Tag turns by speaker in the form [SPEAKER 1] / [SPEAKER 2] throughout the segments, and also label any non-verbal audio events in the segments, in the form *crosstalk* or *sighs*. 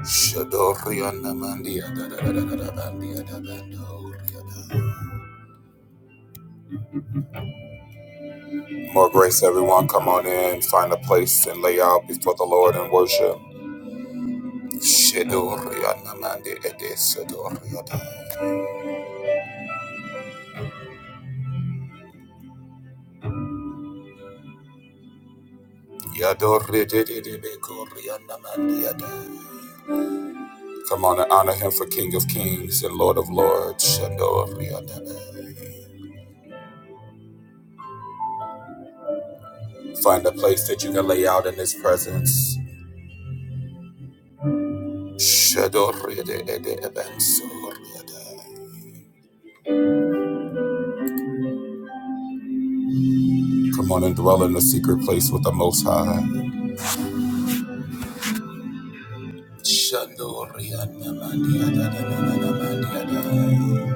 [SPEAKER 1] More grace, everyone. Come on in, find a place, and lay out before the Lord and worship. Come on and honor him for King of Kings and Lord of Lords. Find a place that you can lay out in his presence. Come on and dwell in the secret place with the Most High. Shandorianamandiadadadadadamandiada.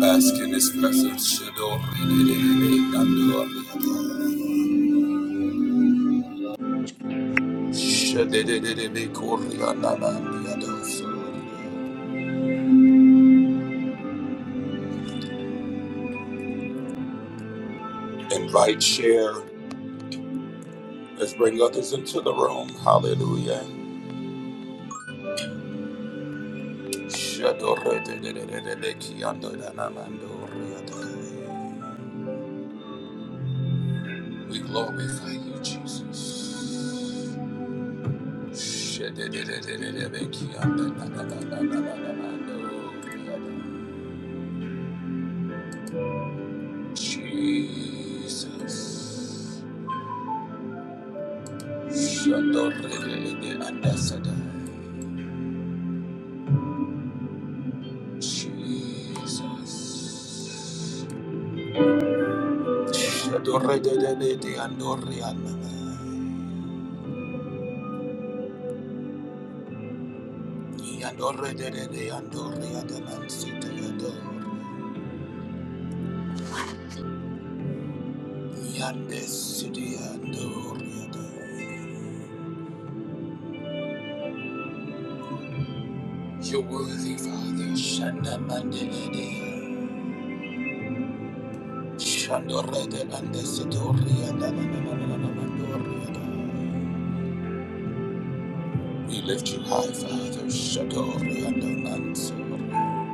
[SPEAKER 1] Bask in His presence. Invite, share. Let's bring others into the room. Hallelujah. We glorify you, Jesus. Jesus. Jesus, andasada. Jesus. Yande city andoriada. You're worthy, Father. Shanda mande Shandorede and the Sidoria na na na na mandoria We lift you high, Father. Shadoria na mansoria.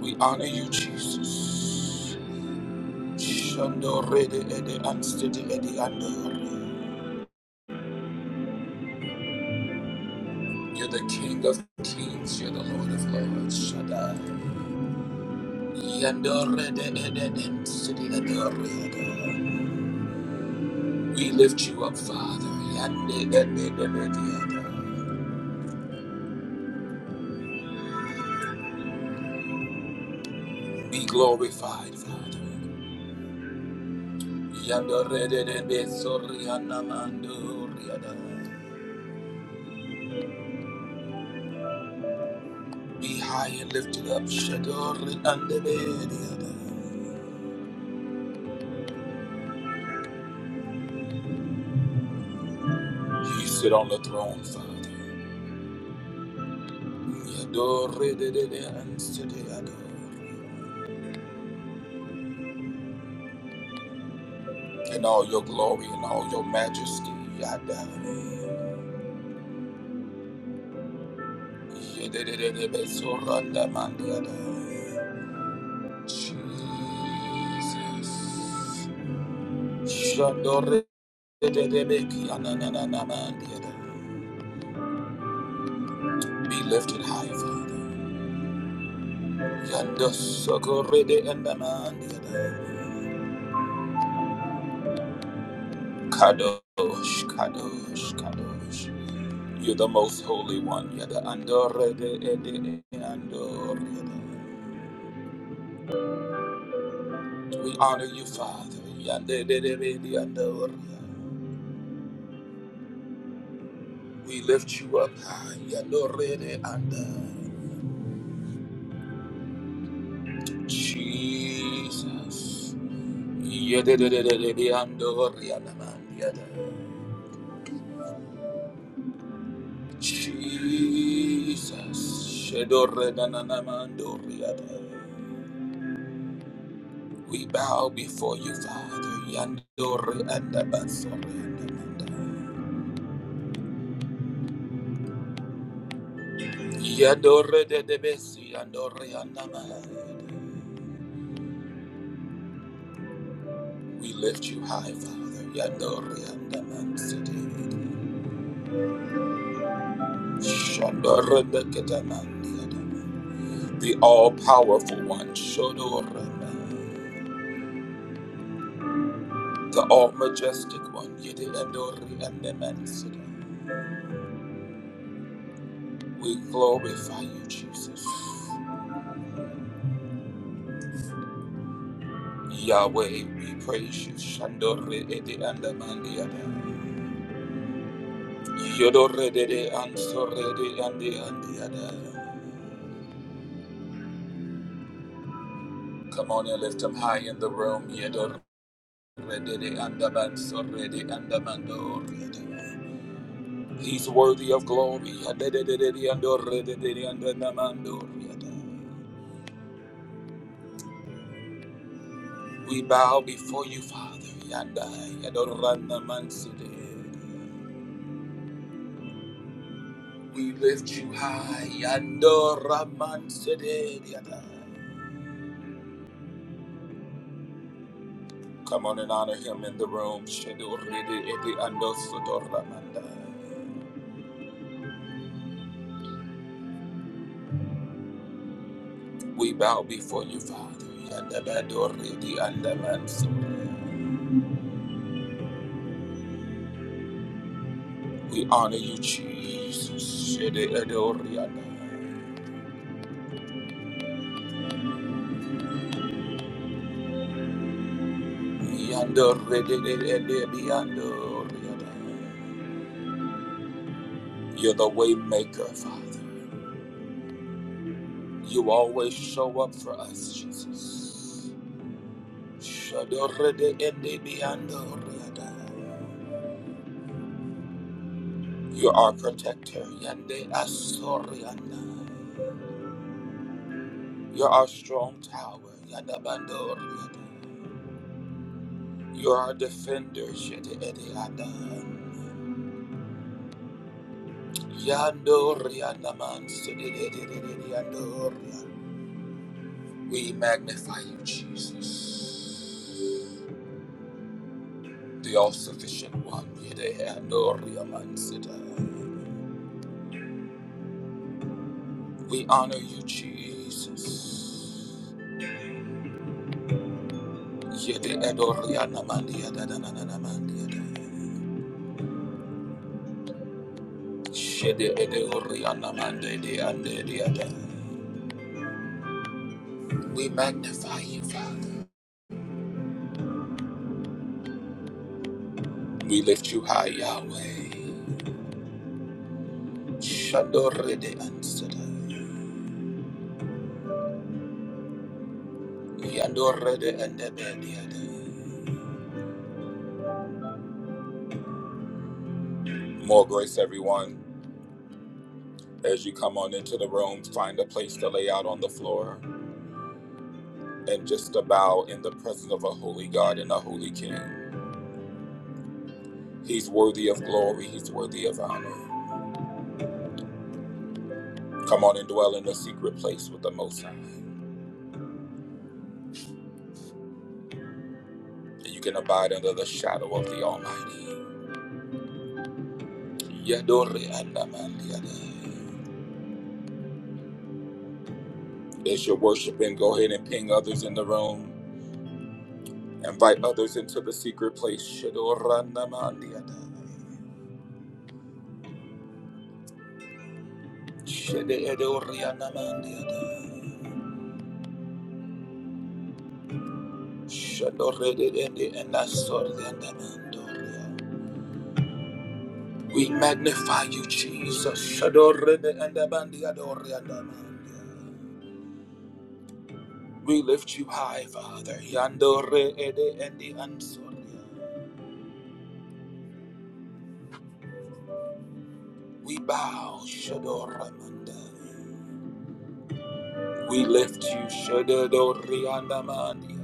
[SPEAKER 1] We honor you, Jesus. Shandorede ede amstede ede andoria. You're the King of Kings. You're the Lord of Lords. Shaddai. Yandorede ede amstede andoria da. We lift you up, Father. Be glorified, Father. Be high and lifted up. You sit on the throne, Father. In all your glory and all your majesty. Yada. yada. Jesus. Shandore dedebeki anananamandiada. Be lifted high, Father. Yando sokorede endamandiada. Kadosh, kadosh, kadosh. You're the most holy one. Yada andore de ede e andore. We honor you, Father. Yande de di andore. We lift you up high. Yandore de andore. Jesus. Yededededediandorianamandiada. Jesus. Shedorenananamandoriada. We bow before you, Father. Yandore and Yandore de Debesi Yandore Anamahada. We lift you high, Father. Yandore and Shandore de Ketamandiada. the all powerful one, Shodorama, the all majestic one, Yedidandori and the Mansida. We glorify you, Jesus. Yahweh, we praise you, Shandore Ede and the Mandiada. Yodore Dede and Sorede and the Andiada. Come on and lift him high in the room, Yodore Dede and the Mansorede and the Mandorede. He's worthy of glory. We bow before you, Father. We lift you high. Come on and honor him in the room. We bow before you, Father. We honor you, Jesus. You're the way maker, Father. You always show up for us, Jesus. You're our protector. Yande asorianda. You're our strong tower. Yada bandoriada. You're our defender. Shede ede ada. Yandorianda man. Sede ede ede ede yandoriada. We magnify you, Jesus, the all sufficient one. We honor you, Jesus. We magnify you, Father. We lift you high, Yahweh. More grace, everyone. As you come on into the room, find a place to lay out on the floor and just to bow in the presence of a holy God and a holy King. He's worthy of glory, he's worthy of honor. Come on and dwell in the secret place with the Most High. You can abide under the shadow of the Almighty. As you're worshiping, go ahead and ping others in the room. Invite others into the secret place. We magnify you, Jesus. We lift you high, Father. We bow, We lift you, Shadoriandamandia.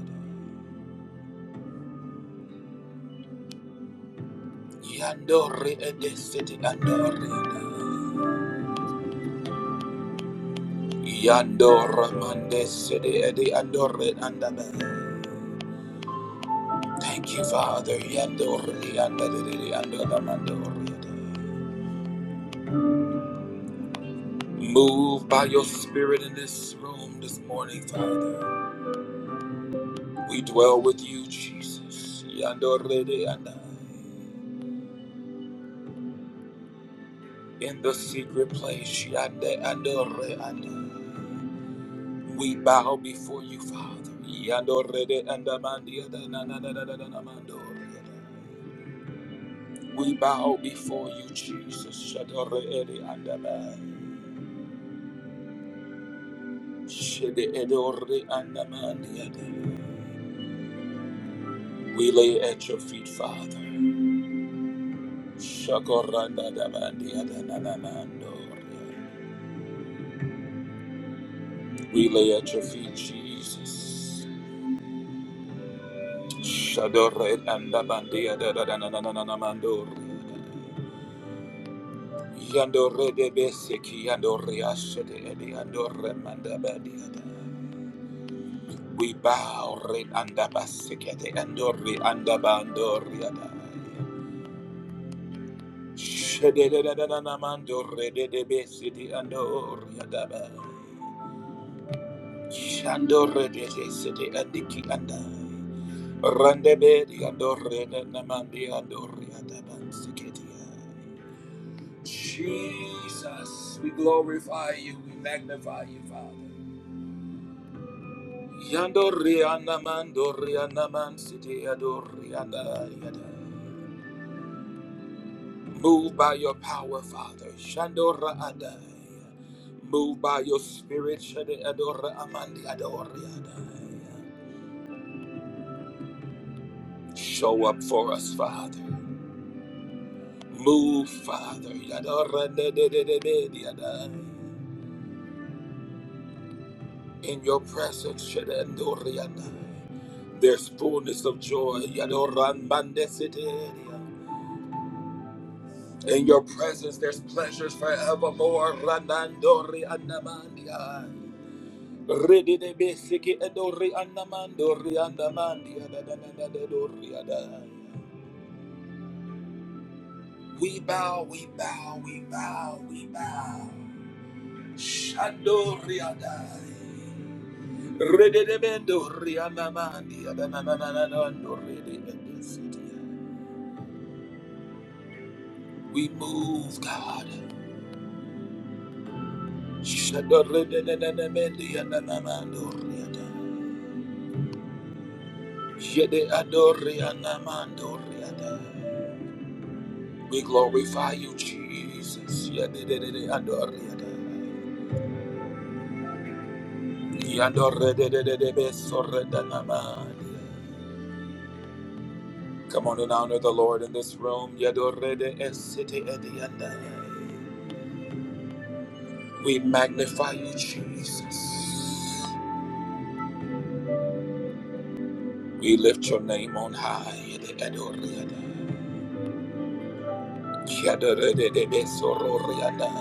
[SPEAKER 1] Yandore city andorianda. Yandoramande city Thank you, Father. Yandori, yandadadidi, yandadamandori. Move by your spirit in this room this morning, Father. We dwell with you, Jesus. Yandorede, yanda. In the secret place, yande, andore, yanda. we bow before you, Father. Yandoridi, andamandi, yadadadadadadadamandori, yada. We bow before you, Jesus. Shadoridi, andamai. We lay at your feet, Father. Shakorandadamandiada nananandoria. We lay at your feet, Jesus. Shadore andamandiada nananananamandoria. Yandore de beseki yandore ashede edi yandore mandabadiada. We bow re andabaseke de andori andabandoriada. Shedededededamando rededebe sidi ando oriadaba. Shando redede sidi andiki anda. Randebe di ando redenamandi ando oriadaba siketia. Jesus, we glorify you, we magnify you, Father. Yando rianamando rianaman sidi ando rianda yada. Move by your power, Father. Shandora Adai. Move by your spirit. Shade Adora Amandi Adori Adai. Show up for us, Father. Move, Father. Yadora de de de de de de Adai. In your presence, Shade Adori Adai. There's fullness of joy. Yadora Mande Sede Adai. In your presence, there's pleasures forevermore. Ranandori Anamandi Adai. Rede de beseke edori andamando riandamandi adadadadadori adai. We bow, we bow, we bow, we bow. Shandori adai. Rede de bendo riandamandi adadadadadando rede de besete. We move, God. Shadori de de de de mendi adadamando riadai. Jede adori andamando riadai. We glorify you, Jesus. Yadededede adoriada. Yadorredededede besoredanamaya. Come on and honor the Lord in this room. Yadorrede esete ediandaya. We magnify you, Jesus. We lift your name on high. Yede adoriada. Yadorredede besororiada.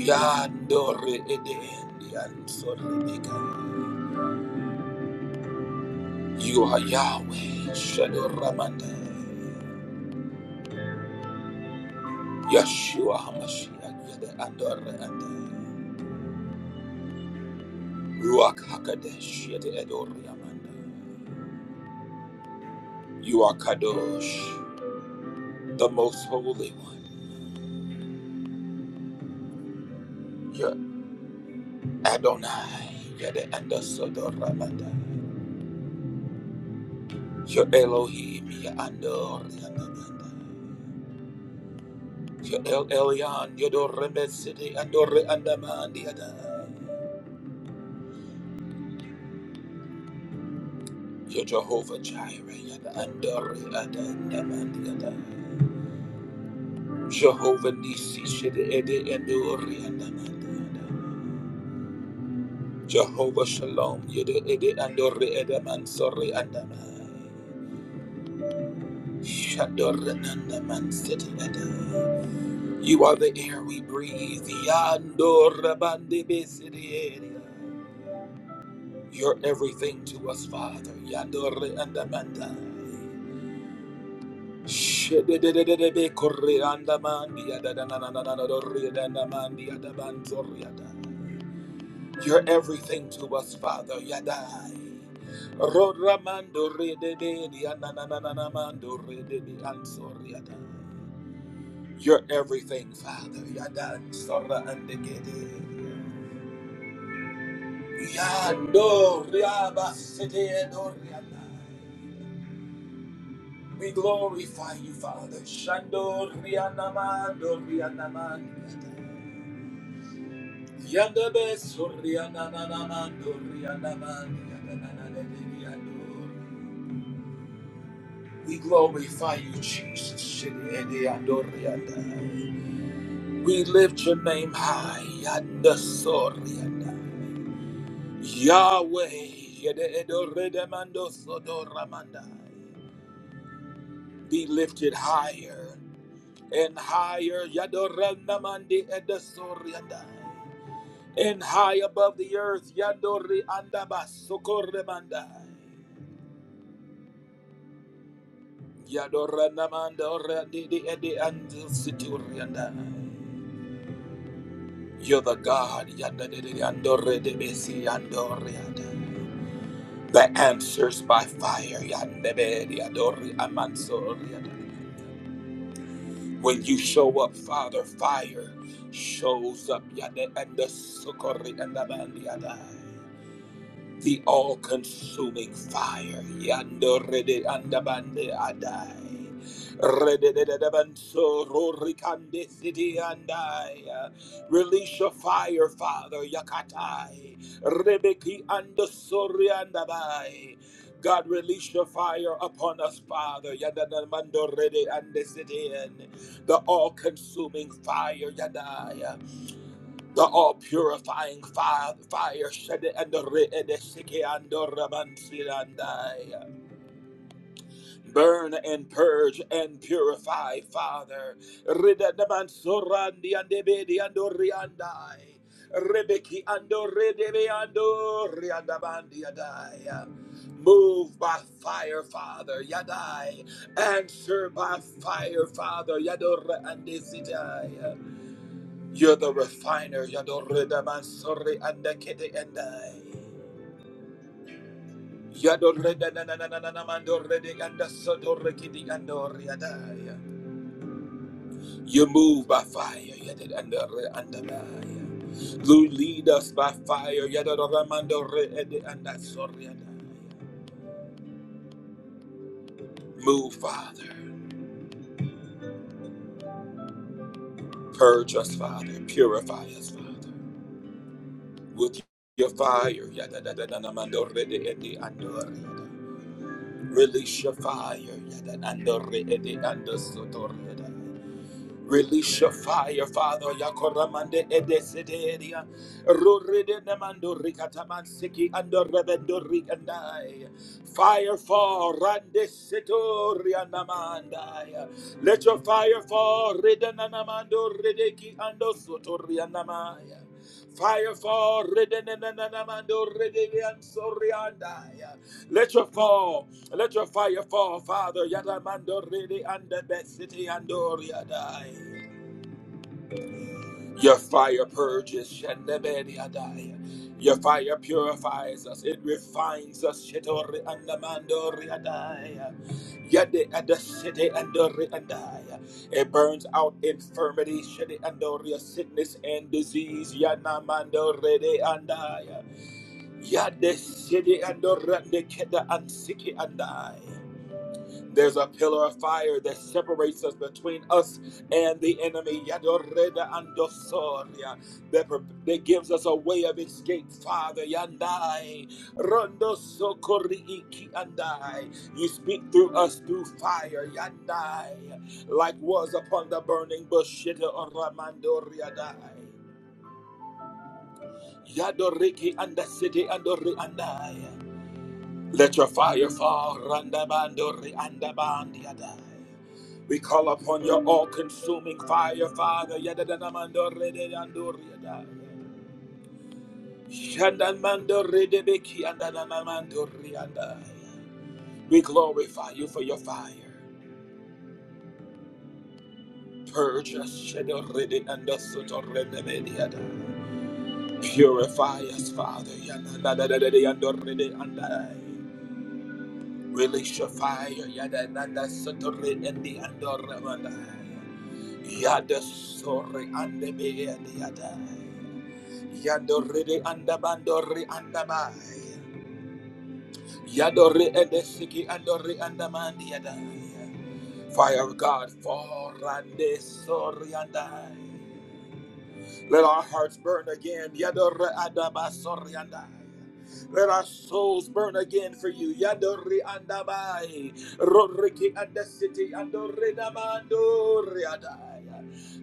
[SPEAKER 1] Yandorre ede endiansorebeka. You are Yahweh, Shadow Ramanda, Yeshua HaMashiach, Yada Ador Anda, Ruach HaKadosh, Yada Ador Yamanda. You are Kadosh, the Most Holy One. You're Adonai, Yada Anda Ador Ramanda. You're Elohim, Yada Ador Yamanda. You're El Elyon, Yador Remesidi, Ador Andamandi Adai. You're Jehovah Jireh, Yada Andori, Ada Andamandi, Yada. Jehovah Nisi, Shede Ede Andori, Andamandi, Yada. Jehovah Shalom, Yede Ede Andori, Ede Mansori, Andamai. Shadori, Andaman, Sede Ede. You are the air we breathe. Yandor Bandi Besidi Ede. You're everything to us, Father. Yandor Andamanda. Shededededebe koreanda mandia da da na na na na na doria da na mandia da banzoria da. You're everything to us, Father. Yadai. Rodramando redebe dia na na na na na mando redebe ansoria da. You're everything, Father. Yadan sorra andegede. Yando riaba sete doria da. We glorify you, Father. Shandor Rianamando Rianamando. Yandabe Suriananamando Rianamando. We glorify you, Jesus. Shediandor We lift your name high. Yandasorianda. Yahweh. Yededoredamando Sodoramanda. Be lifted higher. and higher Yadorana mandi edasorianda and high above the earth yadori andabas sokoremanda yadoranamanda orandi di edi andositurianda you're the God yadadidi andore de besi andorianda that answers by fire yadebedi adori amansorianda When you show up, Father, fire shows up. Yada and the sukkori and the bandiada the all consuming fire. Yando rede andabande adai. Redededadabanso rorikande sidi andai. Release your fire, Father. Yakatai. Rebeki andosori andabai. God, release your fire upon us, Father. Yadadamando rede andesidi. The all consuming fire. Yadai the all purifying fire, fire shed and the re- and the siki and the raman sirandai. burn and purge and purify, Father. Rida the man surandi and the bedi and the riandai. Rebeki and the redebe and the riandabandi yadai. Move by fire, Father, Yadai. Answer by fire, Father, Yador and Desitai. You're the refiner. Yadorida mansori andakete andai. Yadorida nananananamandoridi andasodorikidi andoriadai. You move by fire. Yadid andori andamai. You lead us by fire. Yadoramandoridi andasoriadai. Move, Father. Purge us, Father. Purify us, Father. With your fire. Yadadadanamandorididi andoriadai. Release your fire. yada, ando, re, ede, ando, soto, re, yada. Release your fire, Father. Yakoramande edesideria. Ruride namando rikataman siki ando rebendo rikandai. Fire fall, rande setoria namandai. Let your fire fall, ridanamando redeki ando sotoria namaya. Fire fall, ridanamando redeki ansoriandai. Let your fall. Let your fire fall, Father. Yada mando ridi anda bet city ando riadai. Your fire purges shandabedi adai. Your fire purifies us. It refines us. Shitori anda mando riadai. the ada city ando riadai. It burns out infirmity, shidi ando ria sickness and disease. Yana mando ridi andai. Yade city ando rande keda ansiki andai. There's a pillar of fire that separates us between us and the enemy. Yadoreda andosoria. That, that gives us a way of escape, Father. Yandai. Rondo sokori iki andai. You speak through us through fire. Yandai. Like was upon the burning bush. Shita oramandoria dai. Yadoriki and the city Let your fire fall. Randabandori and we call upon your all consuming fire, Father. Yadadanamando redeyando riadaya. Shandamando redebeki andanamamando riandaya. We glorify you for your fire. Purge us, shadow rede soto rede Purify us, Father. Yanadadadadayando rede Release your fire. Yadananda soto rede andi Yada sore ande Yadore andabandore andaba. Yadore edesiki andore andamandi yada. Fire of God, for rande sorianda. Let our hearts burn again. Yadore adaba sorianda. Let our souls burn again for you. Yadori andabai. Roriki andesiti andore damandore adaya.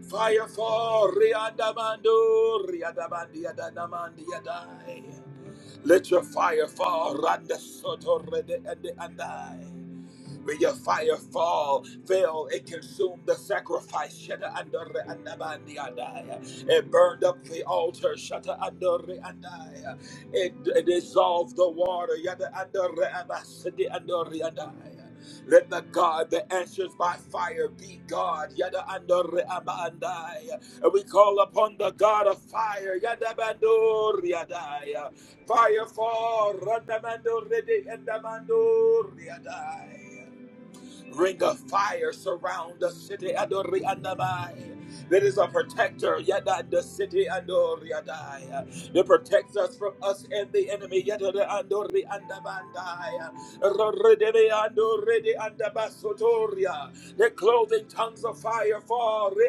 [SPEAKER 1] Fire for riandamando riadamandi adamandi adai. Let your fire fall. Randa soto rede ende andai. May your fire fall, fail, and consume the sacrifice. Shada andore andabandi andaya. It burned up the altar. Shada andore andaya. It, it dissolved the water. Yada andore abasidi andore andaya. Let the God that answers by fire be God. Yada andore abandaya. And we call upon the God of fire. Yada bandore andaya. Fire fall. Randa mandore de andamandore andaya. Ring of fire surround the city. Adore Andamai that is a protector, yada the city andoriadai, that protects us from us and the enemy, yada the andori andabandai, rodebe andorede andabasotoria, the clothing tongues of fire fall re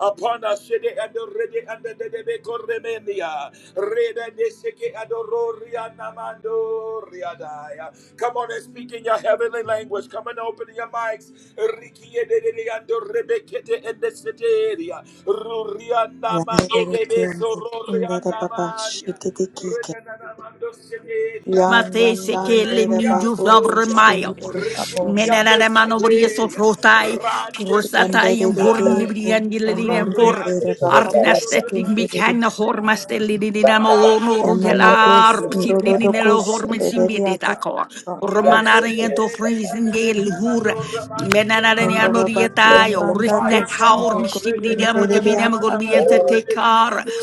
[SPEAKER 1] upon us, shede andorede andadebe koremenia, reda de seke adoria namandoriadai. Come on and speak in your heavenly language, come and open your mics, Riki de de de andorebe rekete in the city area. Rurianda mande
[SPEAKER 2] Yanderere
[SPEAKER 1] de beso,
[SPEAKER 2] kempo sundara
[SPEAKER 1] Rurianda
[SPEAKER 2] baba
[SPEAKER 1] mania.
[SPEAKER 2] shitete kike.
[SPEAKER 1] Renanamando city, Yanda
[SPEAKER 3] Mate
[SPEAKER 1] mando
[SPEAKER 3] se que le
[SPEAKER 2] Yandandandere
[SPEAKER 1] renekia
[SPEAKER 3] niño
[SPEAKER 2] bako
[SPEAKER 3] sobre
[SPEAKER 1] gloria.
[SPEAKER 3] mayo.
[SPEAKER 2] bushindere babo
[SPEAKER 1] Rishikia
[SPEAKER 3] Menera
[SPEAKER 1] de
[SPEAKER 3] de
[SPEAKER 2] shindaba.
[SPEAKER 3] mano brieso
[SPEAKER 1] city,
[SPEAKER 3] frotai,
[SPEAKER 1] Rande
[SPEAKER 3] rosatai en
[SPEAKER 2] Yanderere
[SPEAKER 3] hormi
[SPEAKER 4] yandere
[SPEAKER 2] kempo
[SPEAKER 1] kiandai.
[SPEAKER 3] libriandi lelina por
[SPEAKER 2] sundandandere
[SPEAKER 1] Rurianda
[SPEAKER 4] kutubu
[SPEAKER 2] baka
[SPEAKER 1] city,
[SPEAKER 4] barabia
[SPEAKER 3] arnastetnik
[SPEAKER 1] Adoramania
[SPEAKER 2] bushindere.
[SPEAKER 3] mikhanna hormaste
[SPEAKER 1] gloria.
[SPEAKER 3] lidina
[SPEAKER 4] raka ba
[SPEAKER 3] maono
[SPEAKER 1] Rande
[SPEAKER 2] Yamana
[SPEAKER 1] city,
[SPEAKER 4] sandere
[SPEAKER 2] bus
[SPEAKER 3] rudelar,
[SPEAKER 4] kutubu
[SPEAKER 2] ndororo
[SPEAKER 1] Adoriana
[SPEAKER 3] sitlinina lo
[SPEAKER 1] mande de
[SPEAKER 3] hormi
[SPEAKER 2] kushedere
[SPEAKER 3] simbide
[SPEAKER 2] yata
[SPEAKER 1] gloria.
[SPEAKER 3] dako.
[SPEAKER 1] Yande
[SPEAKER 4] yandu
[SPEAKER 3] Romanare
[SPEAKER 2] busede.
[SPEAKER 1] city,
[SPEAKER 3] en
[SPEAKER 4] kubu
[SPEAKER 3] to frizin gel
[SPEAKER 1] de
[SPEAKER 3] hura.
[SPEAKER 1] Namando Ramande de
[SPEAKER 3] Menera de
[SPEAKER 2] Amba
[SPEAKER 3] niano
[SPEAKER 2] baba
[SPEAKER 3] rietayo,
[SPEAKER 2] kiyambanda
[SPEAKER 3] ritnek
[SPEAKER 1] Fire
[SPEAKER 3] haor
[SPEAKER 1] God,
[SPEAKER 2] doshindoro
[SPEAKER 1] ready, na
[SPEAKER 3] nishibidam
[SPEAKER 1] na
[SPEAKER 2] shindere
[SPEAKER 1] na na na
[SPEAKER 3] gabidam
[SPEAKER 1] na
[SPEAKER 2] yata
[SPEAKER 1] na na,
[SPEAKER 3] gorbien
[SPEAKER 1] do
[SPEAKER 3] te
[SPEAKER 2] ndororo.
[SPEAKER 1] ready,
[SPEAKER 3] tekar
[SPEAKER 1] kado,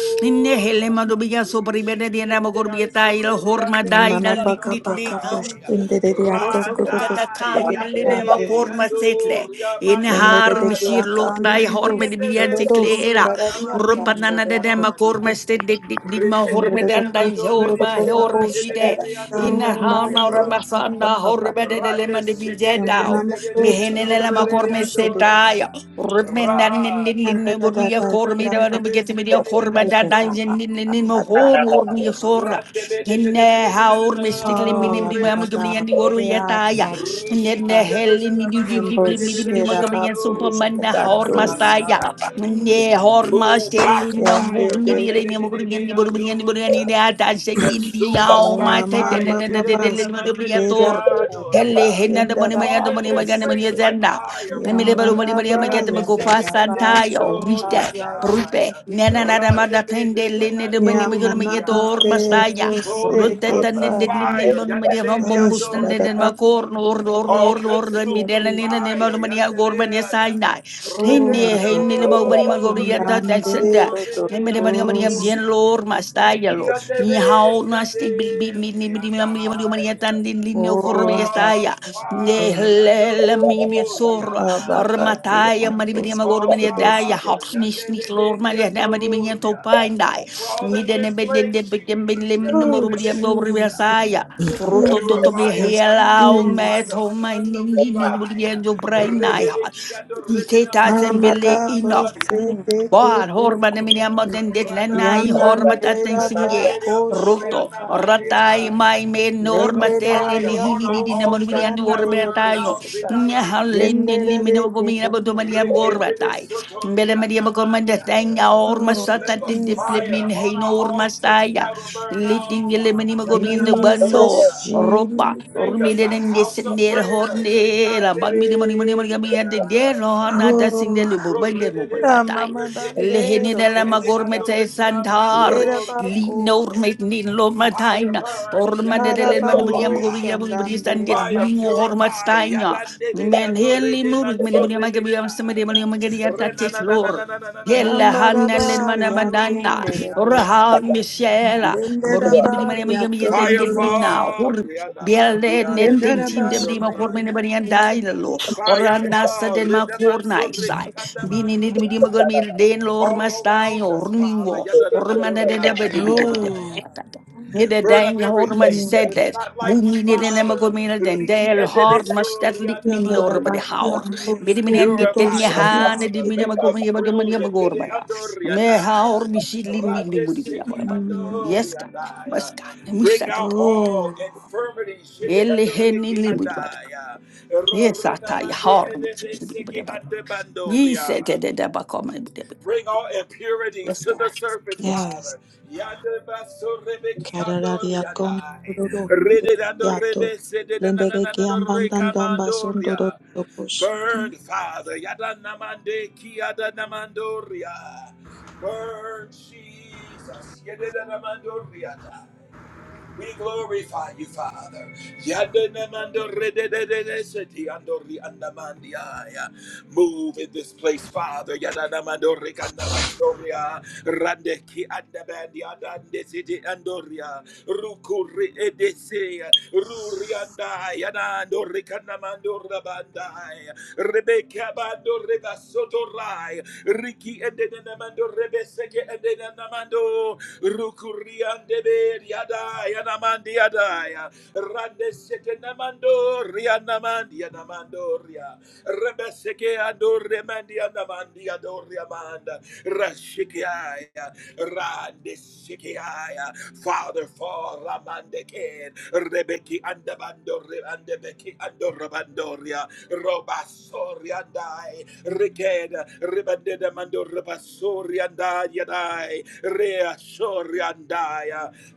[SPEAKER 3] le
[SPEAKER 1] ya.
[SPEAKER 3] mando bia sobre bene di anamo gorbieta il horma dai
[SPEAKER 2] Yamana
[SPEAKER 3] na lit
[SPEAKER 2] baka
[SPEAKER 3] lit
[SPEAKER 2] baka
[SPEAKER 3] li anfo.
[SPEAKER 2] bushindere yako
[SPEAKER 3] Rosso te
[SPEAKER 2] kudo
[SPEAKER 1] Rada,
[SPEAKER 2] kushedere
[SPEAKER 3] katakain le
[SPEAKER 1] yate,
[SPEAKER 3] mena
[SPEAKER 2] yata
[SPEAKER 3] korma
[SPEAKER 1] yado,
[SPEAKER 3] setle. In har
[SPEAKER 2] Prendere de que
[SPEAKER 1] riamandiada.
[SPEAKER 3] mishir
[SPEAKER 2] acá
[SPEAKER 3] lot
[SPEAKER 2] andan
[SPEAKER 3] dai
[SPEAKER 2] dos,
[SPEAKER 3] horme di
[SPEAKER 1] Rikiete
[SPEAKER 2] dos,
[SPEAKER 3] bian
[SPEAKER 1] de
[SPEAKER 2] dos, dos,
[SPEAKER 3] seklera.
[SPEAKER 2] andar
[SPEAKER 1] sorianda
[SPEAKER 2] ahí
[SPEAKER 1] mando,
[SPEAKER 2] andando
[SPEAKER 3] Rumpanana
[SPEAKER 2] de
[SPEAKER 3] de
[SPEAKER 1] rianda
[SPEAKER 2] a dos,
[SPEAKER 3] dema korma
[SPEAKER 1] mandiada.
[SPEAKER 3] sted di di di ma
[SPEAKER 1] Rishede
[SPEAKER 2] andar
[SPEAKER 3] horma
[SPEAKER 1] de
[SPEAKER 2] de
[SPEAKER 1] de
[SPEAKER 2] dos,
[SPEAKER 1] de
[SPEAKER 3] dan dan
[SPEAKER 2] dos,
[SPEAKER 1] mando,
[SPEAKER 2] dos,
[SPEAKER 1] ready,
[SPEAKER 3] horma
[SPEAKER 1] na na
[SPEAKER 2] dos, dos,
[SPEAKER 3] horma
[SPEAKER 1] mande
[SPEAKER 2] dos,
[SPEAKER 1] de de
[SPEAKER 3] side. In
[SPEAKER 2] andar
[SPEAKER 1] riado,
[SPEAKER 3] har na
[SPEAKER 2] andando de a
[SPEAKER 1] riada.
[SPEAKER 3] ramasana
[SPEAKER 2] papá.
[SPEAKER 3] horma de le mando bijeta.
[SPEAKER 2] Llaman a dos, dos,
[SPEAKER 3] Mihene
[SPEAKER 2] dos,
[SPEAKER 3] le
[SPEAKER 2] dos,
[SPEAKER 3] korma
[SPEAKER 2] dos, de a-
[SPEAKER 3] sedai linni
[SPEAKER 2] andar de da,
[SPEAKER 3] boruya
[SPEAKER 2] da, que
[SPEAKER 3] kormi
[SPEAKER 2] a
[SPEAKER 3] da
[SPEAKER 2] pa-
[SPEAKER 3] get me mi ya
[SPEAKER 2] pa-
[SPEAKER 3] korma da
[SPEAKER 2] de da,
[SPEAKER 3] danjen
[SPEAKER 1] Rade
[SPEAKER 3] linni
[SPEAKER 2] da,
[SPEAKER 3] ninno
[SPEAKER 2] da, da,
[SPEAKER 3] hor
[SPEAKER 2] da,
[SPEAKER 4] anana
[SPEAKER 3] hormi ya
[SPEAKER 2] que-
[SPEAKER 3] sorra inne ha hormi stikli
[SPEAKER 2] Ah,
[SPEAKER 3] minne
[SPEAKER 2] la,
[SPEAKER 3] bidi
[SPEAKER 2] la,
[SPEAKER 3] ma
[SPEAKER 2] la,
[SPEAKER 3] gumri
[SPEAKER 2] la,
[SPEAKER 3] yandi woru
[SPEAKER 2] que
[SPEAKER 3] ya
[SPEAKER 2] a
[SPEAKER 3] taya
[SPEAKER 2] no,
[SPEAKER 3] nenne
[SPEAKER 2] da.
[SPEAKER 1] Rishikia da
[SPEAKER 3] helli
[SPEAKER 1] da
[SPEAKER 3] ni
[SPEAKER 1] da
[SPEAKER 3] di di
[SPEAKER 2] En
[SPEAKER 1] mando
[SPEAKER 3] bibli mi di bidi
[SPEAKER 2] bullshit,
[SPEAKER 3] ma
[SPEAKER 2] a
[SPEAKER 3] gumri
[SPEAKER 2] pa-
[SPEAKER 3] yan
[SPEAKER 1] redededeyando.
[SPEAKER 2] bullshit, a
[SPEAKER 3] hor
[SPEAKER 2] dos,
[SPEAKER 3] mastaya
[SPEAKER 2] a pa-
[SPEAKER 3] ne hor ma
[SPEAKER 1] Move by
[SPEAKER 3] stelli no
[SPEAKER 1] fire.
[SPEAKER 3] gumri
[SPEAKER 1] Ya
[SPEAKER 3] di
[SPEAKER 1] da
[SPEAKER 3] re
[SPEAKER 1] da
[SPEAKER 3] ni mo gumri yandi boru bidi yandi boru yani da ta sengi di ya
[SPEAKER 1] Consume us
[SPEAKER 3] o
[SPEAKER 1] by
[SPEAKER 3] ma te de de
[SPEAKER 1] fire.
[SPEAKER 2] Wamama
[SPEAKER 1] Ya
[SPEAKER 3] de
[SPEAKER 1] da
[SPEAKER 3] de de le mi do ya
[SPEAKER 2] babashekera
[SPEAKER 3] tor
[SPEAKER 4] bro
[SPEAKER 2] boko
[SPEAKER 4] siapa
[SPEAKER 3] Helle henna da bani
[SPEAKER 2] sendera
[SPEAKER 3] maya
[SPEAKER 1] Fall
[SPEAKER 3] da
[SPEAKER 1] in this
[SPEAKER 3] bani Maria
[SPEAKER 1] place
[SPEAKER 2] babosheke
[SPEAKER 1] like
[SPEAKER 3] Zenda.
[SPEAKER 1] fire,
[SPEAKER 3] Emilebaro
[SPEAKER 1] Father.
[SPEAKER 3] Maria Maria
[SPEAKER 2] yamanaba
[SPEAKER 3] Mageta
[SPEAKER 1] Rande
[SPEAKER 3] Magofa
[SPEAKER 1] sheke
[SPEAKER 2] yabaraba
[SPEAKER 3] Santayo.
[SPEAKER 1] edebendo. Ya
[SPEAKER 3] Rite.
[SPEAKER 2] shakaya
[SPEAKER 1] da.
[SPEAKER 3] Brute.
[SPEAKER 1] Ya.
[SPEAKER 3] Nana Nada
[SPEAKER 2] ikiyoko
[SPEAKER 3] Mada
[SPEAKER 1] Rande
[SPEAKER 3] Pende Lene de Mani Magona
[SPEAKER 1] bededenando.
[SPEAKER 3] Magetor
[SPEAKER 1] Ya.
[SPEAKER 2] yamanate
[SPEAKER 3] Mastaya.
[SPEAKER 1] Clothing
[SPEAKER 3] Rute
[SPEAKER 2] oseke
[SPEAKER 1] tongues of
[SPEAKER 3] Tandin
[SPEAKER 2] ba
[SPEAKER 3] Lini
[SPEAKER 4] bro
[SPEAKER 1] fire. Ya
[SPEAKER 4] ba
[SPEAKER 1] da
[SPEAKER 3] Maria Humbo
[SPEAKER 2] oh
[SPEAKER 3] Mustin
[SPEAKER 2] sharada
[SPEAKER 3] and
[SPEAKER 2] da
[SPEAKER 3] Macor
[SPEAKER 2] to
[SPEAKER 3] Nord or
[SPEAKER 1] all
[SPEAKER 3] Nord or
[SPEAKER 2] te
[SPEAKER 3] the
[SPEAKER 1] consuming
[SPEAKER 2] ati
[SPEAKER 3] Midela Nina Nema
[SPEAKER 1] fire.
[SPEAKER 3] Maria Gorban
[SPEAKER 1] Yandereada.
[SPEAKER 3] Esaina.
[SPEAKER 2] oh
[SPEAKER 3] Hini
[SPEAKER 2] apa
[SPEAKER 3] Hini
[SPEAKER 2] pa po
[SPEAKER 4] dobra
[SPEAKER 3] Mobari
[SPEAKER 4] ba
[SPEAKER 1] Rebendo,
[SPEAKER 3] Magoria
[SPEAKER 1] Rihanna
[SPEAKER 2] indande
[SPEAKER 3] Tatsenda.
[SPEAKER 2] ro
[SPEAKER 1] Manso,
[SPEAKER 2] to
[SPEAKER 3] Emily Maria Maria
[SPEAKER 1] Rebeando,
[SPEAKER 2] kosh
[SPEAKER 3] General Mastaya.
[SPEAKER 1] Ricky
[SPEAKER 3] Lo. Ni
[SPEAKER 1] Yandebe,
[SPEAKER 3] hao na stig bil bi
[SPEAKER 1] Yande,
[SPEAKER 3] mi ni mi di
[SPEAKER 1] Rihanna.
[SPEAKER 3] Tandinio
[SPEAKER 2] oh osharada yati o apapa oshindande rodokosh o
[SPEAKER 1] For
[SPEAKER 3] Corbiasaya,
[SPEAKER 1] Father,
[SPEAKER 3] Nehlemi
[SPEAKER 1] Yando,
[SPEAKER 3] Mitsor,
[SPEAKER 1] Rihanna Man.
[SPEAKER 2] abate to
[SPEAKER 3] Armataya, Maribinia
[SPEAKER 1] For
[SPEAKER 3] Gormania Daya,
[SPEAKER 2] kiyonto
[SPEAKER 1] Father,
[SPEAKER 3] Hawksmith, Sneak Lord
[SPEAKER 1] Yandebe,
[SPEAKER 3] Maria, Namadibinia
[SPEAKER 1] Yando,
[SPEAKER 3] Topine Die,
[SPEAKER 1] Fall in
[SPEAKER 3] Midden
[SPEAKER 1] this
[SPEAKER 3] Bendin,
[SPEAKER 1] place,
[SPEAKER 3] Bendin,
[SPEAKER 1] Jesus.
[SPEAKER 3] Bendin,
[SPEAKER 2] Oh,
[SPEAKER 3] Morbidian
[SPEAKER 1] Yadorede.
[SPEAKER 2] Jesus,
[SPEAKER 3] Gorbiasaya.
[SPEAKER 4] bro
[SPEAKER 3] Roto toto
[SPEAKER 4] repo
[SPEAKER 3] me
[SPEAKER 1] Purify
[SPEAKER 2] Jesus,
[SPEAKER 1] us like you
[SPEAKER 3] helau
[SPEAKER 1] purify
[SPEAKER 3] me
[SPEAKER 2] Jesus.
[SPEAKER 1] the
[SPEAKER 3] to my
[SPEAKER 1] sons
[SPEAKER 3] ni
[SPEAKER 1] of
[SPEAKER 3] ni
[SPEAKER 4] ma
[SPEAKER 1] Levi.
[SPEAKER 3] ni do brain nai ha.
[SPEAKER 1] Rededekiado
[SPEAKER 3] I te tazen
[SPEAKER 1] redenamando
[SPEAKER 2] Aramaka
[SPEAKER 3] ina.
[SPEAKER 2] pose
[SPEAKER 1] redenandoria.
[SPEAKER 2] teke
[SPEAKER 3] Boar horma ne
[SPEAKER 2] poko.
[SPEAKER 3] mini amma
[SPEAKER 2] se.
[SPEAKER 3] den det lenai
[SPEAKER 1] Radamando
[SPEAKER 4] ba
[SPEAKER 3] horma taten
[SPEAKER 2] Yandandera
[SPEAKER 4] nana
[SPEAKER 3] singe
[SPEAKER 2] bako
[SPEAKER 1] redenamandedeleando
[SPEAKER 3] roto
[SPEAKER 2] shatate.
[SPEAKER 3] ratai
[SPEAKER 1] rianamandia.
[SPEAKER 3] mai
[SPEAKER 1] Let
[SPEAKER 3] menor
[SPEAKER 1] the
[SPEAKER 2] Lendera
[SPEAKER 3] batele
[SPEAKER 1] fire
[SPEAKER 3] ni
[SPEAKER 2] aria
[SPEAKER 1] on
[SPEAKER 3] hini ni
[SPEAKER 1] our
[SPEAKER 3] ni namu ni
[SPEAKER 1] altar
[SPEAKER 3] anu
[SPEAKER 1] never
[SPEAKER 2] kosandandera
[SPEAKER 1] burn
[SPEAKER 3] orbetayo
[SPEAKER 1] out.
[SPEAKER 2] posata.
[SPEAKER 3] nya
[SPEAKER 1] Redamandia.
[SPEAKER 3] haleni ni
[SPEAKER 2] Yendera
[SPEAKER 3] mina
[SPEAKER 2] deke
[SPEAKER 3] bomi na
[SPEAKER 2] poko.
[SPEAKER 3] maria
[SPEAKER 4] bro
[SPEAKER 2] soto.
[SPEAKER 1] Rekedede
[SPEAKER 3] gorbatai
[SPEAKER 1] soto
[SPEAKER 3] bele maria gormanda
[SPEAKER 1] rianamandia.
[SPEAKER 3] tenga orma
[SPEAKER 2] Oh,
[SPEAKER 1] Let
[SPEAKER 3] sata
[SPEAKER 1] the
[SPEAKER 3] te deple
[SPEAKER 2] Jesus,
[SPEAKER 1] fire
[SPEAKER 3] min
[SPEAKER 1] on
[SPEAKER 3] hein
[SPEAKER 1] our
[SPEAKER 3] orma
[SPEAKER 1] altar
[SPEAKER 3] saya
[SPEAKER 1] never burn out,
[SPEAKER 3] liting ele mani
[SPEAKER 1] Father.
[SPEAKER 3] magomi
[SPEAKER 4] dobra ba
[SPEAKER 3] bando
[SPEAKER 2] Jesus,
[SPEAKER 1] Yadanamandoria.
[SPEAKER 3] ropa
[SPEAKER 1] Make
[SPEAKER 2] Jesus.
[SPEAKER 3] ormi
[SPEAKER 1] us
[SPEAKER 3] de
[SPEAKER 1] a
[SPEAKER 3] nge
[SPEAKER 1] house of
[SPEAKER 3] sendel
[SPEAKER 1] prayer.
[SPEAKER 3] horne la bag mi de mani mani mani
[SPEAKER 1] Rikandede
[SPEAKER 3] gami ande de
[SPEAKER 1] yadai.
[SPEAKER 3] no na ta sing
[SPEAKER 2] Oh,
[SPEAKER 1] Rodredede
[SPEAKER 3] batai
[SPEAKER 2] Mama
[SPEAKER 1] andorekede
[SPEAKER 2] Dandero
[SPEAKER 1] endesete
[SPEAKER 3] lehenina
[SPEAKER 1] ede
[SPEAKER 3] magormete santar
[SPEAKER 2] Lera
[SPEAKER 1] andorekiamandoria.
[SPEAKER 2] bako
[SPEAKER 3] linor metnin
[SPEAKER 2] kosi.
[SPEAKER 1] Fire
[SPEAKER 3] lomataina
[SPEAKER 1] burn.
[SPEAKER 3] ormanele
[SPEAKER 2] Marabambo
[SPEAKER 3] manubria
[SPEAKER 1] Yadeandoria.
[SPEAKER 3] muria muria standet
[SPEAKER 2] shandandera
[SPEAKER 1] Fire
[SPEAKER 3] lino
[SPEAKER 2] bako.
[SPEAKER 1] purify.
[SPEAKER 3] hormatstaina
[SPEAKER 1] Yadandedede
[SPEAKER 3] men
[SPEAKER 1] ando
[SPEAKER 3] heli
[SPEAKER 1] rede
[SPEAKER 3] muri meni
[SPEAKER 1] manso
[SPEAKER 3] buria magabiam samedi
[SPEAKER 1] rebekai.
[SPEAKER 3] mani magaria tatis Yella
[SPEAKER 1] Renanananananananananamando
[SPEAKER 3] hanna len
[SPEAKER 1] redede
[SPEAKER 3] mana
[SPEAKER 2] Hamarabaria
[SPEAKER 3] banana.
[SPEAKER 1] ando
[SPEAKER 2] kendere bosi.
[SPEAKER 3] Raha
[SPEAKER 1] riadamanso
[SPEAKER 4] saja
[SPEAKER 3] misiela.
[SPEAKER 1] riadai.
[SPEAKER 2] Lendera
[SPEAKER 3] Morbi
[SPEAKER 4] tua
[SPEAKER 3] de
[SPEAKER 4] ba
[SPEAKER 3] bima yami
[SPEAKER 2] baria
[SPEAKER 3] yami
[SPEAKER 1] Fire
[SPEAKER 3] yetende
[SPEAKER 2] kondoroso.
[SPEAKER 3] bina.
[SPEAKER 1] fall.
[SPEAKER 3] Hur
[SPEAKER 1] Riadamandi
[SPEAKER 3] bielde netin
[SPEAKER 2] Yendera
[SPEAKER 1] adedede
[SPEAKER 3] tin de
[SPEAKER 1] ando
[SPEAKER 2] baria
[SPEAKER 3] bima kormene bani
[SPEAKER 2] bosi.
[SPEAKER 1] riadai.
[SPEAKER 3] andaina lo.
[SPEAKER 1] Fire
[SPEAKER 3] Oranda
[SPEAKER 1] fall.
[SPEAKER 3] saden ma
[SPEAKER 1] Redamanso
[SPEAKER 3] kornai
[SPEAKER 1] reki
[SPEAKER 3] sai. Bini
[SPEAKER 1] andamandi
[SPEAKER 3] nid mi dima
[SPEAKER 1] adai.
[SPEAKER 4] kutara ba
[SPEAKER 3] gormi den lor
[SPEAKER 1] All
[SPEAKER 3] mastai
[SPEAKER 1] around us, Father.
[SPEAKER 3] ormingo.
[SPEAKER 4] kubu kubu
[SPEAKER 1] Yadadamando
[SPEAKER 4] sandere
[SPEAKER 3] Neither
[SPEAKER 2] Oh,
[SPEAKER 1] rekadamandiai. Burn up
[SPEAKER 3] dying hormas
[SPEAKER 1] everything
[SPEAKER 2] Mm,
[SPEAKER 1] that
[SPEAKER 3] said
[SPEAKER 1] is
[SPEAKER 3] that
[SPEAKER 1] not like you,
[SPEAKER 3] Mumini
[SPEAKER 2] bosi.
[SPEAKER 1] Father.
[SPEAKER 3] Nemagomina than
[SPEAKER 1] Riki
[SPEAKER 3] Dale
[SPEAKER 1] and
[SPEAKER 3] Hormas that Licknick
[SPEAKER 2] Yendera
[SPEAKER 3] nor
[SPEAKER 4] kubu
[SPEAKER 3] by the
[SPEAKER 2] bakia
[SPEAKER 3] hour.
[SPEAKER 2] bosu.
[SPEAKER 3] Bidiminendi
[SPEAKER 1] Purify
[SPEAKER 2] Tutoshi
[SPEAKER 1] us,
[SPEAKER 4] anda
[SPEAKER 2] tis.
[SPEAKER 3] Tednihan, the
[SPEAKER 1] Father. Make us
[SPEAKER 3] Minamagomia, the
[SPEAKER 1] brilliant. Yede
[SPEAKER 3] Maniamagormaya.
[SPEAKER 1] ando
[SPEAKER 3] May
[SPEAKER 1] riandaya.
[SPEAKER 3] how be she lean me
[SPEAKER 1] Rande
[SPEAKER 3] Libudina.
[SPEAKER 1] shiki
[SPEAKER 2] Mm.
[SPEAKER 1] ando
[SPEAKER 3] Yes, God,
[SPEAKER 1] riandaya.
[SPEAKER 3] Muska,
[SPEAKER 1] Bring
[SPEAKER 3] Musat,
[SPEAKER 1] out all
[SPEAKER 2] oh,
[SPEAKER 1] infirmities. Yede
[SPEAKER 3] Ele
[SPEAKER 1] ando
[SPEAKER 3] Henny
[SPEAKER 1] riki
[SPEAKER 3] Libudbad.
[SPEAKER 1] andaya.
[SPEAKER 3] Yes, I
[SPEAKER 1] Rorena
[SPEAKER 3] tie
[SPEAKER 1] mande
[SPEAKER 3] horns.
[SPEAKER 1] edebe seki ande
[SPEAKER 3] Ye said
[SPEAKER 1] bandoria.
[SPEAKER 3] that the Dabacom.
[SPEAKER 1] Bring all impurities
[SPEAKER 3] Yes,
[SPEAKER 1] to the
[SPEAKER 3] God,
[SPEAKER 1] surface,
[SPEAKER 3] yes,
[SPEAKER 2] yes.
[SPEAKER 1] Father. Yonder basso rebeki
[SPEAKER 2] Carararia
[SPEAKER 1] andoria
[SPEAKER 2] con
[SPEAKER 1] die.
[SPEAKER 2] dororo
[SPEAKER 1] Rededando
[SPEAKER 2] yato
[SPEAKER 1] rebe
[SPEAKER 2] lendere que
[SPEAKER 1] sededanananando
[SPEAKER 2] ambandanda basundoro
[SPEAKER 1] recamandoria.
[SPEAKER 2] tokushite.
[SPEAKER 1] Burn, Father. Yada namande kiada namandoria. Burn, Jesus. Yededanamandoria die. We glorify you, Father. Yadanamando rededededeseti andori andamandiaya. Move in this place, Father. Yadanamando rekandamansoria. Randeki andamandia dandesiti andoria. Rukuri edesea. Ruriandaya nando rekanamando rabandaya. Rebecca bando rebasotorai. Riki edenamando rebeseke edenamando. Rukuriandebe Yadai Anamandi Yadai Randeseke Namando Rianamandi Anamandoria Rebeseke Ando Remandi Anamandi Adoriamanda Rashikiaya Randesekeaya Father for Ramandekin Rebeki Andabando Rebandebeki Andorabandoria Robasoriandai, Riked, Ribandida Mando Rabasoriandai, Yadai, Reasoriandai.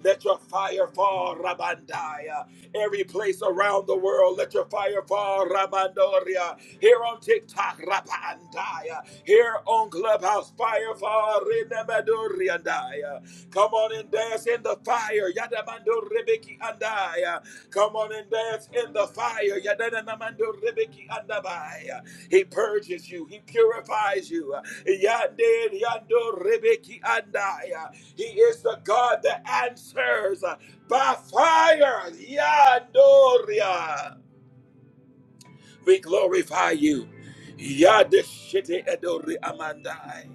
[SPEAKER 1] Let your fire fall, Rabandai. Every place around the world, let your fire fall, Rabandoria uh, here on TikTok, Rapa Andaya, here on Clubhouse, Fire for Renemaduriandaya. Come on and dance in the fire, Yadamando Rebeki Andaya. Come on and dance in the fire, Yadamando Rebeki Andabaya. He purges you, He purifies you, Yande Yando Rebeki Andaya. He is the God that answers by fire, Yandoria. We glorify you. Yadishiti Edori Amandai.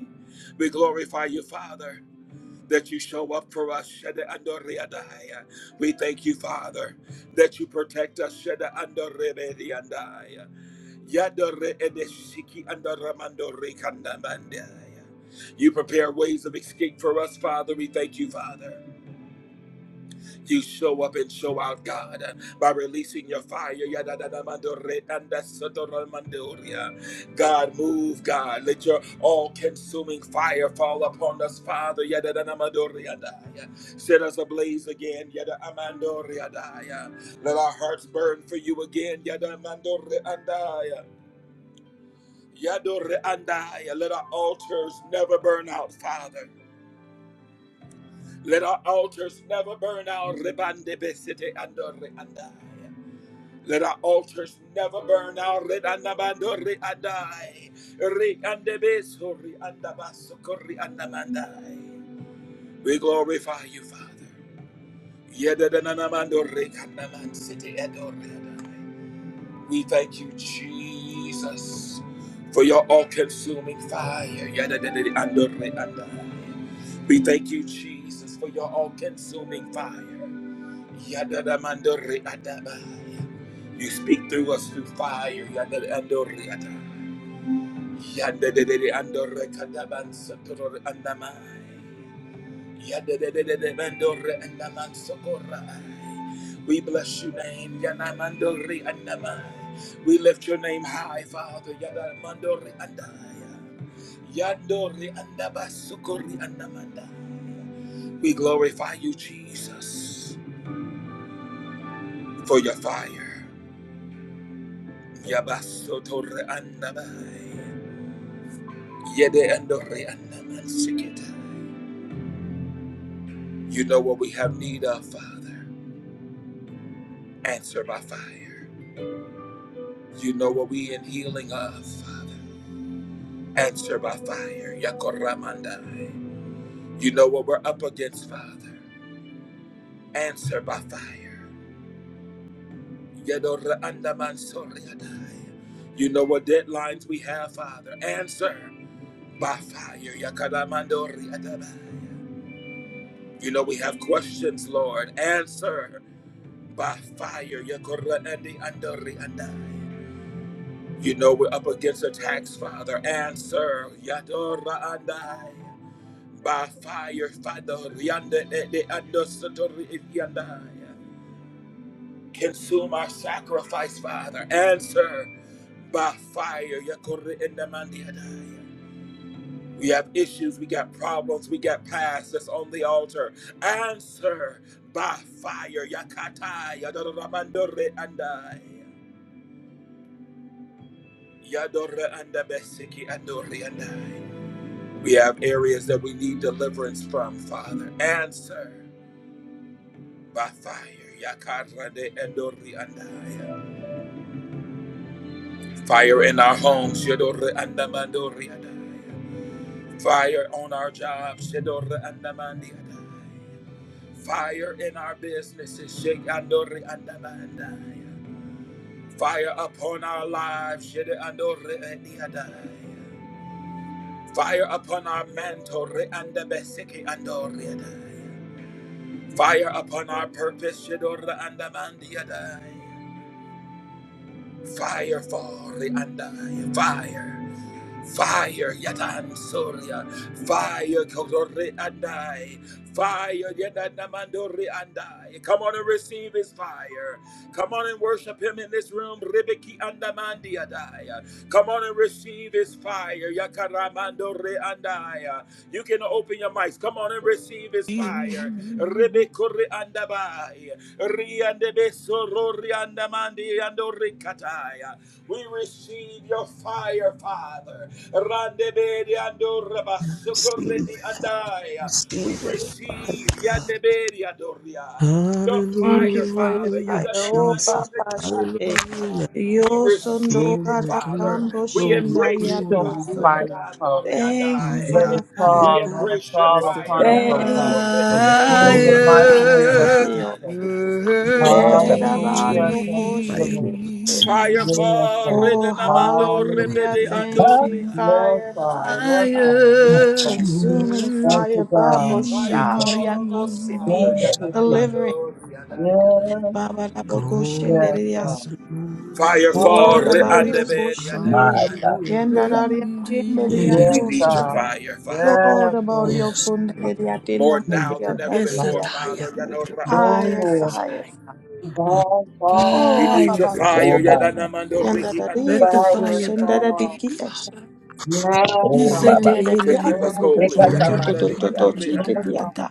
[SPEAKER 1] We glorify you, Father, that you show up for us. Shede Andori Adai. We thank you, Father, that you protect us. Shede Andori Bedi Andai. Yadore Edeshiki Andoramandori Kandamandai. You prepare ways of escape for us, Father. We thank you, Father. You show up and show out, God, by releasing your fire. God, move, God. Let your all consuming fire fall upon us, Father. Set us ablaze again. Let our hearts burn for you again. Let our altars never burn out, Father. Let our altars never burn out. Let our altars never burn out. Let anabando re adai. Re andebeso re andabaso re andamandai. We glorify you, Father. Yedadananamando re kandaman siti adore adai. We thank you, Jesus, for your all-consuming fire. Yedadadadando re andai. We thank you, Jesus, for your all-consuming fire. Yadadamando re adabai. You speak through us through fire. Yandere andoriata. Yandere andore kadaban sotoror andamai. Yandere mandore andaman sokorai. We bless your name. Yanamandori andamai. We lift your name high, Father. Yandamandori andaya. Yandori andabasukori andamanda. We glorify you, Jesus, for your fire. Yabasotor andabai. You know what we have need of, Father. Answer by fire. You know what we in healing of, Father. Answer by fire. Yakoramandai. You know what we're up against, Father. Answer by fire. Yedore andaman soriadai. You know what deadlines we have, Father. Answer by fire. Yakaramandori adabai. You know we have questions, Lord. Answer. by fire. Yakorandi andori andai. You know we're up against attacks, Father. Answer. Yadora andai. By fire, Father. Yanda ede ando satori andai. Consume our sacrifice, Father. Answer by fire. Yakori ende mandi andai. We have issues, we got problems, we got past that's on the altar. Answer by fire. Yakata. Yadora mandore andai. Yadora anda besiki andori andai. We have areas that we need deliverance from, Father. Answer by fire. Yakarande andori andai. Fire in our homes. Yadora andamandori andai. Fire on our jobs. Yadora andamandi andai. Fire in our businesses. Shake andori andamandai. Fire upon our lives. Yadora andori andai. Fire upon our mantle, Reanda Besiki Andoriadai. Fire upon our purpose, Shidora Andamandiadai. Fire fall, Reandai. Fire. Fire Yadan Surya. Fire Kodori and I. Fire Yadan Namandori and I. Come on and receive his fire. Come on and worship him in this room. Ribiki Andamandi I. Come on and receive his fire. Yakaramandori and I. You can open your mics. Come on and receive his fire.
[SPEAKER 3] God.
[SPEAKER 1] Ribikuri Andabai. Riandebe Sorori Andamandi Andori we receive your fire, Father. Randebedi ando
[SPEAKER 5] Receive,
[SPEAKER 1] andaya. We
[SPEAKER 5] receive it, Father
[SPEAKER 1] receive
[SPEAKER 5] God.
[SPEAKER 1] yandebedi adoria. Your
[SPEAKER 2] Thank you
[SPEAKER 1] fire,
[SPEAKER 2] for your
[SPEAKER 1] Father.
[SPEAKER 5] Hallelujah,
[SPEAKER 2] fire, oh
[SPEAKER 5] Jesus.
[SPEAKER 2] Baba
[SPEAKER 1] Yadananamadoredi
[SPEAKER 2] Shite.
[SPEAKER 1] andoria.
[SPEAKER 5] Hallelujah.
[SPEAKER 1] We
[SPEAKER 2] Yo sondo
[SPEAKER 1] receive it,
[SPEAKER 5] Glory,
[SPEAKER 2] gara
[SPEAKER 5] glory,
[SPEAKER 1] Father.
[SPEAKER 2] kambo
[SPEAKER 1] We
[SPEAKER 5] glory,
[SPEAKER 6] your
[SPEAKER 1] embrace it,
[SPEAKER 5] glory,
[SPEAKER 2] shendariato
[SPEAKER 6] consuming
[SPEAKER 1] Father.
[SPEAKER 2] soto.
[SPEAKER 5] glory.
[SPEAKER 6] fire,
[SPEAKER 1] Yadandore
[SPEAKER 6] Father.
[SPEAKER 2] Thank you for
[SPEAKER 6] Let
[SPEAKER 1] andaya.
[SPEAKER 6] it
[SPEAKER 2] your
[SPEAKER 5] Hallelujah.
[SPEAKER 2] fire,
[SPEAKER 1] We
[SPEAKER 6] fall, let
[SPEAKER 2] God.
[SPEAKER 6] it
[SPEAKER 1] embrace your
[SPEAKER 3] Let
[SPEAKER 6] fall
[SPEAKER 3] the
[SPEAKER 1] fire.
[SPEAKER 6] upon
[SPEAKER 3] fire
[SPEAKER 6] us, O God.
[SPEAKER 2] Thank
[SPEAKER 1] Yadandore
[SPEAKER 2] you,
[SPEAKER 6] In
[SPEAKER 2] oh
[SPEAKER 6] the
[SPEAKER 1] ededore
[SPEAKER 5] Consume,
[SPEAKER 6] mighty
[SPEAKER 2] Baba
[SPEAKER 1] amandore
[SPEAKER 6] name of
[SPEAKER 5] Father,
[SPEAKER 2] Sitio.
[SPEAKER 6] Jesus.
[SPEAKER 3] burn
[SPEAKER 4] kata
[SPEAKER 2] Vera
[SPEAKER 5] consume,
[SPEAKER 6] Hallelujah.
[SPEAKER 2] bario
[SPEAKER 7] Oh
[SPEAKER 6] Thank you,
[SPEAKER 5] fire,
[SPEAKER 2] koshende.
[SPEAKER 6] Lord.
[SPEAKER 3] deep.
[SPEAKER 5] consume,
[SPEAKER 1] Fire
[SPEAKER 6] Yes,
[SPEAKER 1] for
[SPEAKER 6] God.
[SPEAKER 2] Oh,
[SPEAKER 1] Redenamando
[SPEAKER 5] God.
[SPEAKER 2] hallelujah.
[SPEAKER 1] Rebede
[SPEAKER 6] Hallelujah.
[SPEAKER 3] Let the
[SPEAKER 4] ha
[SPEAKER 2] Thank you,
[SPEAKER 1] Andoria.
[SPEAKER 6] Yes,
[SPEAKER 2] fire,
[SPEAKER 6] God.
[SPEAKER 2] fire.
[SPEAKER 6] Yes,
[SPEAKER 3] fire
[SPEAKER 6] God.
[SPEAKER 2] fire.
[SPEAKER 6] Yes, God.
[SPEAKER 5] Consume us,
[SPEAKER 2] Consuming
[SPEAKER 3] burn
[SPEAKER 6] Thank
[SPEAKER 5] church.
[SPEAKER 2] fire,
[SPEAKER 6] you,
[SPEAKER 2] Babo
[SPEAKER 6] God.
[SPEAKER 1] Fire
[SPEAKER 6] Jesus.
[SPEAKER 3] deep.
[SPEAKER 2] Sharia
[SPEAKER 1] fall on us,
[SPEAKER 2] Kosidi,
[SPEAKER 1] Father.
[SPEAKER 6] Thank you,
[SPEAKER 4] let's
[SPEAKER 6] God.
[SPEAKER 2] delivering
[SPEAKER 1] Yadadamando, yadadamando.
[SPEAKER 6] Yes,
[SPEAKER 2] Baba Rabo
[SPEAKER 3] Let the
[SPEAKER 5] Glory,
[SPEAKER 6] yes, God.
[SPEAKER 2] Koshenderias,
[SPEAKER 5] hallelujah,
[SPEAKER 1] Fire fall. on
[SPEAKER 2] Lord Abario
[SPEAKER 6] Hallelujah.
[SPEAKER 3] fire
[SPEAKER 1] re-andabed,
[SPEAKER 4] ma
[SPEAKER 2] Koshende,
[SPEAKER 4] ta
[SPEAKER 1] yadadamando.
[SPEAKER 5] hallelujah.
[SPEAKER 4] ira
[SPEAKER 2] Yendadaria
[SPEAKER 3] burn
[SPEAKER 5] Yes,
[SPEAKER 1] We
[SPEAKER 6] Yes,
[SPEAKER 1] need
[SPEAKER 3] deep.
[SPEAKER 1] your
[SPEAKER 6] God.
[SPEAKER 2] Kinderiatosada,
[SPEAKER 1] fire, Father.
[SPEAKER 2] Lord
[SPEAKER 6] Yes,
[SPEAKER 2] Abario
[SPEAKER 6] Lord.
[SPEAKER 5] yes,
[SPEAKER 1] More
[SPEAKER 2] Kunderiatina
[SPEAKER 1] now than
[SPEAKER 6] Jesus.
[SPEAKER 1] ever
[SPEAKER 3] Yes,
[SPEAKER 1] before,
[SPEAKER 2] Nediatagiaki,
[SPEAKER 3] I
[SPEAKER 1] Father.
[SPEAKER 3] am.
[SPEAKER 5] what a
[SPEAKER 6] Oh,
[SPEAKER 2] fire,
[SPEAKER 1] Yadorra-andayadea.
[SPEAKER 6] Lord.
[SPEAKER 2] fire, fire,
[SPEAKER 6] Fall, fall,
[SPEAKER 1] We
[SPEAKER 2] oh
[SPEAKER 1] need
[SPEAKER 3] Fire
[SPEAKER 1] your
[SPEAKER 3] burn.
[SPEAKER 1] fire.
[SPEAKER 4] o
[SPEAKER 2] Ababati,
[SPEAKER 4] ba ma
[SPEAKER 1] Yadadamando,
[SPEAKER 5] water.
[SPEAKER 1] riki
[SPEAKER 3] Let the
[SPEAKER 2] Yendadarigo
[SPEAKER 6] fire,
[SPEAKER 3] fire burn
[SPEAKER 1] andabasoriadaya.
[SPEAKER 6] fall.
[SPEAKER 3] deep,
[SPEAKER 2] Koshendaradiki,
[SPEAKER 3] Father.
[SPEAKER 6] Yes,
[SPEAKER 3] You
[SPEAKER 4] o ba
[SPEAKER 3] say,
[SPEAKER 6] God.
[SPEAKER 4] ba
[SPEAKER 1] To
[SPEAKER 3] "Tehele
[SPEAKER 2] Yendadaria
[SPEAKER 6] Yes,
[SPEAKER 1] keep us
[SPEAKER 3] manabodo
[SPEAKER 6] God.
[SPEAKER 1] holy.
[SPEAKER 3] zeta
[SPEAKER 4] ekata
[SPEAKER 3] tata tata
[SPEAKER 5] Burn.
[SPEAKER 1] yadandade,
[SPEAKER 4] mandiria
[SPEAKER 3] tata tata
[SPEAKER 6] Yes, God.
[SPEAKER 1] andorreandaya.
[SPEAKER 2] Kukukosendododochititiata.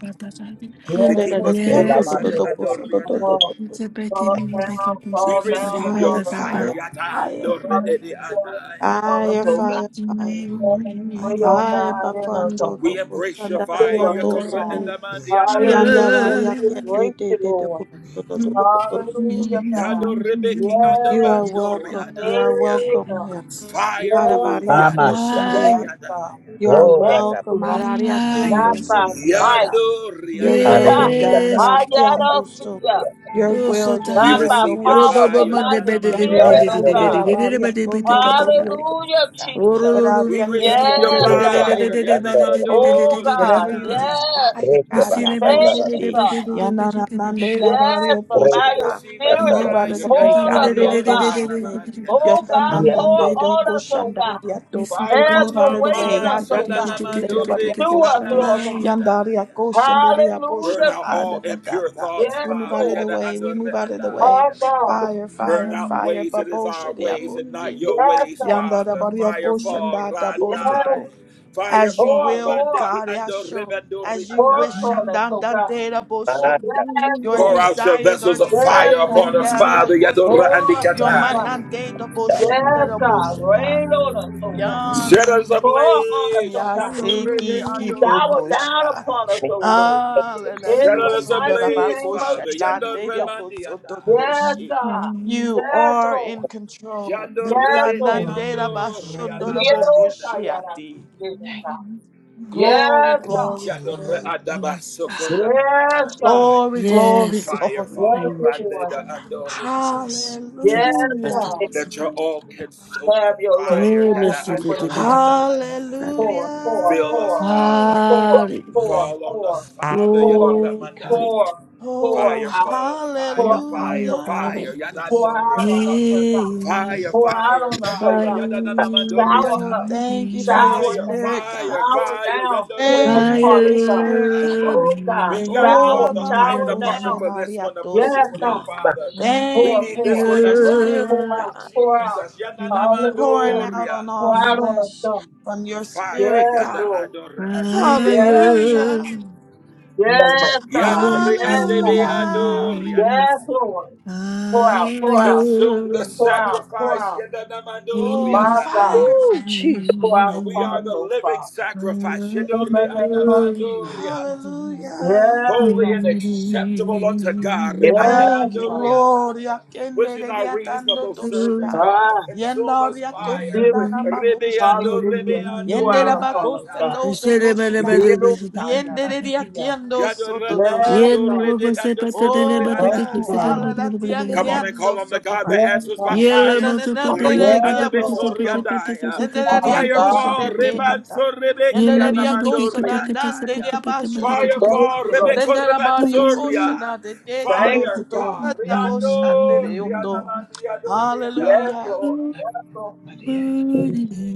[SPEAKER 2] Fire,
[SPEAKER 1] To
[SPEAKER 2] fire, fire,
[SPEAKER 1] keep
[SPEAKER 6] Yes,
[SPEAKER 1] us
[SPEAKER 4] ola
[SPEAKER 1] pure.
[SPEAKER 3] Yes,
[SPEAKER 6] Jesus.
[SPEAKER 4] mandoro
[SPEAKER 1] yadadandorreandaya.
[SPEAKER 6] Fall,
[SPEAKER 3] You say, "Beke
[SPEAKER 6] fall
[SPEAKER 3] me,
[SPEAKER 6] down,
[SPEAKER 3] beke tu se
[SPEAKER 1] We
[SPEAKER 6] fall
[SPEAKER 3] tata
[SPEAKER 6] down
[SPEAKER 1] receive your
[SPEAKER 6] upon
[SPEAKER 3] tata
[SPEAKER 6] us, oh
[SPEAKER 3] tata
[SPEAKER 1] fire.
[SPEAKER 6] God.
[SPEAKER 2] fire,
[SPEAKER 6] Fall down
[SPEAKER 1] yadandorreandaya.
[SPEAKER 6] upon us, oh God.
[SPEAKER 2] fire, fire.
[SPEAKER 5] glorify
[SPEAKER 6] Pray,
[SPEAKER 5] you,
[SPEAKER 6] oh
[SPEAKER 2] Fire,
[SPEAKER 6] God, in us,
[SPEAKER 2] papando,
[SPEAKER 6] oh
[SPEAKER 1] We
[SPEAKER 6] God.
[SPEAKER 2] toko,
[SPEAKER 1] embrace your
[SPEAKER 6] And Through
[SPEAKER 2] sandararia,
[SPEAKER 1] fire,
[SPEAKER 6] us,
[SPEAKER 1] your
[SPEAKER 6] oh
[SPEAKER 1] corre
[SPEAKER 2] tositi,
[SPEAKER 1] and
[SPEAKER 6] God.
[SPEAKER 5] bless
[SPEAKER 1] amandi and
[SPEAKER 2] yandararia,
[SPEAKER 6] Hallelujah.
[SPEAKER 1] amandoriadai.
[SPEAKER 6] We
[SPEAKER 2] kende,
[SPEAKER 6] embrace
[SPEAKER 2] te,
[SPEAKER 6] you,
[SPEAKER 2] te, te, ko,
[SPEAKER 6] Lord.
[SPEAKER 5] your
[SPEAKER 2] to,
[SPEAKER 5] name.
[SPEAKER 2] to, to, to, to, to, to, to.
[SPEAKER 6] Hallelujah,
[SPEAKER 1] Yado
[SPEAKER 6] God.
[SPEAKER 1] rebeki ando
[SPEAKER 2] You are
[SPEAKER 6] Yes,
[SPEAKER 5] You
[SPEAKER 6] Lord.
[SPEAKER 5] are
[SPEAKER 2] welcome. You are
[SPEAKER 6] Hey,
[SPEAKER 1] bandoriadai.
[SPEAKER 2] welcome
[SPEAKER 6] God.
[SPEAKER 2] here.
[SPEAKER 1] Fire
[SPEAKER 6] Yes,
[SPEAKER 1] move,
[SPEAKER 2] Arabaria,
[SPEAKER 6] God.
[SPEAKER 4] mama
[SPEAKER 1] yado
[SPEAKER 2] koshende,
[SPEAKER 6] Yes,
[SPEAKER 3] Fire. Fire.
[SPEAKER 6] God.
[SPEAKER 1] soriadai.
[SPEAKER 2] You
[SPEAKER 5] worthy,
[SPEAKER 2] are
[SPEAKER 6] Thank
[SPEAKER 4] sa
[SPEAKER 2] welcome.
[SPEAKER 6] you.
[SPEAKER 2] Araria,
[SPEAKER 3] Fire.
[SPEAKER 6] not
[SPEAKER 2] kendo,
[SPEAKER 6] by might.
[SPEAKER 1] Yado
[SPEAKER 2] Your
[SPEAKER 6] *laughs*
[SPEAKER 2] will be
[SPEAKER 4] Hallelujah.
[SPEAKER 2] done.
[SPEAKER 3] Yes,
[SPEAKER 1] rianamandiadai.
[SPEAKER 2] Yakyambuso.
[SPEAKER 6] Hallelujah.
[SPEAKER 2] Your
[SPEAKER 3] Yo
[SPEAKER 2] will, your
[SPEAKER 1] We
[SPEAKER 6] Not
[SPEAKER 3] satai
[SPEAKER 2] will,
[SPEAKER 3] lo
[SPEAKER 6] by
[SPEAKER 2] the
[SPEAKER 3] ba
[SPEAKER 1] receive your
[SPEAKER 3] ro
[SPEAKER 6] power,
[SPEAKER 3] ba
[SPEAKER 2] bullshit.
[SPEAKER 3] ba
[SPEAKER 6] but
[SPEAKER 1] fire,
[SPEAKER 3] ma
[SPEAKER 6] by
[SPEAKER 3] de be
[SPEAKER 6] the
[SPEAKER 3] de de de
[SPEAKER 5] you
[SPEAKER 3] de
[SPEAKER 5] are
[SPEAKER 6] Spirit,
[SPEAKER 3] de
[SPEAKER 4] Have
[SPEAKER 3] de
[SPEAKER 6] oh
[SPEAKER 4] your
[SPEAKER 3] de
[SPEAKER 1] nanamandoriadai.
[SPEAKER 4] way,
[SPEAKER 3] de
[SPEAKER 2] Yandandandera
[SPEAKER 6] God.
[SPEAKER 3] de
[SPEAKER 4] Holy.
[SPEAKER 3] de de ba
[SPEAKER 2] baria
[SPEAKER 3] de be de
[SPEAKER 2] kondo
[SPEAKER 3] de
[SPEAKER 2] da
[SPEAKER 3] satai.
[SPEAKER 2] borioto.
[SPEAKER 6] Hallelujah,
[SPEAKER 3] O ro
[SPEAKER 6] Jesus.
[SPEAKER 3] ro ro ro
[SPEAKER 1] We
[SPEAKER 2] Bararia
[SPEAKER 3] ro de
[SPEAKER 1] receive your
[SPEAKER 3] de de
[SPEAKER 2] kenderia
[SPEAKER 6] Yes,
[SPEAKER 4] Grace
[SPEAKER 3] de de
[SPEAKER 4] your
[SPEAKER 3] de de
[SPEAKER 6] God.
[SPEAKER 4] back.
[SPEAKER 2] basando da
[SPEAKER 1] fire,
[SPEAKER 3] de de de ba
[SPEAKER 4] Stand
[SPEAKER 3] de
[SPEAKER 4] over
[SPEAKER 3] de
[SPEAKER 4] the
[SPEAKER 3] de
[SPEAKER 4] way.
[SPEAKER 3] de de
[SPEAKER 6] Oh
[SPEAKER 3] de de de
[SPEAKER 2] Whatever
[SPEAKER 6] God.
[SPEAKER 3] de
[SPEAKER 2] you
[SPEAKER 3] de.
[SPEAKER 1] yanamandoriadai.
[SPEAKER 2] desire,
[SPEAKER 6] Yes.
[SPEAKER 4] Grace
[SPEAKER 3] We
[SPEAKER 4] your
[SPEAKER 2] God,
[SPEAKER 4] back.
[SPEAKER 3] see the ba
[SPEAKER 4] Stand
[SPEAKER 3] de de
[SPEAKER 6] Thank
[SPEAKER 4] over
[SPEAKER 3] de
[SPEAKER 4] the
[SPEAKER 6] you,
[SPEAKER 3] de
[SPEAKER 2] Yatoshati,
[SPEAKER 4] way.
[SPEAKER 3] ba
[SPEAKER 6] God.
[SPEAKER 3] de de de ba de de de de de
[SPEAKER 2] Yananandera
[SPEAKER 6] Yes,
[SPEAKER 2] Bario
[SPEAKER 6] but
[SPEAKER 1] We
[SPEAKER 4] Grace
[SPEAKER 6] by
[SPEAKER 4] your
[SPEAKER 6] your
[SPEAKER 2] Poshata.
[SPEAKER 4] back.
[SPEAKER 1] receive your
[SPEAKER 2] We
[SPEAKER 4] Stand
[SPEAKER 6] Spirit, just
[SPEAKER 2] move
[SPEAKER 4] over
[SPEAKER 1] fire,
[SPEAKER 4] the
[SPEAKER 2] out of the
[SPEAKER 6] pour
[SPEAKER 2] way,
[SPEAKER 6] on
[SPEAKER 2] God,
[SPEAKER 6] us, oh God.
[SPEAKER 2] Yatoshati,
[SPEAKER 6] Oh
[SPEAKER 1] yanamandoriadai.
[SPEAKER 6] God,
[SPEAKER 4] way.
[SPEAKER 6] pour
[SPEAKER 2] Yatandandande
[SPEAKER 4] Yonder,
[SPEAKER 6] on
[SPEAKER 2] Doko
[SPEAKER 6] us, oh God.
[SPEAKER 2] Shandaria
[SPEAKER 1] Fire
[SPEAKER 2] We
[SPEAKER 6] Have
[SPEAKER 1] on
[SPEAKER 2] move out
[SPEAKER 6] your
[SPEAKER 1] our
[SPEAKER 2] of the
[SPEAKER 6] way
[SPEAKER 2] way,
[SPEAKER 6] in us,
[SPEAKER 1] minds.
[SPEAKER 2] Yato
[SPEAKER 6] oh God.
[SPEAKER 2] Bushinde,
[SPEAKER 1] Shadanamando reki
[SPEAKER 6] Through us, Lord God.
[SPEAKER 2] Yandaria koshandaria
[SPEAKER 1] Burn
[SPEAKER 2] bosha
[SPEAKER 6] Hallelujah,
[SPEAKER 1] out
[SPEAKER 2] ha
[SPEAKER 6] Jesus.
[SPEAKER 2] da
[SPEAKER 1] all
[SPEAKER 2] da da
[SPEAKER 1] impure
[SPEAKER 2] da.
[SPEAKER 1] thoughts,
[SPEAKER 2] We
[SPEAKER 6] Yes,
[SPEAKER 2] move
[SPEAKER 1] Father.
[SPEAKER 2] out of the
[SPEAKER 6] Lord.
[SPEAKER 1] Yada
[SPEAKER 2] way. We
[SPEAKER 1] andore
[SPEAKER 2] move out of the way.
[SPEAKER 6] Our
[SPEAKER 1] andaya.
[SPEAKER 6] God.
[SPEAKER 2] Fire,
[SPEAKER 1] Burn
[SPEAKER 2] fire,
[SPEAKER 1] out
[SPEAKER 2] fire.
[SPEAKER 1] ways that is our
[SPEAKER 2] Babosha dia
[SPEAKER 1] ways and not
[SPEAKER 2] boshi.
[SPEAKER 1] your
[SPEAKER 6] Yes,
[SPEAKER 1] ways,
[SPEAKER 6] God.
[SPEAKER 2] Yandara
[SPEAKER 1] Father.
[SPEAKER 2] bario
[SPEAKER 1] Fire fall
[SPEAKER 2] boshanda
[SPEAKER 6] Yes.
[SPEAKER 1] randai.
[SPEAKER 2] bosoto.
[SPEAKER 1] Fire
[SPEAKER 2] As you
[SPEAKER 6] Pour,
[SPEAKER 1] fall
[SPEAKER 2] will,
[SPEAKER 6] pour,
[SPEAKER 1] randeki
[SPEAKER 2] God,
[SPEAKER 1] andore
[SPEAKER 2] Yasho.
[SPEAKER 1] bandori
[SPEAKER 2] As you
[SPEAKER 6] pour,
[SPEAKER 2] wish,
[SPEAKER 6] pour
[SPEAKER 1] andaya.
[SPEAKER 6] us, oh God.
[SPEAKER 2] shandandante da boshande.
[SPEAKER 4] Mata,
[SPEAKER 6] Yes,
[SPEAKER 2] Your
[SPEAKER 1] Pour
[SPEAKER 6] Lord.
[SPEAKER 1] out your
[SPEAKER 2] desires are
[SPEAKER 1] vessels of fire
[SPEAKER 6] Yes,
[SPEAKER 2] desires
[SPEAKER 6] God.
[SPEAKER 1] upon
[SPEAKER 2] in
[SPEAKER 1] us,
[SPEAKER 2] Daria
[SPEAKER 1] Father. Yadora
[SPEAKER 6] Pour,
[SPEAKER 2] Kosata.
[SPEAKER 6] us,
[SPEAKER 2] Your
[SPEAKER 6] oh God.
[SPEAKER 1] andikatai.
[SPEAKER 2] manante da boshinda
[SPEAKER 6] Yes,
[SPEAKER 2] da
[SPEAKER 6] God.
[SPEAKER 2] boshata.
[SPEAKER 6] Rain on us, oh God.
[SPEAKER 1] Set
[SPEAKER 2] Yandara.
[SPEAKER 1] us
[SPEAKER 6] Pour on us, oh
[SPEAKER 1] ablaze.
[SPEAKER 6] God.
[SPEAKER 2] Yasi
[SPEAKER 1] Yadore de
[SPEAKER 2] ki ki
[SPEAKER 6] Shower
[SPEAKER 1] andori
[SPEAKER 6] down upon us,
[SPEAKER 4] Mr.
[SPEAKER 6] oh Lord.
[SPEAKER 2] Ah, la la
[SPEAKER 4] Kirsten.
[SPEAKER 1] Set
[SPEAKER 6] In
[SPEAKER 2] dio
[SPEAKER 6] the
[SPEAKER 1] us
[SPEAKER 2] sundara
[SPEAKER 6] mighty
[SPEAKER 1] ablaze,
[SPEAKER 2] bako
[SPEAKER 6] name of
[SPEAKER 1] Father. Yando
[SPEAKER 2] shandande dio
[SPEAKER 6] Jesus.
[SPEAKER 1] remandi
[SPEAKER 2] boso
[SPEAKER 1] yanda.
[SPEAKER 6] Yes,
[SPEAKER 2] dodoshi.
[SPEAKER 6] God.
[SPEAKER 2] You
[SPEAKER 6] Yes,
[SPEAKER 2] are
[SPEAKER 6] Lord.
[SPEAKER 2] in control.
[SPEAKER 1] Yando
[SPEAKER 6] Yes,
[SPEAKER 1] rebeti
[SPEAKER 3] Bye.
[SPEAKER 6] Lord.
[SPEAKER 2] Yanande la
[SPEAKER 5] Glory,
[SPEAKER 1] ando
[SPEAKER 2] bashundara
[SPEAKER 6] Yes,
[SPEAKER 1] reanamandi
[SPEAKER 5] hallelujah.
[SPEAKER 2] boko
[SPEAKER 1] yanda.
[SPEAKER 6] Lord. Yes,
[SPEAKER 2] shiati.
[SPEAKER 6] God.
[SPEAKER 2] Glory,
[SPEAKER 6] Yes, God.
[SPEAKER 5] Thank
[SPEAKER 2] glory,
[SPEAKER 5] you,
[SPEAKER 1] Yando
[SPEAKER 2] glory.
[SPEAKER 5] Lord.
[SPEAKER 1] readaba
[SPEAKER 3] Yes, God.
[SPEAKER 5] Praise
[SPEAKER 1] sokora andamandaya.
[SPEAKER 2] Glory,
[SPEAKER 3] yes,
[SPEAKER 2] glory,
[SPEAKER 1] Fire
[SPEAKER 2] glory.
[SPEAKER 6] Yes,
[SPEAKER 1] fall
[SPEAKER 3] thank you,
[SPEAKER 1] rande
[SPEAKER 6] Lord.
[SPEAKER 5] the
[SPEAKER 1] da
[SPEAKER 5] name of
[SPEAKER 1] ando
[SPEAKER 5] Jesus.
[SPEAKER 1] reandaya.
[SPEAKER 3] Father.
[SPEAKER 6] Yes,
[SPEAKER 2] Hallelujah.
[SPEAKER 6] God.
[SPEAKER 1] Let
[SPEAKER 5] Glory,
[SPEAKER 1] your
[SPEAKER 5] God,
[SPEAKER 1] all-consuming
[SPEAKER 6] Have your Lord.
[SPEAKER 1] fire,
[SPEAKER 3] Oh,
[SPEAKER 6] Have
[SPEAKER 1] yada
[SPEAKER 3] listen
[SPEAKER 6] your
[SPEAKER 3] to
[SPEAKER 6] way,
[SPEAKER 1] ando
[SPEAKER 3] the get
[SPEAKER 6] God.
[SPEAKER 5] mighty
[SPEAKER 1] reandaya.
[SPEAKER 5] God,
[SPEAKER 6] Four,
[SPEAKER 2] Hallelujah.
[SPEAKER 6] four,
[SPEAKER 1] Fill us,
[SPEAKER 6] four,
[SPEAKER 1] Father.
[SPEAKER 6] four,
[SPEAKER 3] Glory,
[SPEAKER 6] four,
[SPEAKER 5] mighty
[SPEAKER 1] Fall on
[SPEAKER 6] four,
[SPEAKER 1] us,
[SPEAKER 5] God,
[SPEAKER 1] Father,
[SPEAKER 6] four,
[SPEAKER 1] Yadoramandaya.
[SPEAKER 3] glory
[SPEAKER 6] four,
[SPEAKER 3] to
[SPEAKER 6] four
[SPEAKER 2] Oh,
[SPEAKER 1] Fire,
[SPEAKER 6] out,
[SPEAKER 1] fall,
[SPEAKER 6] four
[SPEAKER 1] fire,
[SPEAKER 3] you,
[SPEAKER 6] out,
[SPEAKER 3] my
[SPEAKER 1] fire,
[SPEAKER 6] oh
[SPEAKER 5] you
[SPEAKER 2] hallelujah.
[SPEAKER 6] God.
[SPEAKER 1] fire,
[SPEAKER 3] Father.
[SPEAKER 6] Pour
[SPEAKER 5] are
[SPEAKER 6] out on us,
[SPEAKER 1] yadandoriadaya.
[SPEAKER 6] oh God.
[SPEAKER 3] Yeah,
[SPEAKER 1] Fire,
[SPEAKER 6] Pour out
[SPEAKER 1] fire,
[SPEAKER 6] on us, oh
[SPEAKER 1] fire,
[SPEAKER 6] God.
[SPEAKER 4] Mata,
[SPEAKER 3] fire,
[SPEAKER 6] Shower
[SPEAKER 2] Oh,
[SPEAKER 6] us.
[SPEAKER 1] yadanamandoriadaya.
[SPEAKER 2] thank you for your
[SPEAKER 6] Shower
[SPEAKER 1] Fire,
[SPEAKER 6] down.
[SPEAKER 2] spirit, God.
[SPEAKER 1] fire,
[SPEAKER 6] Shower
[SPEAKER 1] fire,
[SPEAKER 6] down
[SPEAKER 1] yadoridi
[SPEAKER 2] Thank you
[SPEAKER 5] mighty
[SPEAKER 6] upon
[SPEAKER 2] for your
[SPEAKER 6] us, God.
[SPEAKER 2] spirit,
[SPEAKER 1] andoriadaya.
[SPEAKER 2] God.
[SPEAKER 6] Oh
[SPEAKER 1] We
[SPEAKER 6] God.
[SPEAKER 1] ain't gotta
[SPEAKER 2] Oh,
[SPEAKER 1] call
[SPEAKER 6] Shower,
[SPEAKER 1] the
[SPEAKER 2] Abba,
[SPEAKER 1] fire
[SPEAKER 6] shower
[SPEAKER 1] department
[SPEAKER 6] down.
[SPEAKER 2] Bullshit,
[SPEAKER 1] for this one to put this
[SPEAKER 6] Yes,
[SPEAKER 1] one
[SPEAKER 6] God.
[SPEAKER 1] out,
[SPEAKER 2] Ariatosiki.
[SPEAKER 1] Father. We
[SPEAKER 6] Pour,
[SPEAKER 2] Thank
[SPEAKER 1] need
[SPEAKER 2] you
[SPEAKER 1] this
[SPEAKER 6] pour,
[SPEAKER 2] for
[SPEAKER 1] one to
[SPEAKER 2] your spirit,
[SPEAKER 6] pour
[SPEAKER 1] burn,
[SPEAKER 6] out,
[SPEAKER 2] God,
[SPEAKER 6] pour out.
[SPEAKER 1] Jesus.
[SPEAKER 3] fire,
[SPEAKER 2] pouring
[SPEAKER 6] Hallelujah
[SPEAKER 2] out
[SPEAKER 1] Yadanamandoria.
[SPEAKER 2] on
[SPEAKER 6] pour
[SPEAKER 2] all
[SPEAKER 6] out on us,
[SPEAKER 3] fire.
[SPEAKER 2] flesh
[SPEAKER 6] God.
[SPEAKER 2] from your
[SPEAKER 1] Fire,
[SPEAKER 2] spirit,
[SPEAKER 6] Yes,
[SPEAKER 1] yada
[SPEAKER 2] God.
[SPEAKER 6] Lord.
[SPEAKER 1] adorade.
[SPEAKER 6] Yes, God.
[SPEAKER 3] Higher
[SPEAKER 2] Hallelujah.
[SPEAKER 4] Mata,
[SPEAKER 6] Yes, God.
[SPEAKER 1] Yadore
[SPEAKER 6] Yes,
[SPEAKER 1] andebe
[SPEAKER 6] God.
[SPEAKER 1] adore
[SPEAKER 2] Hallelujah.
[SPEAKER 6] Yes,
[SPEAKER 3] wings,
[SPEAKER 1] adaya.
[SPEAKER 6] Lord. Pour out, pour out,
[SPEAKER 1] Consume
[SPEAKER 3] higher
[SPEAKER 1] the
[SPEAKER 6] pour out, pour
[SPEAKER 1] sacrifice.
[SPEAKER 6] out.
[SPEAKER 1] Yadanamandore
[SPEAKER 2] Oh,
[SPEAKER 6] My
[SPEAKER 3] wings,
[SPEAKER 1] adaya.
[SPEAKER 6] God,
[SPEAKER 2] fire.
[SPEAKER 7] Jesus
[SPEAKER 6] pour out
[SPEAKER 1] And we
[SPEAKER 6] upon
[SPEAKER 1] are
[SPEAKER 6] us,
[SPEAKER 1] the
[SPEAKER 6] oh
[SPEAKER 1] living
[SPEAKER 6] Father.
[SPEAKER 1] sacrifice.
[SPEAKER 6] In
[SPEAKER 1] Yadore
[SPEAKER 6] the name of
[SPEAKER 3] higher
[SPEAKER 1] andamandore
[SPEAKER 6] Jesus.
[SPEAKER 2] Hallelujah.
[SPEAKER 6] Yes,
[SPEAKER 1] Holy and
[SPEAKER 6] God.
[SPEAKER 1] acceptable unto God. Re
[SPEAKER 4] Mata,
[SPEAKER 6] Yes,
[SPEAKER 2] Thank you,
[SPEAKER 1] andamandore
[SPEAKER 6] God.
[SPEAKER 2] Lord.
[SPEAKER 1] adaya. Which
[SPEAKER 2] Yakende
[SPEAKER 1] is
[SPEAKER 2] de
[SPEAKER 1] our
[SPEAKER 2] diatando
[SPEAKER 1] reasonable service,
[SPEAKER 2] toshita.
[SPEAKER 3] wings.
[SPEAKER 1] God.
[SPEAKER 6] Ah,
[SPEAKER 1] Consume
[SPEAKER 2] Yenda
[SPEAKER 1] us
[SPEAKER 6] the
[SPEAKER 1] fire.
[SPEAKER 2] riakosda
[SPEAKER 6] Spirit,
[SPEAKER 1] Rebe
[SPEAKER 2] rababoshede.
[SPEAKER 1] ando, rebe
[SPEAKER 6] hallelujah. Pour
[SPEAKER 2] Yende
[SPEAKER 1] ando, re
[SPEAKER 2] Yendera
[SPEAKER 6] out upon us,
[SPEAKER 2] bakosa
[SPEAKER 6] God.
[SPEAKER 2] no
[SPEAKER 1] andaya.
[SPEAKER 2] dodosha da.
[SPEAKER 6] Zero
[SPEAKER 2] Yendere
[SPEAKER 6] Sayarakia.
[SPEAKER 2] diakiando
[SPEAKER 1] Yadore
[SPEAKER 2] soto dosha.
[SPEAKER 6] Yes, God.
[SPEAKER 3] Yellow
[SPEAKER 1] de
[SPEAKER 3] bus
[SPEAKER 1] ando,
[SPEAKER 3] patele
[SPEAKER 1] sodore
[SPEAKER 6] Thank
[SPEAKER 3] batete
[SPEAKER 6] you,
[SPEAKER 2] Oh,
[SPEAKER 3] kisse
[SPEAKER 1] andaya.
[SPEAKER 3] bele
[SPEAKER 6] God.
[SPEAKER 2] ala
[SPEAKER 3] bele
[SPEAKER 2] la
[SPEAKER 3] bele bele bele
[SPEAKER 1] Come on
[SPEAKER 3] bele.
[SPEAKER 1] and
[SPEAKER 2] tiangeando
[SPEAKER 1] call on the
[SPEAKER 2] soto
[SPEAKER 1] God that
[SPEAKER 6] Yes,
[SPEAKER 2] pashe.
[SPEAKER 1] answers by
[SPEAKER 6] God.
[SPEAKER 3] Yellow
[SPEAKER 1] fire.
[SPEAKER 3] bus
[SPEAKER 2] Yanana
[SPEAKER 3] patele
[SPEAKER 1] Riki
[SPEAKER 2] nandere
[SPEAKER 3] bele
[SPEAKER 1] and
[SPEAKER 2] ki
[SPEAKER 1] the
[SPEAKER 6] Yes,
[SPEAKER 3] bele bele bele
[SPEAKER 6] Lord.
[SPEAKER 3] bele
[SPEAKER 2] apostoto.
[SPEAKER 1] Besoriadaya.
[SPEAKER 3] bele
[SPEAKER 2] la
[SPEAKER 6] Father
[SPEAKER 1] Fire
[SPEAKER 6] God.
[SPEAKER 2] diatosha de
[SPEAKER 1] for
[SPEAKER 2] ke
[SPEAKER 3] bele.
[SPEAKER 2] ata.
[SPEAKER 1] Rebanso Rebeki
[SPEAKER 2] Yende
[SPEAKER 3] Yellow bale
[SPEAKER 2] la
[SPEAKER 1] and
[SPEAKER 3] bale bale bale
[SPEAKER 2] diakosa na
[SPEAKER 3] bale bale
[SPEAKER 2] nandere
[SPEAKER 1] Amandoriadaya.
[SPEAKER 3] bale
[SPEAKER 2] abasho do
[SPEAKER 1] Fire
[SPEAKER 2] do.
[SPEAKER 6] Thank
[SPEAKER 1] for
[SPEAKER 6] you, Lord.
[SPEAKER 1] Rebeko
[SPEAKER 2] la bario kosha
[SPEAKER 1] Rebansoria.
[SPEAKER 2] na de te to
[SPEAKER 6] Thank
[SPEAKER 2] do
[SPEAKER 6] you,
[SPEAKER 1] Fire,
[SPEAKER 2] soto
[SPEAKER 6] God.
[SPEAKER 1] God.
[SPEAKER 2] bata bosha
[SPEAKER 1] Riando
[SPEAKER 2] de oto.
[SPEAKER 6] Yes,
[SPEAKER 2] Hallelujah.
[SPEAKER 1] Rianamandiadoriadaya.
[SPEAKER 6] Lord.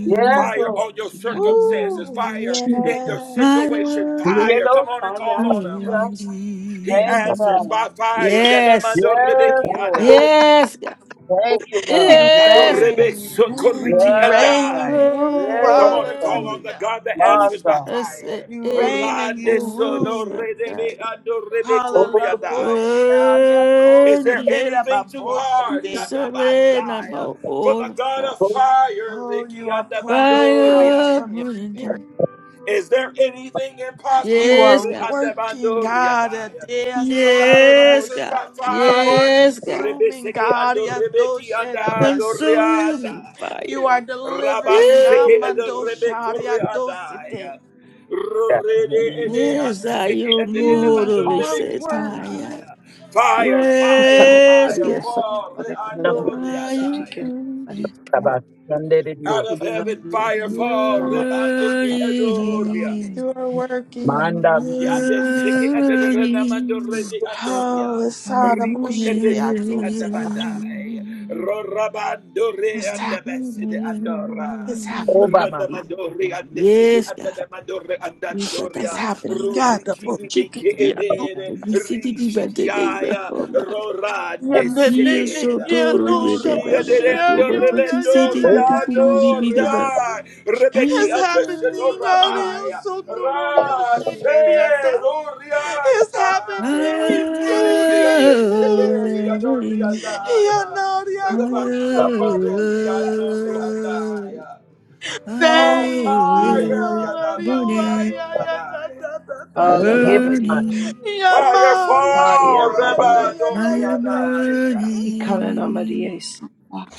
[SPEAKER 6] Yes,
[SPEAKER 1] Fire
[SPEAKER 6] Lord.
[SPEAKER 1] on your circumstances,
[SPEAKER 2] Ooh,
[SPEAKER 1] fire
[SPEAKER 6] Jesus. Yes,
[SPEAKER 1] in your
[SPEAKER 6] Lord. Jesus.
[SPEAKER 2] yeah.
[SPEAKER 3] bale bale bale
[SPEAKER 1] situation,
[SPEAKER 3] bale.
[SPEAKER 1] fire.
[SPEAKER 6] Yellow
[SPEAKER 1] Come on and
[SPEAKER 6] Kaya.
[SPEAKER 1] call on him.
[SPEAKER 6] Yeah.
[SPEAKER 1] He
[SPEAKER 6] Thank you, God.
[SPEAKER 1] answers by fire.
[SPEAKER 3] Yes, yes.
[SPEAKER 1] Yadamando
[SPEAKER 6] Yes,
[SPEAKER 1] Rebeki
[SPEAKER 6] Lord.
[SPEAKER 4] Oh,
[SPEAKER 1] Adai.
[SPEAKER 3] yes.
[SPEAKER 4] oh,
[SPEAKER 6] Thank you, God.
[SPEAKER 2] You
[SPEAKER 1] Yado
[SPEAKER 3] Yes,
[SPEAKER 6] Jesus.
[SPEAKER 1] rebe
[SPEAKER 2] reign, you reign, you
[SPEAKER 1] sokoriki and
[SPEAKER 6] Yes,
[SPEAKER 2] reign, you
[SPEAKER 6] God.
[SPEAKER 1] I.
[SPEAKER 2] rule.
[SPEAKER 1] Come
[SPEAKER 6] Yes,
[SPEAKER 1] on and
[SPEAKER 6] God.
[SPEAKER 1] call on
[SPEAKER 3] burning.
[SPEAKER 1] the
[SPEAKER 2] Hallelujah.
[SPEAKER 1] God that
[SPEAKER 6] My
[SPEAKER 1] answers by
[SPEAKER 6] God.
[SPEAKER 3] Jesus,
[SPEAKER 1] fire.
[SPEAKER 2] You reign
[SPEAKER 3] ela
[SPEAKER 2] and you
[SPEAKER 1] Rande solo
[SPEAKER 2] rule.
[SPEAKER 3] moça,
[SPEAKER 1] redebe ando rebe kori
[SPEAKER 2] Hallelujah.
[SPEAKER 4] oh,
[SPEAKER 1] Is there
[SPEAKER 3] burning.
[SPEAKER 1] anything too hard Yada
[SPEAKER 3] Serena, my
[SPEAKER 1] for the God
[SPEAKER 3] orta.
[SPEAKER 1] of
[SPEAKER 4] oh,
[SPEAKER 1] fire?
[SPEAKER 2] Oh,
[SPEAKER 1] Riki
[SPEAKER 2] you are
[SPEAKER 1] and
[SPEAKER 2] pouring out
[SPEAKER 3] Fire,
[SPEAKER 2] from your spirit.
[SPEAKER 3] burning.
[SPEAKER 1] is there anything
[SPEAKER 2] You
[SPEAKER 1] impossible?
[SPEAKER 3] Yes,
[SPEAKER 2] are
[SPEAKER 3] God.
[SPEAKER 2] working,
[SPEAKER 1] Re-andamando,
[SPEAKER 2] God.
[SPEAKER 1] To the God that
[SPEAKER 3] Yes,
[SPEAKER 1] answers by
[SPEAKER 3] God.
[SPEAKER 2] You are
[SPEAKER 1] fire.
[SPEAKER 3] Yes, God.
[SPEAKER 2] consuming,
[SPEAKER 1] Rebeseke
[SPEAKER 2] God.
[SPEAKER 1] ando rebeki andando
[SPEAKER 3] Consuming
[SPEAKER 1] readaya.
[SPEAKER 2] You are
[SPEAKER 3] fire.
[SPEAKER 2] delivering,
[SPEAKER 1] Rabaseke
[SPEAKER 3] Woo.
[SPEAKER 1] ando
[SPEAKER 2] God.
[SPEAKER 1] rebeko
[SPEAKER 4] yeah.
[SPEAKER 3] Yes, I am more
[SPEAKER 2] You
[SPEAKER 3] of a
[SPEAKER 2] are
[SPEAKER 3] satire.
[SPEAKER 2] working.
[SPEAKER 1] Fire, fire,
[SPEAKER 3] Yes,
[SPEAKER 1] fire,
[SPEAKER 3] God.
[SPEAKER 1] fall
[SPEAKER 4] Number
[SPEAKER 3] Fire from the
[SPEAKER 4] seven, under the
[SPEAKER 1] Out
[SPEAKER 4] news.
[SPEAKER 1] of heaven, fire fall.
[SPEAKER 3] Holy,
[SPEAKER 1] Rebandeke ando
[SPEAKER 2] You are
[SPEAKER 3] I
[SPEAKER 2] working.
[SPEAKER 3] am
[SPEAKER 4] Manda
[SPEAKER 1] Yande siki and
[SPEAKER 3] worthy,
[SPEAKER 1] renamando redi
[SPEAKER 2] Oh,
[SPEAKER 1] andoria.
[SPEAKER 3] I
[SPEAKER 2] it's hot.
[SPEAKER 3] am
[SPEAKER 2] I'm
[SPEAKER 1] Riki and
[SPEAKER 2] bullshit.
[SPEAKER 1] the
[SPEAKER 2] I
[SPEAKER 1] siki
[SPEAKER 2] do
[SPEAKER 1] and the
[SPEAKER 3] worthy.
[SPEAKER 2] something.
[SPEAKER 1] bandai. Rorabandore
[SPEAKER 2] It's
[SPEAKER 1] and
[SPEAKER 2] happening.
[SPEAKER 1] the beside andoran.
[SPEAKER 2] It's happening.
[SPEAKER 4] Obama.
[SPEAKER 1] Rodamandori and the siki
[SPEAKER 7] Maria
[SPEAKER 3] Yes,
[SPEAKER 1] and
[SPEAKER 3] God,
[SPEAKER 1] the mandore and
[SPEAKER 3] we set up
[SPEAKER 2] It's
[SPEAKER 1] andoria.
[SPEAKER 3] our
[SPEAKER 2] happening.
[SPEAKER 3] sabana.
[SPEAKER 2] God, the
[SPEAKER 1] Ruriki
[SPEAKER 2] bullshit.
[SPEAKER 1] ibeke
[SPEAKER 2] Yeah, do.
[SPEAKER 1] ebere.
[SPEAKER 3] We sit in the bed of
[SPEAKER 1] Rishikiaya.
[SPEAKER 3] home.
[SPEAKER 1] Roran de
[SPEAKER 2] Yeah, yeah, yeah,
[SPEAKER 3] You
[SPEAKER 2] yeah, yeah, yeah,
[SPEAKER 1] seated.
[SPEAKER 3] so
[SPEAKER 2] yeah,
[SPEAKER 3] tall,
[SPEAKER 2] no
[SPEAKER 3] you
[SPEAKER 2] shit,
[SPEAKER 3] never
[SPEAKER 1] Ruria de
[SPEAKER 2] bullshit.
[SPEAKER 3] never
[SPEAKER 2] Yeah,
[SPEAKER 3] go,
[SPEAKER 1] rendo
[SPEAKER 3] but
[SPEAKER 2] yeah, yeah,
[SPEAKER 3] you
[SPEAKER 1] rebendo
[SPEAKER 2] yeah,
[SPEAKER 3] sit
[SPEAKER 2] yeah,
[SPEAKER 4] Oh,
[SPEAKER 3] in
[SPEAKER 2] yeah,
[SPEAKER 1] riado
[SPEAKER 2] no shit.
[SPEAKER 3] the bed of
[SPEAKER 2] yeah, I
[SPEAKER 1] ria
[SPEAKER 2] see.
[SPEAKER 1] rebeki
[SPEAKER 2] It's
[SPEAKER 1] ande seto
[SPEAKER 2] happening.
[SPEAKER 1] rabai
[SPEAKER 2] Adios,
[SPEAKER 3] the
[SPEAKER 2] so no, no, no,
[SPEAKER 1] ra
[SPEAKER 2] shit,
[SPEAKER 1] se
[SPEAKER 3] Burning,
[SPEAKER 2] idiota.
[SPEAKER 1] ruria
[SPEAKER 2] It's happening.
[SPEAKER 1] dai
[SPEAKER 2] He's
[SPEAKER 3] burning,
[SPEAKER 2] moving.
[SPEAKER 1] riki
[SPEAKER 2] He's
[SPEAKER 1] ande sete di
[SPEAKER 2] moving.
[SPEAKER 1] adoria
[SPEAKER 2] He
[SPEAKER 1] dai
[SPEAKER 2] anaria
[SPEAKER 1] reba
[SPEAKER 3] fire
[SPEAKER 2] kusha
[SPEAKER 1] socorre mi
[SPEAKER 2] babusha.
[SPEAKER 1] adoria dai
[SPEAKER 3] burning.
[SPEAKER 1] fall
[SPEAKER 2] Thank
[SPEAKER 7] Yeah.
[SPEAKER 2] you,
[SPEAKER 1] fire yada
[SPEAKER 2] hallelujah.
[SPEAKER 1] mandi
[SPEAKER 2] Yamari, atu, ay, ta,
[SPEAKER 1] adorabai
[SPEAKER 2] ta, ta, ta,
[SPEAKER 7] Ala la
[SPEAKER 2] shita.
[SPEAKER 4] him,
[SPEAKER 7] Maria,
[SPEAKER 4] man,
[SPEAKER 2] Ya,
[SPEAKER 1] fire
[SPEAKER 2] Maria, tu,
[SPEAKER 7] fire
[SPEAKER 1] fall
[SPEAKER 2] ay,
[SPEAKER 1] reba
[SPEAKER 7] Maria,
[SPEAKER 2] ay, ay,
[SPEAKER 1] adoria
[SPEAKER 2] atashita.
[SPEAKER 7] Ikanana Maria,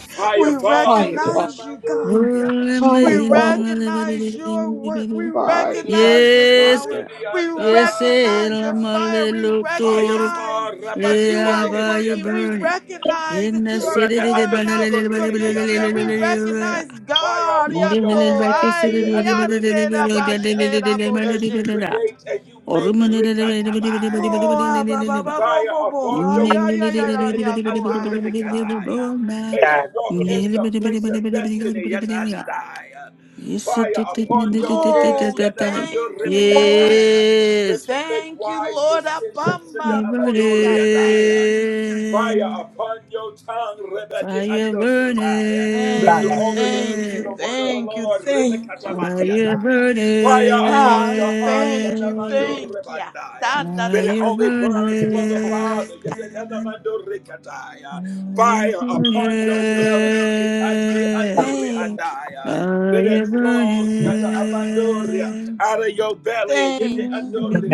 [SPEAKER 1] Fire
[SPEAKER 2] We
[SPEAKER 1] fall,
[SPEAKER 7] fire fall,
[SPEAKER 2] recognize you, God.
[SPEAKER 1] Redamandoria.
[SPEAKER 2] We
[SPEAKER 7] fire fall,
[SPEAKER 2] recognize your work. We
[SPEAKER 3] Burning.
[SPEAKER 7] fire,
[SPEAKER 1] Redean
[SPEAKER 2] recognize your
[SPEAKER 1] so
[SPEAKER 3] Yes,
[SPEAKER 2] power.
[SPEAKER 3] God.
[SPEAKER 2] We
[SPEAKER 3] Yes, el
[SPEAKER 2] recognize your
[SPEAKER 1] Redeandabadoria.
[SPEAKER 2] fire. We
[SPEAKER 3] amalelo
[SPEAKER 1] Fire
[SPEAKER 2] recognize
[SPEAKER 1] for
[SPEAKER 2] that
[SPEAKER 1] Ramande
[SPEAKER 2] you
[SPEAKER 3] Yeah,
[SPEAKER 1] Kede
[SPEAKER 2] are
[SPEAKER 3] fire
[SPEAKER 2] working. We
[SPEAKER 1] Ediandai.
[SPEAKER 3] burning.
[SPEAKER 2] recognize
[SPEAKER 3] In
[SPEAKER 2] that
[SPEAKER 3] the
[SPEAKER 2] you are
[SPEAKER 3] city,
[SPEAKER 1] Rada
[SPEAKER 3] the
[SPEAKER 1] and the
[SPEAKER 2] pouring out
[SPEAKER 1] Sukore
[SPEAKER 2] from your spirit. We
[SPEAKER 1] Ediandai.
[SPEAKER 2] recognize
[SPEAKER 1] Fire
[SPEAKER 2] God.
[SPEAKER 1] upon your
[SPEAKER 2] Yato,
[SPEAKER 1] hands, Yede
[SPEAKER 2] ay,
[SPEAKER 1] and the
[SPEAKER 2] ande, da, ba, she,
[SPEAKER 1] Rebekiadai.
[SPEAKER 2] da, bo,
[SPEAKER 1] As you
[SPEAKER 2] she.
[SPEAKER 1] create and you make Rikatabai.
[SPEAKER 2] Oh, ah, ba, ba, ba, bo,
[SPEAKER 1] fire
[SPEAKER 2] bo, bo,
[SPEAKER 1] upon your
[SPEAKER 2] ay, ay,
[SPEAKER 1] feet,
[SPEAKER 2] ay, ay, ay,
[SPEAKER 1] Shete
[SPEAKER 2] ay,
[SPEAKER 1] ete
[SPEAKER 2] ay,
[SPEAKER 1] ando
[SPEAKER 2] ay, ay, ay.
[SPEAKER 1] rebekataya. as you
[SPEAKER 4] that,
[SPEAKER 1] walk in the place of destiny, yet andaya. Fire upon your head,
[SPEAKER 2] Oh,
[SPEAKER 1] yet amando
[SPEAKER 2] thank you, Lord.
[SPEAKER 1] rebekataya.
[SPEAKER 3] Yes,
[SPEAKER 1] that you make
[SPEAKER 2] Thank you,
[SPEAKER 1] wise
[SPEAKER 2] Lord
[SPEAKER 1] decisions, Shete
[SPEAKER 2] Abamba
[SPEAKER 1] amando
[SPEAKER 2] Koshate.
[SPEAKER 1] riadaya. Fire upon your tongue, Rebadi
[SPEAKER 3] fire burning,
[SPEAKER 1] andosataya. That
[SPEAKER 2] Thank you,
[SPEAKER 1] you only
[SPEAKER 2] thank
[SPEAKER 1] release
[SPEAKER 2] you,
[SPEAKER 3] fire
[SPEAKER 1] the
[SPEAKER 3] burning.
[SPEAKER 1] word of the
[SPEAKER 2] thank you,
[SPEAKER 1] Lord,
[SPEAKER 2] thank you.
[SPEAKER 3] Are you
[SPEAKER 1] Rebekatamandiatai. Fire upon
[SPEAKER 2] Ah,
[SPEAKER 1] your heart,
[SPEAKER 2] thank you,
[SPEAKER 3] burning?
[SPEAKER 1] Yanamando
[SPEAKER 2] thank you.
[SPEAKER 1] Rebandai.
[SPEAKER 2] Tanda
[SPEAKER 3] Are
[SPEAKER 1] That
[SPEAKER 2] da
[SPEAKER 1] it
[SPEAKER 3] you
[SPEAKER 2] da
[SPEAKER 1] only
[SPEAKER 2] da
[SPEAKER 1] burns for
[SPEAKER 2] de
[SPEAKER 1] the
[SPEAKER 2] oh.
[SPEAKER 3] burning?
[SPEAKER 1] Father, Yanamando rikataya.
[SPEAKER 3] Are you
[SPEAKER 1] Fire upon your belly, Rikandi
[SPEAKER 3] burning?
[SPEAKER 1] andoriandaya.
[SPEAKER 2] Thank you,
[SPEAKER 3] Are
[SPEAKER 1] That
[SPEAKER 3] you
[SPEAKER 1] it flows, Yada Amandoria,
[SPEAKER 3] burning?
[SPEAKER 1] out of your belly,
[SPEAKER 3] Are
[SPEAKER 1] Yeti
[SPEAKER 2] thank you.
[SPEAKER 3] you
[SPEAKER 1] Andori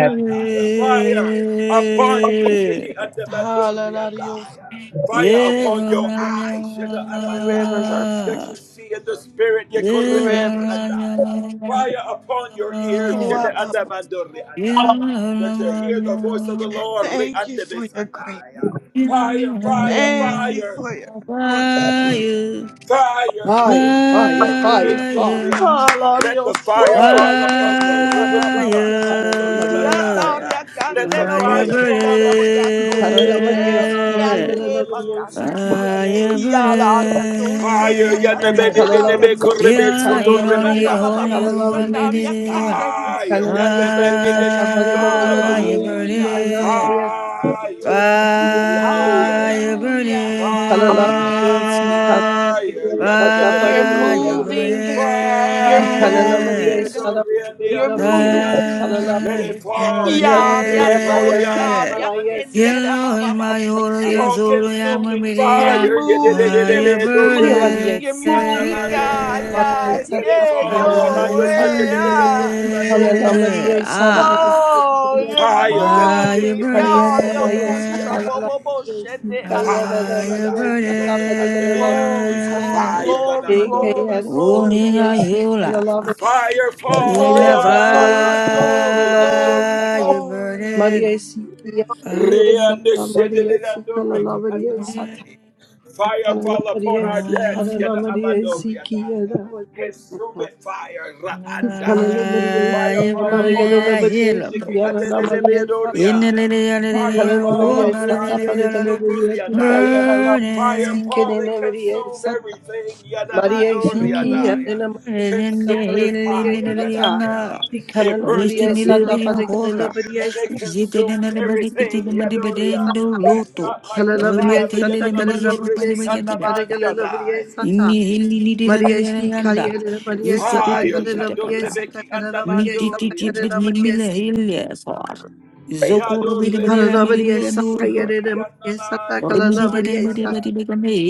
[SPEAKER 1] Fire upon you, Shiki and the Bandori and
[SPEAKER 2] Hallelujah.
[SPEAKER 1] I. Fire
[SPEAKER 3] Yeah,
[SPEAKER 1] upon
[SPEAKER 3] oh,
[SPEAKER 1] your
[SPEAKER 3] my
[SPEAKER 1] eyes, Shada
[SPEAKER 2] Rivers
[SPEAKER 1] Amandaya,
[SPEAKER 2] are flowing.
[SPEAKER 1] that you
[SPEAKER 3] God.
[SPEAKER 1] see in the spirit, Yekorebeki
[SPEAKER 2] Rivers are
[SPEAKER 3] Yeah,
[SPEAKER 1] andaya.
[SPEAKER 3] oh, my
[SPEAKER 1] Fire upon your ears, Shada
[SPEAKER 3] God.
[SPEAKER 1] and the
[SPEAKER 2] flowing.
[SPEAKER 1] Bandori and that you hear the
[SPEAKER 3] Yalamaya,
[SPEAKER 1] voice of the Lord, Re
[SPEAKER 2] Thank
[SPEAKER 1] and
[SPEAKER 2] you
[SPEAKER 1] the
[SPEAKER 2] for
[SPEAKER 1] Bis
[SPEAKER 2] your grace.
[SPEAKER 1] Fire, fire,
[SPEAKER 3] yalanaya,
[SPEAKER 2] Thank you
[SPEAKER 1] fire.
[SPEAKER 2] for your powerful move.
[SPEAKER 3] Fire,
[SPEAKER 1] Fire,
[SPEAKER 7] fire,
[SPEAKER 1] Rebecca,
[SPEAKER 7] fire,
[SPEAKER 1] ando, Rebe,
[SPEAKER 7] fire
[SPEAKER 3] fire,
[SPEAKER 7] fall.
[SPEAKER 1] Soria. Let
[SPEAKER 2] Alario
[SPEAKER 1] the fire
[SPEAKER 7] Woo!
[SPEAKER 2] Soria
[SPEAKER 1] fall upon
[SPEAKER 7] Maria,
[SPEAKER 1] you,
[SPEAKER 2] Kendera
[SPEAKER 1] Rebecca,
[SPEAKER 2] Baba Basha.
[SPEAKER 1] Anaman,
[SPEAKER 7] Ikanana Maria, Sata,
[SPEAKER 3] fire,
[SPEAKER 1] Soribandaya.
[SPEAKER 2] Yandaria
[SPEAKER 7] Ala
[SPEAKER 1] Let the
[SPEAKER 2] Candera
[SPEAKER 3] fire
[SPEAKER 7] Maria,
[SPEAKER 1] fire fall
[SPEAKER 2] Bosendara
[SPEAKER 1] on you,
[SPEAKER 2] Boriato
[SPEAKER 7] Ikanana
[SPEAKER 1] Rebe,
[SPEAKER 7] Maria,
[SPEAKER 2] Sete
[SPEAKER 7] Sata,
[SPEAKER 1] Anaman,
[SPEAKER 3] burning,
[SPEAKER 7] Manigala
[SPEAKER 2] Kiante
[SPEAKER 7] Maria,
[SPEAKER 2] Bakashata.
[SPEAKER 7] Sikia,
[SPEAKER 3] fire
[SPEAKER 2] Yalaria
[SPEAKER 1] Fire,
[SPEAKER 2] Toseta
[SPEAKER 3] burning.
[SPEAKER 1] Yanabede,
[SPEAKER 2] Tandaria
[SPEAKER 1] Nebe,
[SPEAKER 7] Ikalalavadiyasi,
[SPEAKER 2] Toshe.
[SPEAKER 1] Korebe,
[SPEAKER 3] Yeah,
[SPEAKER 1] Soto,
[SPEAKER 3] you don't
[SPEAKER 2] Yumba
[SPEAKER 7] Kalanamariasi,
[SPEAKER 3] on
[SPEAKER 2] Baba
[SPEAKER 1] Remandaya.
[SPEAKER 3] you, I made it.
[SPEAKER 7] Kalalavadiyasi,
[SPEAKER 2] Bosendaria Canderio
[SPEAKER 1] Fire.
[SPEAKER 2] Sotata.
[SPEAKER 7] Ikananamariyasa,
[SPEAKER 3] Fire
[SPEAKER 1] Yadabadidiadorabaya.
[SPEAKER 7] Tavaragalavadiyasi,
[SPEAKER 2] Hallelujah.
[SPEAKER 3] burning.
[SPEAKER 7] Anamayasayati,
[SPEAKER 1] Fire.
[SPEAKER 7] Kiyananiyasa,
[SPEAKER 3] Fire
[SPEAKER 1] Yadabadiadoriadaya.
[SPEAKER 2] Hallelujah.
[SPEAKER 7] Ikalalavadiyasi,
[SPEAKER 3] burning,
[SPEAKER 1] Fire.
[SPEAKER 7] Kalanamariasa,
[SPEAKER 2] You're
[SPEAKER 3] fire
[SPEAKER 1] Yadadabedoria.
[SPEAKER 2] moving.
[SPEAKER 7] Tavaragalavadiyasi,
[SPEAKER 2] You're
[SPEAKER 1] Fire.
[SPEAKER 3] burning,
[SPEAKER 2] moving.
[SPEAKER 7] Ikananamariyasa,
[SPEAKER 2] You're
[SPEAKER 1] Rebedoriadiadoria.
[SPEAKER 7] Tavaragalavadiyasi,
[SPEAKER 2] moving.
[SPEAKER 1] Let it
[SPEAKER 3] fire
[SPEAKER 7] Kalalavadiyasi,
[SPEAKER 1] fall.
[SPEAKER 3] burning.
[SPEAKER 2] Yariadosh,
[SPEAKER 1] Rebandebedoria.
[SPEAKER 7] Kiyanamayasa,
[SPEAKER 1] Namadia
[SPEAKER 7] Kalayasi,
[SPEAKER 2] ariakendera
[SPEAKER 3] Yellow my order, your
[SPEAKER 1] all
[SPEAKER 7] Ikalalamariyasa,
[SPEAKER 2] bababashirabosh.
[SPEAKER 3] soul, I am
[SPEAKER 1] consuming
[SPEAKER 2] You're
[SPEAKER 1] fire.
[SPEAKER 2] moving, you're
[SPEAKER 7] Jehovah,
[SPEAKER 1] Yedededededorebeki
[SPEAKER 2] moving,
[SPEAKER 3] burning,
[SPEAKER 2] you're
[SPEAKER 7] see Jesus.
[SPEAKER 2] moving, God.
[SPEAKER 1] anamandoria.
[SPEAKER 2] Yeah,
[SPEAKER 7] Maria
[SPEAKER 1] Let it
[SPEAKER 7] Santa
[SPEAKER 2] yeah,
[SPEAKER 1] fall,
[SPEAKER 2] yo,
[SPEAKER 7] Gloria
[SPEAKER 1] Ramando
[SPEAKER 3] fire
[SPEAKER 7] Santa
[SPEAKER 2] eh, ah.
[SPEAKER 7] Canana
[SPEAKER 1] Setedededekoremandoria.
[SPEAKER 3] burning.
[SPEAKER 7] Maria Santa Maria
[SPEAKER 3] Ah,
[SPEAKER 2] Oh, you're
[SPEAKER 1] Fire,
[SPEAKER 7] Santa
[SPEAKER 1] the
[SPEAKER 3] fire
[SPEAKER 1] Mandiki
[SPEAKER 2] moving,
[SPEAKER 1] and the
[SPEAKER 2] God.
[SPEAKER 7] Cayana
[SPEAKER 1] Sedo
[SPEAKER 2] Yo,
[SPEAKER 1] the
[SPEAKER 7] Maya
[SPEAKER 3] burning.
[SPEAKER 2] pusha,
[SPEAKER 7] Sacala
[SPEAKER 1] Mandiadai.
[SPEAKER 2] bobo, boshete,
[SPEAKER 1] Fire,
[SPEAKER 2] ata.
[SPEAKER 7] Cayana
[SPEAKER 3] Fire
[SPEAKER 7] Maria
[SPEAKER 1] Yada,
[SPEAKER 7] Santa Paregala
[SPEAKER 1] Yadorikandebea.
[SPEAKER 7] Maria
[SPEAKER 2] Glory,
[SPEAKER 7] Santa
[SPEAKER 2] glory,
[SPEAKER 3] burning.
[SPEAKER 1] Fire, the
[SPEAKER 2] glory, glory,
[SPEAKER 7] Ekayana
[SPEAKER 3] Warning
[SPEAKER 2] glory.
[SPEAKER 7] Maria
[SPEAKER 3] on
[SPEAKER 7] Si
[SPEAKER 1] Namadorabasoriadai.
[SPEAKER 3] you, la.
[SPEAKER 7] Canala
[SPEAKER 1] Fire, fall,
[SPEAKER 3] In the fire
[SPEAKER 2] Glory,
[SPEAKER 7] Cayana Maria
[SPEAKER 2] glory,
[SPEAKER 7] Santa
[SPEAKER 2] glory,
[SPEAKER 7] Canala
[SPEAKER 1] Riabandoria.
[SPEAKER 7] Maria
[SPEAKER 2] glory,
[SPEAKER 7] Santa
[SPEAKER 2] glory.
[SPEAKER 3] burning.
[SPEAKER 7] Maria Si
[SPEAKER 3] Fire
[SPEAKER 7] Maria
[SPEAKER 1] Reande
[SPEAKER 7] Santa Maria Si
[SPEAKER 1] shedelirando
[SPEAKER 7] Canala
[SPEAKER 1] reki
[SPEAKER 7] Maria Santa
[SPEAKER 3] burning.
[SPEAKER 1] adai. Fire fall upon our
[SPEAKER 7] Ikananamariesi,
[SPEAKER 1] debts.
[SPEAKER 3] Fire
[SPEAKER 1] Yada
[SPEAKER 7] kananamariesi,
[SPEAKER 3] burning.
[SPEAKER 1] abadoriadaya.
[SPEAKER 7] kiyanamariesi.
[SPEAKER 1] Consume it, fire. Rapandaya.
[SPEAKER 7] Ikananamariesi,
[SPEAKER 1] Fire
[SPEAKER 3] Fire
[SPEAKER 1] fall upon
[SPEAKER 3] burning.
[SPEAKER 1] our
[SPEAKER 3] I hear
[SPEAKER 1] issues.
[SPEAKER 3] the
[SPEAKER 7] anamaragalalabariyeki,
[SPEAKER 1] Ziki
[SPEAKER 3] bubbles.
[SPEAKER 7] yaranamariesa.
[SPEAKER 3] In the
[SPEAKER 1] adededebeadoriai.
[SPEAKER 3] little,
[SPEAKER 1] Fire fall.
[SPEAKER 7] Ikananamariesata,
[SPEAKER 1] Riandebe
[SPEAKER 7] paragalalabariyeti,
[SPEAKER 1] sokoriandaya.
[SPEAKER 7] yayaralabariyesi,
[SPEAKER 1] Fire
[SPEAKER 3] burning.
[SPEAKER 1] fall and consume
[SPEAKER 7] kenenemariesata.
[SPEAKER 1] everything. Yada
[SPEAKER 3] Zokorbede
[SPEAKER 7] Mariesi,
[SPEAKER 1] madoriadaya.
[SPEAKER 7] kiyanamariesata,
[SPEAKER 1] Consuming fire.
[SPEAKER 7] kalalabariesata.
[SPEAKER 1] Yadaya. It purges and
[SPEAKER 7] Ikananamariesata,
[SPEAKER 1] purifies, and
[SPEAKER 7] paragalalabariyesi,
[SPEAKER 1] it consumes
[SPEAKER 7] kalalabariesi,
[SPEAKER 1] everything, Yadoria,
[SPEAKER 7] kananamariesata.
[SPEAKER 1] that is not like the
[SPEAKER 7] Kalalabriye
[SPEAKER 1] Father,
[SPEAKER 7] sata
[SPEAKER 1] Yadonamando
[SPEAKER 7] kalalabriye
[SPEAKER 1] Riki
[SPEAKER 7] sata paragalabriye
[SPEAKER 1] Andamandiadai.
[SPEAKER 7] sata Maria hi kariyere Maria sata
[SPEAKER 1] Fire, Shando
[SPEAKER 7] kalalabriye sata
[SPEAKER 1] Rebeki
[SPEAKER 7] kalalabriye sata kalalabriye
[SPEAKER 1] Andamandoriadai.
[SPEAKER 7] sata
[SPEAKER 4] it is
[SPEAKER 7] i
[SPEAKER 1] Yadorede
[SPEAKER 7] kalalabriye
[SPEAKER 1] Ando
[SPEAKER 7] sata yere
[SPEAKER 1] Sokoti
[SPEAKER 7] Maria sata kalalabriye
[SPEAKER 1] Andamandiadabadiadai.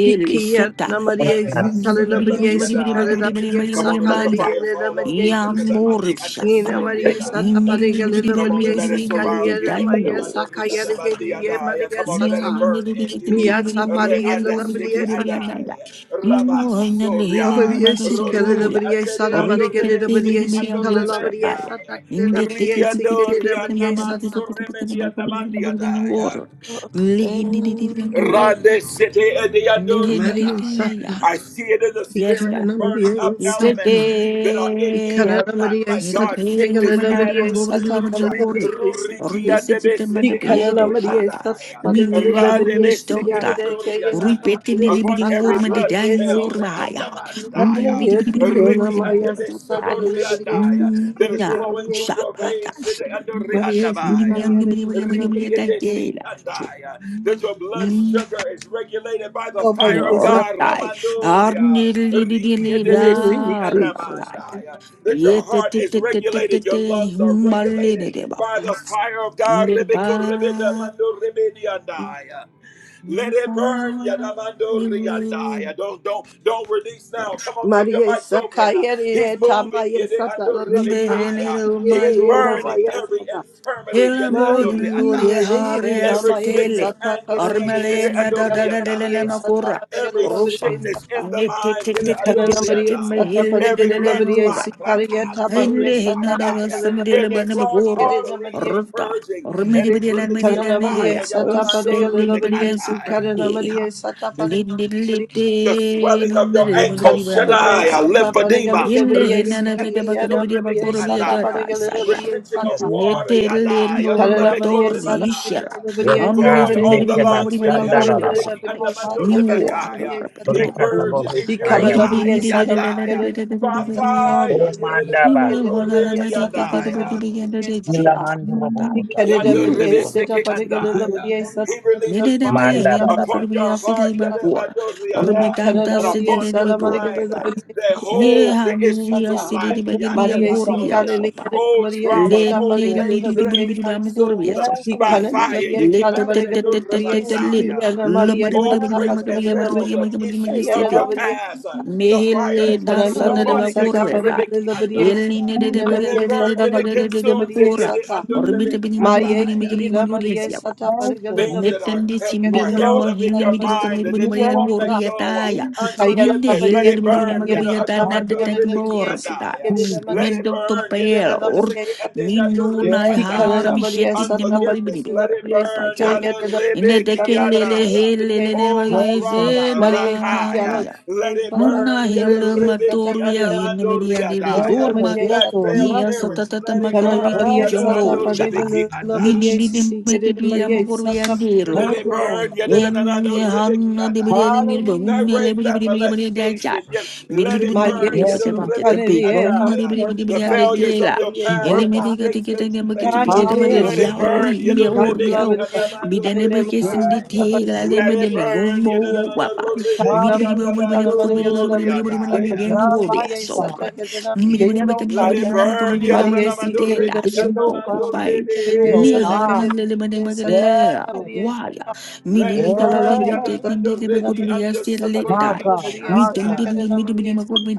[SPEAKER 7] Ikia namaria
[SPEAKER 4] bad.
[SPEAKER 7] si kalela maria si kalela
[SPEAKER 1] Yadebasodebadiadai.
[SPEAKER 7] maria
[SPEAKER 1] Come
[SPEAKER 7] sa
[SPEAKER 1] on and let the
[SPEAKER 7] kalelia
[SPEAKER 1] fire
[SPEAKER 7] nela
[SPEAKER 1] fall on
[SPEAKER 7] maria
[SPEAKER 1] you.
[SPEAKER 7] si ti.
[SPEAKER 1] Yakadamandi
[SPEAKER 7] Ina
[SPEAKER 3] Yamurishapaya.
[SPEAKER 4] Thank
[SPEAKER 7] maria
[SPEAKER 4] you.
[SPEAKER 7] sa
[SPEAKER 1] andesoriadai.
[SPEAKER 7] taparega nela
[SPEAKER 1] Come on and
[SPEAKER 7] maria
[SPEAKER 1] let
[SPEAKER 7] si
[SPEAKER 1] it surround you.
[SPEAKER 7] kaya maria
[SPEAKER 3] Dino.
[SPEAKER 7] sa kaya regedi ye
[SPEAKER 1] Yadedebadorikadabadiadai.
[SPEAKER 7] maria
[SPEAKER 1] Come on
[SPEAKER 7] sa
[SPEAKER 1] and let it
[SPEAKER 7] ta.
[SPEAKER 1] burn in you.
[SPEAKER 7] Mia sa paria nela maria sa
[SPEAKER 3] Yamanagorbigoria.
[SPEAKER 1] Readesikiadai. Rabasoria.
[SPEAKER 7] Maria si kalela
[SPEAKER 1] Roreki
[SPEAKER 7] maria sa na
[SPEAKER 3] Or it's
[SPEAKER 7] maria
[SPEAKER 3] the
[SPEAKER 7] nela maria
[SPEAKER 3] Telegram
[SPEAKER 1] adedeadorebeseki
[SPEAKER 7] si kalela maria
[SPEAKER 3] Rupaya.
[SPEAKER 7] sa ta
[SPEAKER 1] adoremediai.
[SPEAKER 3] In
[SPEAKER 7] kalela
[SPEAKER 3] the
[SPEAKER 7] maria
[SPEAKER 3] Telegram
[SPEAKER 7] si kalela maria sa
[SPEAKER 1] Riandorianamansoremedianamandiadai.
[SPEAKER 3] water.
[SPEAKER 2] Oh,
[SPEAKER 3] Lehinid
[SPEAKER 2] thank you.
[SPEAKER 3] war.
[SPEAKER 1] Rande sete ede yandoria
[SPEAKER 7] Maria sa
[SPEAKER 1] daya.
[SPEAKER 3] Lehinid.
[SPEAKER 1] I see it in the
[SPEAKER 3] Yes,
[SPEAKER 1] spirit
[SPEAKER 7] Ikana
[SPEAKER 3] that.
[SPEAKER 1] is burning up
[SPEAKER 7] namaria
[SPEAKER 3] It's
[SPEAKER 7] sa
[SPEAKER 3] a
[SPEAKER 1] elements
[SPEAKER 7] ta.
[SPEAKER 1] that are in you
[SPEAKER 3] day.
[SPEAKER 1] that are
[SPEAKER 7] Ikanana
[SPEAKER 1] not
[SPEAKER 7] Maria
[SPEAKER 1] like
[SPEAKER 3] Either
[SPEAKER 7] Sata
[SPEAKER 1] God,
[SPEAKER 3] pay
[SPEAKER 1] sickness
[SPEAKER 7] Regalena
[SPEAKER 3] Mother
[SPEAKER 1] and
[SPEAKER 3] Billion
[SPEAKER 7] Maria
[SPEAKER 3] Gori
[SPEAKER 7] Sata
[SPEAKER 3] Billion
[SPEAKER 1] disease.
[SPEAKER 3] John
[SPEAKER 7] Kalena
[SPEAKER 3] Gordon,
[SPEAKER 7] Maria
[SPEAKER 3] or
[SPEAKER 1] Ruriki
[SPEAKER 3] be
[SPEAKER 7] Siti
[SPEAKER 3] sitting
[SPEAKER 1] andebe
[SPEAKER 3] Mother
[SPEAKER 1] sete
[SPEAKER 7] Ikanana
[SPEAKER 3] Bedo
[SPEAKER 1] andore
[SPEAKER 7] Maria
[SPEAKER 3] Fata,
[SPEAKER 7] Sata
[SPEAKER 1] andaya.
[SPEAKER 3] meaning
[SPEAKER 7] Regalena
[SPEAKER 3] your
[SPEAKER 7] Maria
[SPEAKER 1] Radebe
[SPEAKER 3] Mister
[SPEAKER 1] seke
[SPEAKER 7] Sia
[SPEAKER 3] Die,
[SPEAKER 1] andoria
[SPEAKER 7] Rekayana
[SPEAKER 1] daya.
[SPEAKER 3] repeating
[SPEAKER 7] Maria
[SPEAKER 3] the
[SPEAKER 1] Upon
[SPEAKER 3] Billion
[SPEAKER 1] every
[SPEAKER 7] Sata
[SPEAKER 3] Gorman the
[SPEAKER 1] blood
[SPEAKER 7] Maria
[SPEAKER 3] dying
[SPEAKER 7] Si
[SPEAKER 1] cell,
[SPEAKER 3] Or
[SPEAKER 1] re
[SPEAKER 7] Ikanana
[SPEAKER 1] andabandaya.
[SPEAKER 7] Yeti Yana
[SPEAKER 1] Reki and the
[SPEAKER 7] Maria Sata
[SPEAKER 1] Besodo
[SPEAKER 7] Kalena Maria
[SPEAKER 1] Riandaya
[SPEAKER 7] Siti
[SPEAKER 1] that is
[SPEAKER 7] Kirina
[SPEAKER 1] flowing
[SPEAKER 7] Maria
[SPEAKER 1] through your
[SPEAKER 7] Sata
[SPEAKER 1] veins today and the
[SPEAKER 7] Maria Si
[SPEAKER 1] Riandabaya.
[SPEAKER 7] Kayana
[SPEAKER 1] Riki in
[SPEAKER 7] Maria
[SPEAKER 1] the
[SPEAKER 7] Sata
[SPEAKER 1] Siki
[SPEAKER 3] Uri
[SPEAKER 1] Andaya that your blood
[SPEAKER 3] Nortai,
[SPEAKER 1] sugar is regulated by the
[SPEAKER 7] Oh
[SPEAKER 1] fire
[SPEAKER 7] Maria
[SPEAKER 1] of God.
[SPEAKER 7] Sata
[SPEAKER 1] Ramandoria. Riki in the
[SPEAKER 3] Arnilida,
[SPEAKER 7] Mm,
[SPEAKER 1] Besiki
[SPEAKER 7] Jesus
[SPEAKER 3] Rabataya,
[SPEAKER 1] Andamandaya that your heart is regulated, your
[SPEAKER 3] Yetititititititi,
[SPEAKER 1] lungs are regulated
[SPEAKER 3] Humalinideba,
[SPEAKER 1] by the fire of God. Rebeko Rebeda
[SPEAKER 3] Nirba,
[SPEAKER 1] Mando Rebediandaya. Let it burn.
[SPEAKER 3] Nirba,
[SPEAKER 1] Yadamando riandai. Don't don't don't release now. Come on, keep your
[SPEAKER 7] Maria
[SPEAKER 1] mics open. He's
[SPEAKER 7] Sakayere
[SPEAKER 1] moving.
[SPEAKER 7] Tamaya Sata
[SPEAKER 1] Yadeando
[SPEAKER 7] Maria
[SPEAKER 1] ribikai.
[SPEAKER 3] Nirba,
[SPEAKER 1] He's
[SPEAKER 7] Sikire
[SPEAKER 1] burning
[SPEAKER 7] Ramaya
[SPEAKER 3] Nirba,
[SPEAKER 1] every
[SPEAKER 7] Sata
[SPEAKER 1] infirmity. Yadeando
[SPEAKER 7] Mai
[SPEAKER 3] Hilamun Luria
[SPEAKER 1] riandai.
[SPEAKER 7] hiere
[SPEAKER 3] Haria
[SPEAKER 7] na
[SPEAKER 1] Every
[SPEAKER 7] mai
[SPEAKER 1] sickness
[SPEAKER 3] Sitele,
[SPEAKER 7] sata
[SPEAKER 1] and
[SPEAKER 7] kala la
[SPEAKER 1] disease.
[SPEAKER 7] bariye
[SPEAKER 3] Ormalena
[SPEAKER 1] Yadeando
[SPEAKER 3] da da
[SPEAKER 7] sikara
[SPEAKER 3] da
[SPEAKER 7] na
[SPEAKER 3] da da
[SPEAKER 1] riandai.
[SPEAKER 3] da
[SPEAKER 7] mariye sata
[SPEAKER 3] Makura,
[SPEAKER 7] parigala
[SPEAKER 1] Every
[SPEAKER 7] la bariye
[SPEAKER 3] Rupa,
[SPEAKER 5] Jesus.
[SPEAKER 1] sickness
[SPEAKER 7] sata
[SPEAKER 1] in the mind,
[SPEAKER 7] ikana
[SPEAKER 1] yadeando
[SPEAKER 7] na mariye
[SPEAKER 1] riandai.
[SPEAKER 7] sata
[SPEAKER 1] every
[SPEAKER 7] parigala la
[SPEAKER 1] blood
[SPEAKER 7] bariye
[SPEAKER 3] Nikitikitikitikimahilililililura,
[SPEAKER 1] clot,
[SPEAKER 7] sikara yata
[SPEAKER 1] rakando
[SPEAKER 7] mariye
[SPEAKER 3] Hindi
[SPEAKER 7] sata
[SPEAKER 3] Hinana
[SPEAKER 1] andaya.
[SPEAKER 3] was
[SPEAKER 7] parigala la
[SPEAKER 3] Sandila
[SPEAKER 1] every
[SPEAKER 7] bariye
[SPEAKER 1] clogged
[SPEAKER 3] Banamagura,
[SPEAKER 7] sikere na
[SPEAKER 1] artery,
[SPEAKER 7] mariye
[SPEAKER 1] he's
[SPEAKER 3] Ruta,
[SPEAKER 1] purging and he's
[SPEAKER 3] Ormidibidian
[SPEAKER 1] releasing
[SPEAKER 7] ikana na mariye
[SPEAKER 3] Medidanea,
[SPEAKER 1] fire.
[SPEAKER 7] sata
[SPEAKER 1] Yadamando
[SPEAKER 7] parigala
[SPEAKER 3] Outstanding
[SPEAKER 7] la bariye
[SPEAKER 3] Libanian
[SPEAKER 1] ribikataya.
[SPEAKER 7] sikara na mariye
[SPEAKER 3] Sukandia,
[SPEAKER 7] sata
[SPEAKER 3] Lindi
[SPEAKER 7] parigala
[SPEAKER 1] The
[SPEAKER 3] Litin,
[SPEAKER 1] swelling of
[SPEAKER 3] and the
[SPEAKER 1] your
[SPEAKER 5] We remember
[SPEAKER 1] ankles,
[SPEAKER 7] la
[SPEAKER 3] Limudibamata.
[SPEAKER 7] bariye
[SPEAKER 1] shaddai,
[SPEAKER 7] sata parigala
[SPEAKER 1] lymphedema,
[SPEAKER 7] la
[SPEAKER 3] Hille
[SPEAKER 7] bariye
[SPEAKER 1] ribiki
[SPEAKER 3] Hinana
[SPEAKER 1] and the
[SPEAKER 7] sikiri na
[SPEAKER 1] shito
[SPEAKER 3] Vedabakanabidi
[SPEAKER 7] mariye
[SPEAKER 1] ribiki
[SPEAKER 3] Makura
[SPEAKER 7] sata
[SPEAKER 1] andaya,
[SPEAKER 7] parigala la
[SPEAKER 3] Biata,
[SPEAKER 5] fresh.
[SPEAKER 7] bariye
[SPEAKER 1] retention of
[SPEAKER 4] Yes,
[SPEAKER 7] sata
[SPEAKER 4] God.
[SPEAKER 1] water,
[SPEAKER 3] Netele
[SPEAKER 1] Yadaya, ribiko
[SPEAKER 7] Ikarabariya
[SPEAKER 3] normator
[SPEAKER 6] Yes,
[SPEAKER 7] Sara
[SPEAKER 3] ishara.
[SPEAKER 1] ribandaya,
[SPEAKER 4] Yes,
[SPEAKER 7] Bariya
[SPEAKER 3] Omne
[SPEAKER 4] God.
[SPEAKER 1] fluid on
[SPEAKER 3] semedi
[SPEAKER 1] the
[SPEAKER 3] bidi
[SPEAKER 7] Karidabariya
[SPEAKER 1] lungs,
[SPEAKER 3] maguri mani
[SPEAKER 7] Sata
[SPEAKER 1] shaddai.
[SPEAKER 5] Let
[SPEAKER 4] Rekebastanda
[SPEAKER 1] and the
[SPEAKER 3] maguri
[SPEAKER 5] your
[SPEAKER 4] raraba.
[SPEAKER 1] ribiki and
[SPEAKER 3] asapai.
[SPEAKER 1] the
[SPEAKER 7] Paragabariya
[SPEAKER 6] Lord.
[SPEAKER 1] mando
[SPEAKER 7] Sata
[SPEAKER 3] New walk.
[SPEAKER 1] ribikaya.
[SPEAKER 7] Karidabariya
[SPEAKER 6] Yes,
[SPEAKER 1] He
[SPEAKER 7] Sata
[SPEAKER 6] Lord.
[SPEAKER 1] purges, he
[SPEAKER 4] Rekatabohusaya
[SPEAKER 3] Midi
[SPEAKER 6] Yes,
[SPEAKER 3] bidi
[SPEAKER 1] purifies,
[SPEAKER 7] Ikarabariya
[SPEAKER 3] nidi di
[SPEAKER 4] basiki.
[SPEAKER 7] Sara
[SPEAKER 3] di di di
[SPEAKER 1] Yandaya,
[SPEAKER 3] de de de
[SPEAKER 1] by
[SPEAKER 3] de de de
[SPEAKER 5] glory
[SPEAKER 3] de
[SPEAKER 4] O
[SPEAKER 5] fill
[SPEAKER 3] de de
[SPEAKER 1] fire,
[SPEAKER 5] this
[SPEAKER 7] Bariya
[SPEAKER 5] morning,
[SPEAKER 4] manda
[SPEAKER 3] Ille
[SPEAKER 1] Yadinamoro
[SPEAKER 5] Father
[SPEAKER 3] hona la
[SPEAKER 4] basikata.
[SPEAKER 7] Karidabariya
[SPEAKER 3] ma de
[SPEAKER 5] God,
[SPEAKER 7] Sata
[SPEAKER 3] ke
[SPEAKER 5] in
[SPEAKER 3] te de
[SPEAKER 5] the
[SPEAKER 3] bidi
[SPEAKER 5] name of
[SPEAKER 3] bidi ande
[SPEAKER 7] Paragabariya
[SPEAKER 3] de
[SPEAKER 4] Ila
[SPEAKER 3] jia.
[SPEAKER 7] Sata
[SPEAKER 4] mandrobo
[SPEAKER 3] Ata.
[SPEAKER 4] kotara.
[SPEAKER 1] Yonder
[SPEAKER 3] You
[SPEAKER 5] You
[SPEAKER 7] Ikarabariya
[SPEAKER 3] walk.
[SPEAKER 5] will
[SPEAKER 7] Sata
[SPEAKER 1] Rebeseke
[SPEAKER 6] Lord.
[SPEAKER 1] Andaya.
[SPEAKER 7] Paragabariya
[SPEAKER 6] Yes, Lord. Yes, Lord.
[SPEAKER 1] He releases
[SPEAKER 3] Nede
[SPEAKER 7] Sata
[SPEAKER 3] de ma ye
[SPEAKER 1] fire
[SPEAKER 6] Yes,
[SPEAKER 4] Manda
[SPEAKER 3] ye na
[SPEAKER 6] Lord. Yes,
[SPEAKER 4] raraba.
[SPEAKER 3] maguri
[SPEAKER 1] upon your
[SPEAKER 3] biya sili
[SPEAKER 1] heart
[SPEAKER 3] magura.
[SPEAKER 1] Yadabadori
[SPEAKER 3] Orme
[SPEAKER 1] Andaya,
[SPEAKER 3] tanta
[SPEAKER 1] and
[SPEAKER 3] sili
[SPEAKER 7] Ikarabariya
[SPEAKER 1] upon
[SPEAKER 3] de ne
[SPEAKER 1] your
[SPEAKER 7] Sara
[SPEAKER 3] magura.
[SPEAKER 7] Bariya
[SPEAKER 1] mind uh, that
[SPEAKER 3] Yeah,
[SPEAKER 1] holds the
[SPEAKER 7] Karidabariya
[SPEAKER 1] issues
[SPEAKER 3] hallelujah.
[SPEAKER 1] of
[SPEAKER 7] Sata
[SPEAKER 3] Sidi di
[SPEAKER 1] life.
[SPEAKER 3] bagir bi am
[SPEAKER 7] Maria
[SPEAKER 3] gor bi ya
[SPEAKER 7] Sikale
[SPEAKER 3] fo
[SPEAKER 1] Yadabadoria.
[SPEAKER 3] pa ya.
[SPEAKER 1] Old
[SPEAKER 7] Maria
[SPEAKER 3] Le
[SPEAKER 1] traumas,
[SPEAKER 7] Sata
[SPEAKER 3] ne
[SPEAKER 1] old
[SPEAKER 7] Paragala
[SPEAKER 3] li
[SPEAKER 1] pains,
[SPEAKER 3] di di
[SPEAKER 1] let
[SPEAKER 3] bidi
[SPEAKER 1] it
[SPEAKER 7] Maria
[SPEAKER 1] be
[SPEAKER 3] bidi
[SPEAKER 7] Sata
[SPEAKER 3] am gor bi ya
[SPEAKER 1] consumed
[SPEAKER 3] so fo pa
[SPEAKER 1] by
[SPEAKER 7] Ikana
[SPEAKER 3] ya.
[SPEAKER 7] na
[SPEAKER 1] fire.
[SPEAKER 7] Maria
[SPEAKER 3] Le
[SPEAKER 1] Yeke
[SPEAKER 7] Sara
[SPEAKER 3] te te
[SPEAKER 7] Varega
[SPEAKER 3] te te
[SPEAKER 7] na
[SPEAKER 1] Andabedori
[SPEAKER 3] te
[SPEAKER 7] Maria
[SPEAKER 3] te te le le.
[SPEAKER 1] Bandaya.
[SPEAKER 7] Sikia na
[SPEAKER 3] Lo
[SPEAKER 7] Maria
[SPEAKER 3] ma de bidi
[SPEAKER 1] Old
[SPEAKER 3] bidi
[SPEAKER 7] Sata
[SPEAKER 3] ma ma
[SPEAKER 1] crates
[SPEAKER 3] bi
[SPEAKER 1] and
[SPEAKER 7] Varega
[SPEAKER 3] ya ma
[SPEAKER 7] na
[SPEAKER 3] tu
[SPEAKER 1] barrels
[SPEAKER 3] bidi
[SPEAKER 7] Maria
[SPEAKER 3] ma
[SPEAKER 1] of
[SPEAKER 3] ma bidi ma je
[SPEAKER 1] issues
[SPEAKER 7] Sikia
[SPEAKER 3] se
[SPEAKER 1] of
[SPEAKER 7] na
[SPEAKER 3] de
[SPEAKER 1] your
[SPEAKER 6] Lord.
[SPEAKER 3] ta.
[SPEAKER 6] Yes, Lord.
[SPEAKER 7] Maria
[SPEAKER 1] past. Uh,
[SPEAKER 6] Yes,
[SPEAKER 3] Me
[SPEAKER 1] The
[SPEAKER 3] he
[SPEAKER 1] fire
[SPEAKER 3] le
[SPEAKER 1] is
[SPEAKER 3] na
[SPEAKER 7] Ikana na
[SPEAKER 1] released
[SPEAKER 3] sa na de
[SPEAKER 6] Lord.
[SPEAKER 7] Maria
[SPEAKER 1] upon
[SPEAKER 3] ba
[SPEAKER 1] it, yet
[SPEAKER 3] gor
[SPEAKER 7] Sata
[SPEAKER 3] bi ta.
[SPEAKER 7] Varega
[SPEAKER 1] Karibiki
[SPEAKER 7] na
[SPEAKER 1] and
[SPEAKER 7] Maria
[SPEAKER 1] I.
[SPEAKER 3] El ni
[SPEAKER 1] Uh,
[SPEAKER 3] ne de
[SPEAKER 7] Sikia
[SPEAKER 6] Thank
[SPEAKER 3] de
[SPEAKER 7] na
[SPEAKER 1] And
[SPEAKER 3] bagir
[SPEAKER 7] Maria
[SPEAKER 6] you.
[SPEAKER 3] bi
[SPEAKER 1] it
[SPEAKER 3] de de
[SPEAKER 1] burns
[SPEAKER 7] Sata
[SPEAKER 3] de
[SPEAKER 1] and
[SPEAKER 6] Thank
[SPEAKER 1] it
[SPEAKER 3] de de de
[SPEAKER 7] Varega na
[SPEAKER 3] de ma
[SPEAKER 1] consumes
[SPEAKER 7] Maria
[SPEAKER 1] it, yet
[SPEAKER 3] gora.
[SPEAKER 1] it
[SPEAKER 7] Sata
[SPEAKER 1] under
[SPEAKER 3] Or bi
[SPEAKER 6] you.
[SPEAKER 3] te
[SPEAKER 1] Ribiki
[SPEAKER 3] bidi ma
[SPEAKER 1] and
[SPEAKER 3] bidi
[SPEAKER 7] Maya
[SPEAKER 3] bidi
[SPEAKER 1] I
[SPEAKER 3] ma
[SPEAKER 7] Ki
[SPEAKER 3] bidi ma
[SPEAKER 7] na
[SPEAKER 3] gor
[SPEAKER 7] Maria
[SPEAKER 3] ya
[SPEAKER 7] Sata
[SPEAKER 6] Thank
[SPEAKER 7] Varega
[SPEAKER 6] you.
[SPEAKER 7] na
[SPEAKER 1] things that
[SPEAKER 7] Maria
[SPEAKER 1] are,
[SPEAKER 3] Netandi
[SPEAKER 7] Sata Kare
[SPEAKER 3] simbi
[SPEAKER 1] are
[SPEAKER 7] na
[SPEAKER 1] held
[SPEAKER 6] Little,
[SPEAKER 3] lumba
[SPEAKER 1] up
[SPEAKER 7] Maria
[SPEAKER 1] in
[SPEAKER 3] hilli
[SPEAKER 7] Sata
[SPEAKER 1] your
[SPEAKER 3] midi
[SPEAKER 7] Varega
[SPEAKER 3] bako
[SPEAKER 7] na
[SPEAKER 1] mind
[SPEAKER 3] midi bodi
[SPEAKER 1] that
[SPEAKER 7] Maria
[SPEAKER 1] you
[SPEAKER 3] marian
[SPEAKER 6] little
[SPEAKER 1] won't
[SPEAKER 3] woru
[SPEAKER 6] is
[SPEAKER 7] Sata
[SPEAKER 1] let go.
[SPEAKER 3] yataya.
[SPEAKER 6] free
[SPEAKER 7] Ikaya
[SPEAKER 3] Ninde
[SPEAKER 7] na
[SPEAKER 1] Unforgiveness, let
[SPEAKER 7] Maria
[SPEAKER 3] hilli
[SPEAKER 1] it
[SPEAKER 3] midi
[SPEAKER 7] na
[SPEAKER 3] bodi
[SPEAKER 1] burn.
[SPEAKER 3] maga
[SPEAKER 7] Maria
[SPEAKER 6] and
[SPEAKER 3] biyata
[SPEAKER 7] Sata
[SPEAKER 6] has
[SPEAKER 3] nanda
[SPEAKER 6] a
[SPEAKER 7] Varega
[SPEAKER 3] tank
[SPEAKER 7] Maria
[SPEAKER 3] bor bata.
[SPEAKER 7] Sikia na
[SPEAKER 6] key.
[SPEAKER 1] Let
[SPEAKER 7] Maria
[SPEAKER 1] it
[SPEAKER 3] Mendo to
[SPEAKER 7] Sata
[SPEAKER 1] burn.
[SPEAKER 3] pair
[SPEAKER 7] Varega
[SPEAKER 3] or
[SPEAKER 7] Maria
[SPEAKER 3] ninu na
[SPEAKER 6] Yes,
[SPEAKER 7] he
[SPEAKER 6] yes,
[SPEAKER 3] har
[SPEAKER 7] Ikarada Maria
[SPEAKER 3] bishetit
[SPEAKER 7] Santa
[SPEAKER 3] nemo ribidi
[SPEAKER 1] Unforgiveness,
[SPEAKER 3] bidi
[SPEAKER 7] Parigada
[SPEAKER 1] let
[SPEAKER 3] bidi
[SPEAKER 1] it
[SPEAKER 3] bidi
[SPEAKER 7] Maria
[SPEAKER 3] tapa
[SPEAKER 1] burn.
[SPEAKER 7] Sika
[SPEAKER 3] jaya.
[SPEAKER 1] Yada
[SPEAKER 7] Yada
[SPEAKER 3] Ine
[SPEAKER 7] Maria
[SPEAKER 3] te
[SPEAKER 7] Santa
[SPEAKER 3] kelele
[SPEAKER 7] Parigada
[SPEAKER 3] hilli
[SPEAKER 7] Maria
[SPEAKER 3] le ne
[SPEAKER 1] Oh,
[SPEAKER 3] maga
[SPEAKER 7] Santa
[SPEAKER 6] yes,
[SPEAKER 1] trauma,
[SPEAKER 7] Maria
[SPEAKER 3] izena
[SPEAKER 7] Hiara
[SPEAKER 1] rakaya.
[SPEAKER 3] ya.
[SPEAKER 1] Let
[SPEAKER 7] Maria
[SPEAKER 1] it
[SPEAKER 7] Santa
[SPEAKER 3] Nuna
[SPEAKER 1] burn.
[SPEAKER 7] Karida
[SPEAKER 3] hilli
[SPEAKER 7] Maria Santa
[SPEAKER 3] matoru ya
[SPEAKER 7] Karida
[SPEAKER 3] hinni
[SPEAKER 7] Maria
[SPEAKER 3] midi andi
[SPEAKER 6] yes,
[SPEAKER 7] Karida Maria
[SPEAKER 6] yes,
[SPEAKER 1] That
[SPEAKER 7] Santa
[SPEAKER 1] failed
[SPEAKER 6] yes,
[SPEAKER 3] Yes,
[SPEAKER 1] marriage,
[SPEAKER 3] tatata
[SPEAKER 1] let it
[SPEAKER 3] makoro
[SPEAKER 7] Ikarada
[SPEAKER 1] burn.
[SPEAKER 3] between
[SPEAKER 7] Maria
[SPEAKER 6] yes.
[SPEAKER 7] Santa
[SPEAKER 3] jumbo chapa.
[SPEAKER 7] Parigada
[SPEAKER 3] Midi
[SPEAKER 7] Maria
[SPEAKER 5] Jesus.
[SPEAKER 3] didn't
[SPEAKER 7] Siti
[SPEAKER 3] make it
[SPEAKER 7] Karida
[SPEAKER 3] via
[SPEAKER 7] Maria
[SPEAKER 3] Mokori
[SPEAKER 7] Santa
[SPEAKER 3] and
[SPEAKER 7] Parigada
[SPEAKER 3] Dero.
[SPEAKER 1] Let
[SPEAKER 6] Thank
[SPEAKER 1] it
[SPEAKER 6] you,
[SPEAKER 7] Maria
[SPEAKER 1] burn.
[SPEAKER 7] Sata
[SPEAKER 6] Lord.
[SPEAKER 5] Yeah,
[SPEAKER 3] When Hana de Bidele Mirbon,
[SPEAKER 1] That
[SPEAKER 6] Hallelujah.
[SPEAKER 3] a
[SPEAKER 1] rape, that
[SPEAKER 3] liberty that
[SPEAKER 1] molestation,
[SPEAKER 3] chat.
[SPEAKER 5] that's
[SPEAKER 1] yet let it burn.
[SPEAKER 7] Maria
[SPEAKER 6] Yes, God.
[SPEAKER 3] Midbit
[SPEAKER 7] Sika
[SPEAKER 3] the big
[SPEAKER 7] Maria
[SPEAKER 3] bone, a
[SPEAKER 7] Santa
[SPEAKER 1] The
[SPEAKER 3] liberty and the
[SPEAKER 1] failures
[SPEAKER 7] Karida
[SPEAKER 1] of
[SPEAKER 3] tailor.
[SPEAKER 1] your
[SPEAKER 6] We
[SPEAKER 7] Maria
[SPEAKER 1] past, the
[SPEAKER 6] worship.
[SPEAKER 7] Santa
[SPEAKER 3] Eliminating a
[SPEAKER 1] mistakes
[SPEAKER 3] ticket
[SPEAKER 1] that
[SPEAKER 3] and
[SPEAKER 1] you
[SPEAKER 3] a bucket to
[SPEAKER 1] made,
[SPEAKER 3] pick
[SPEAKER 1] uh,
[SPEAKER 3] it
[SPEAKER 5] true.
[SPEAKER 3] about
[SPEAKER 1] let
[SPEAKER 6] Hallelujah.
[SPEAKER 1] it burn.
[SPEAKER 3] Yauri, me or
[SPEAKER 5] more
[SPEAKER 6] Yes,
[SPEAKER 3] Yao.
[SPEAKER 6] God.
[SPEAKER 3] Midaneba kiss
[SPEAKER 6] Yes,
[SPEAKER 3] in the
[SPEAKER 6] Lord.
[SPEAKER 3] tailor, they
[SPEAKER 5] love.
[SPEAKER 1] Let
[SPEAKER 3] made
[SPEAKER 1] it
[SPEAKER 6] Yes.
[SPEAKER 3] me go
[SPEAKER 1] burn.
[SPEAKER 3] more wapa. Midbit,
[SPEAKER 6] Hallelujah. There is none like you,
[SPEAKER 3] so
[SPEAKER 6] God. Yellow,
[SPEAKER 3] yeah
[SPEAKER 6] yellow,
[SPEAKER 1] Let it
[SPEAKER 6] yellow,
[SPEAKER 1] burn.
[SPEAKER 6] yellow, yellow, side. Yes, Lord.
[SPEAKER 7] Maria
[SPEAKER 1] Let it burn.
[SPEAKER 6] Yes,
[SPEAKER 1] Yadamandoreti under
[SPEAKER 6] My
[SPEAKER 1] Sukuri Iki
[SPEAKER 6] God, my God.
[SPEAKER 1] Andai.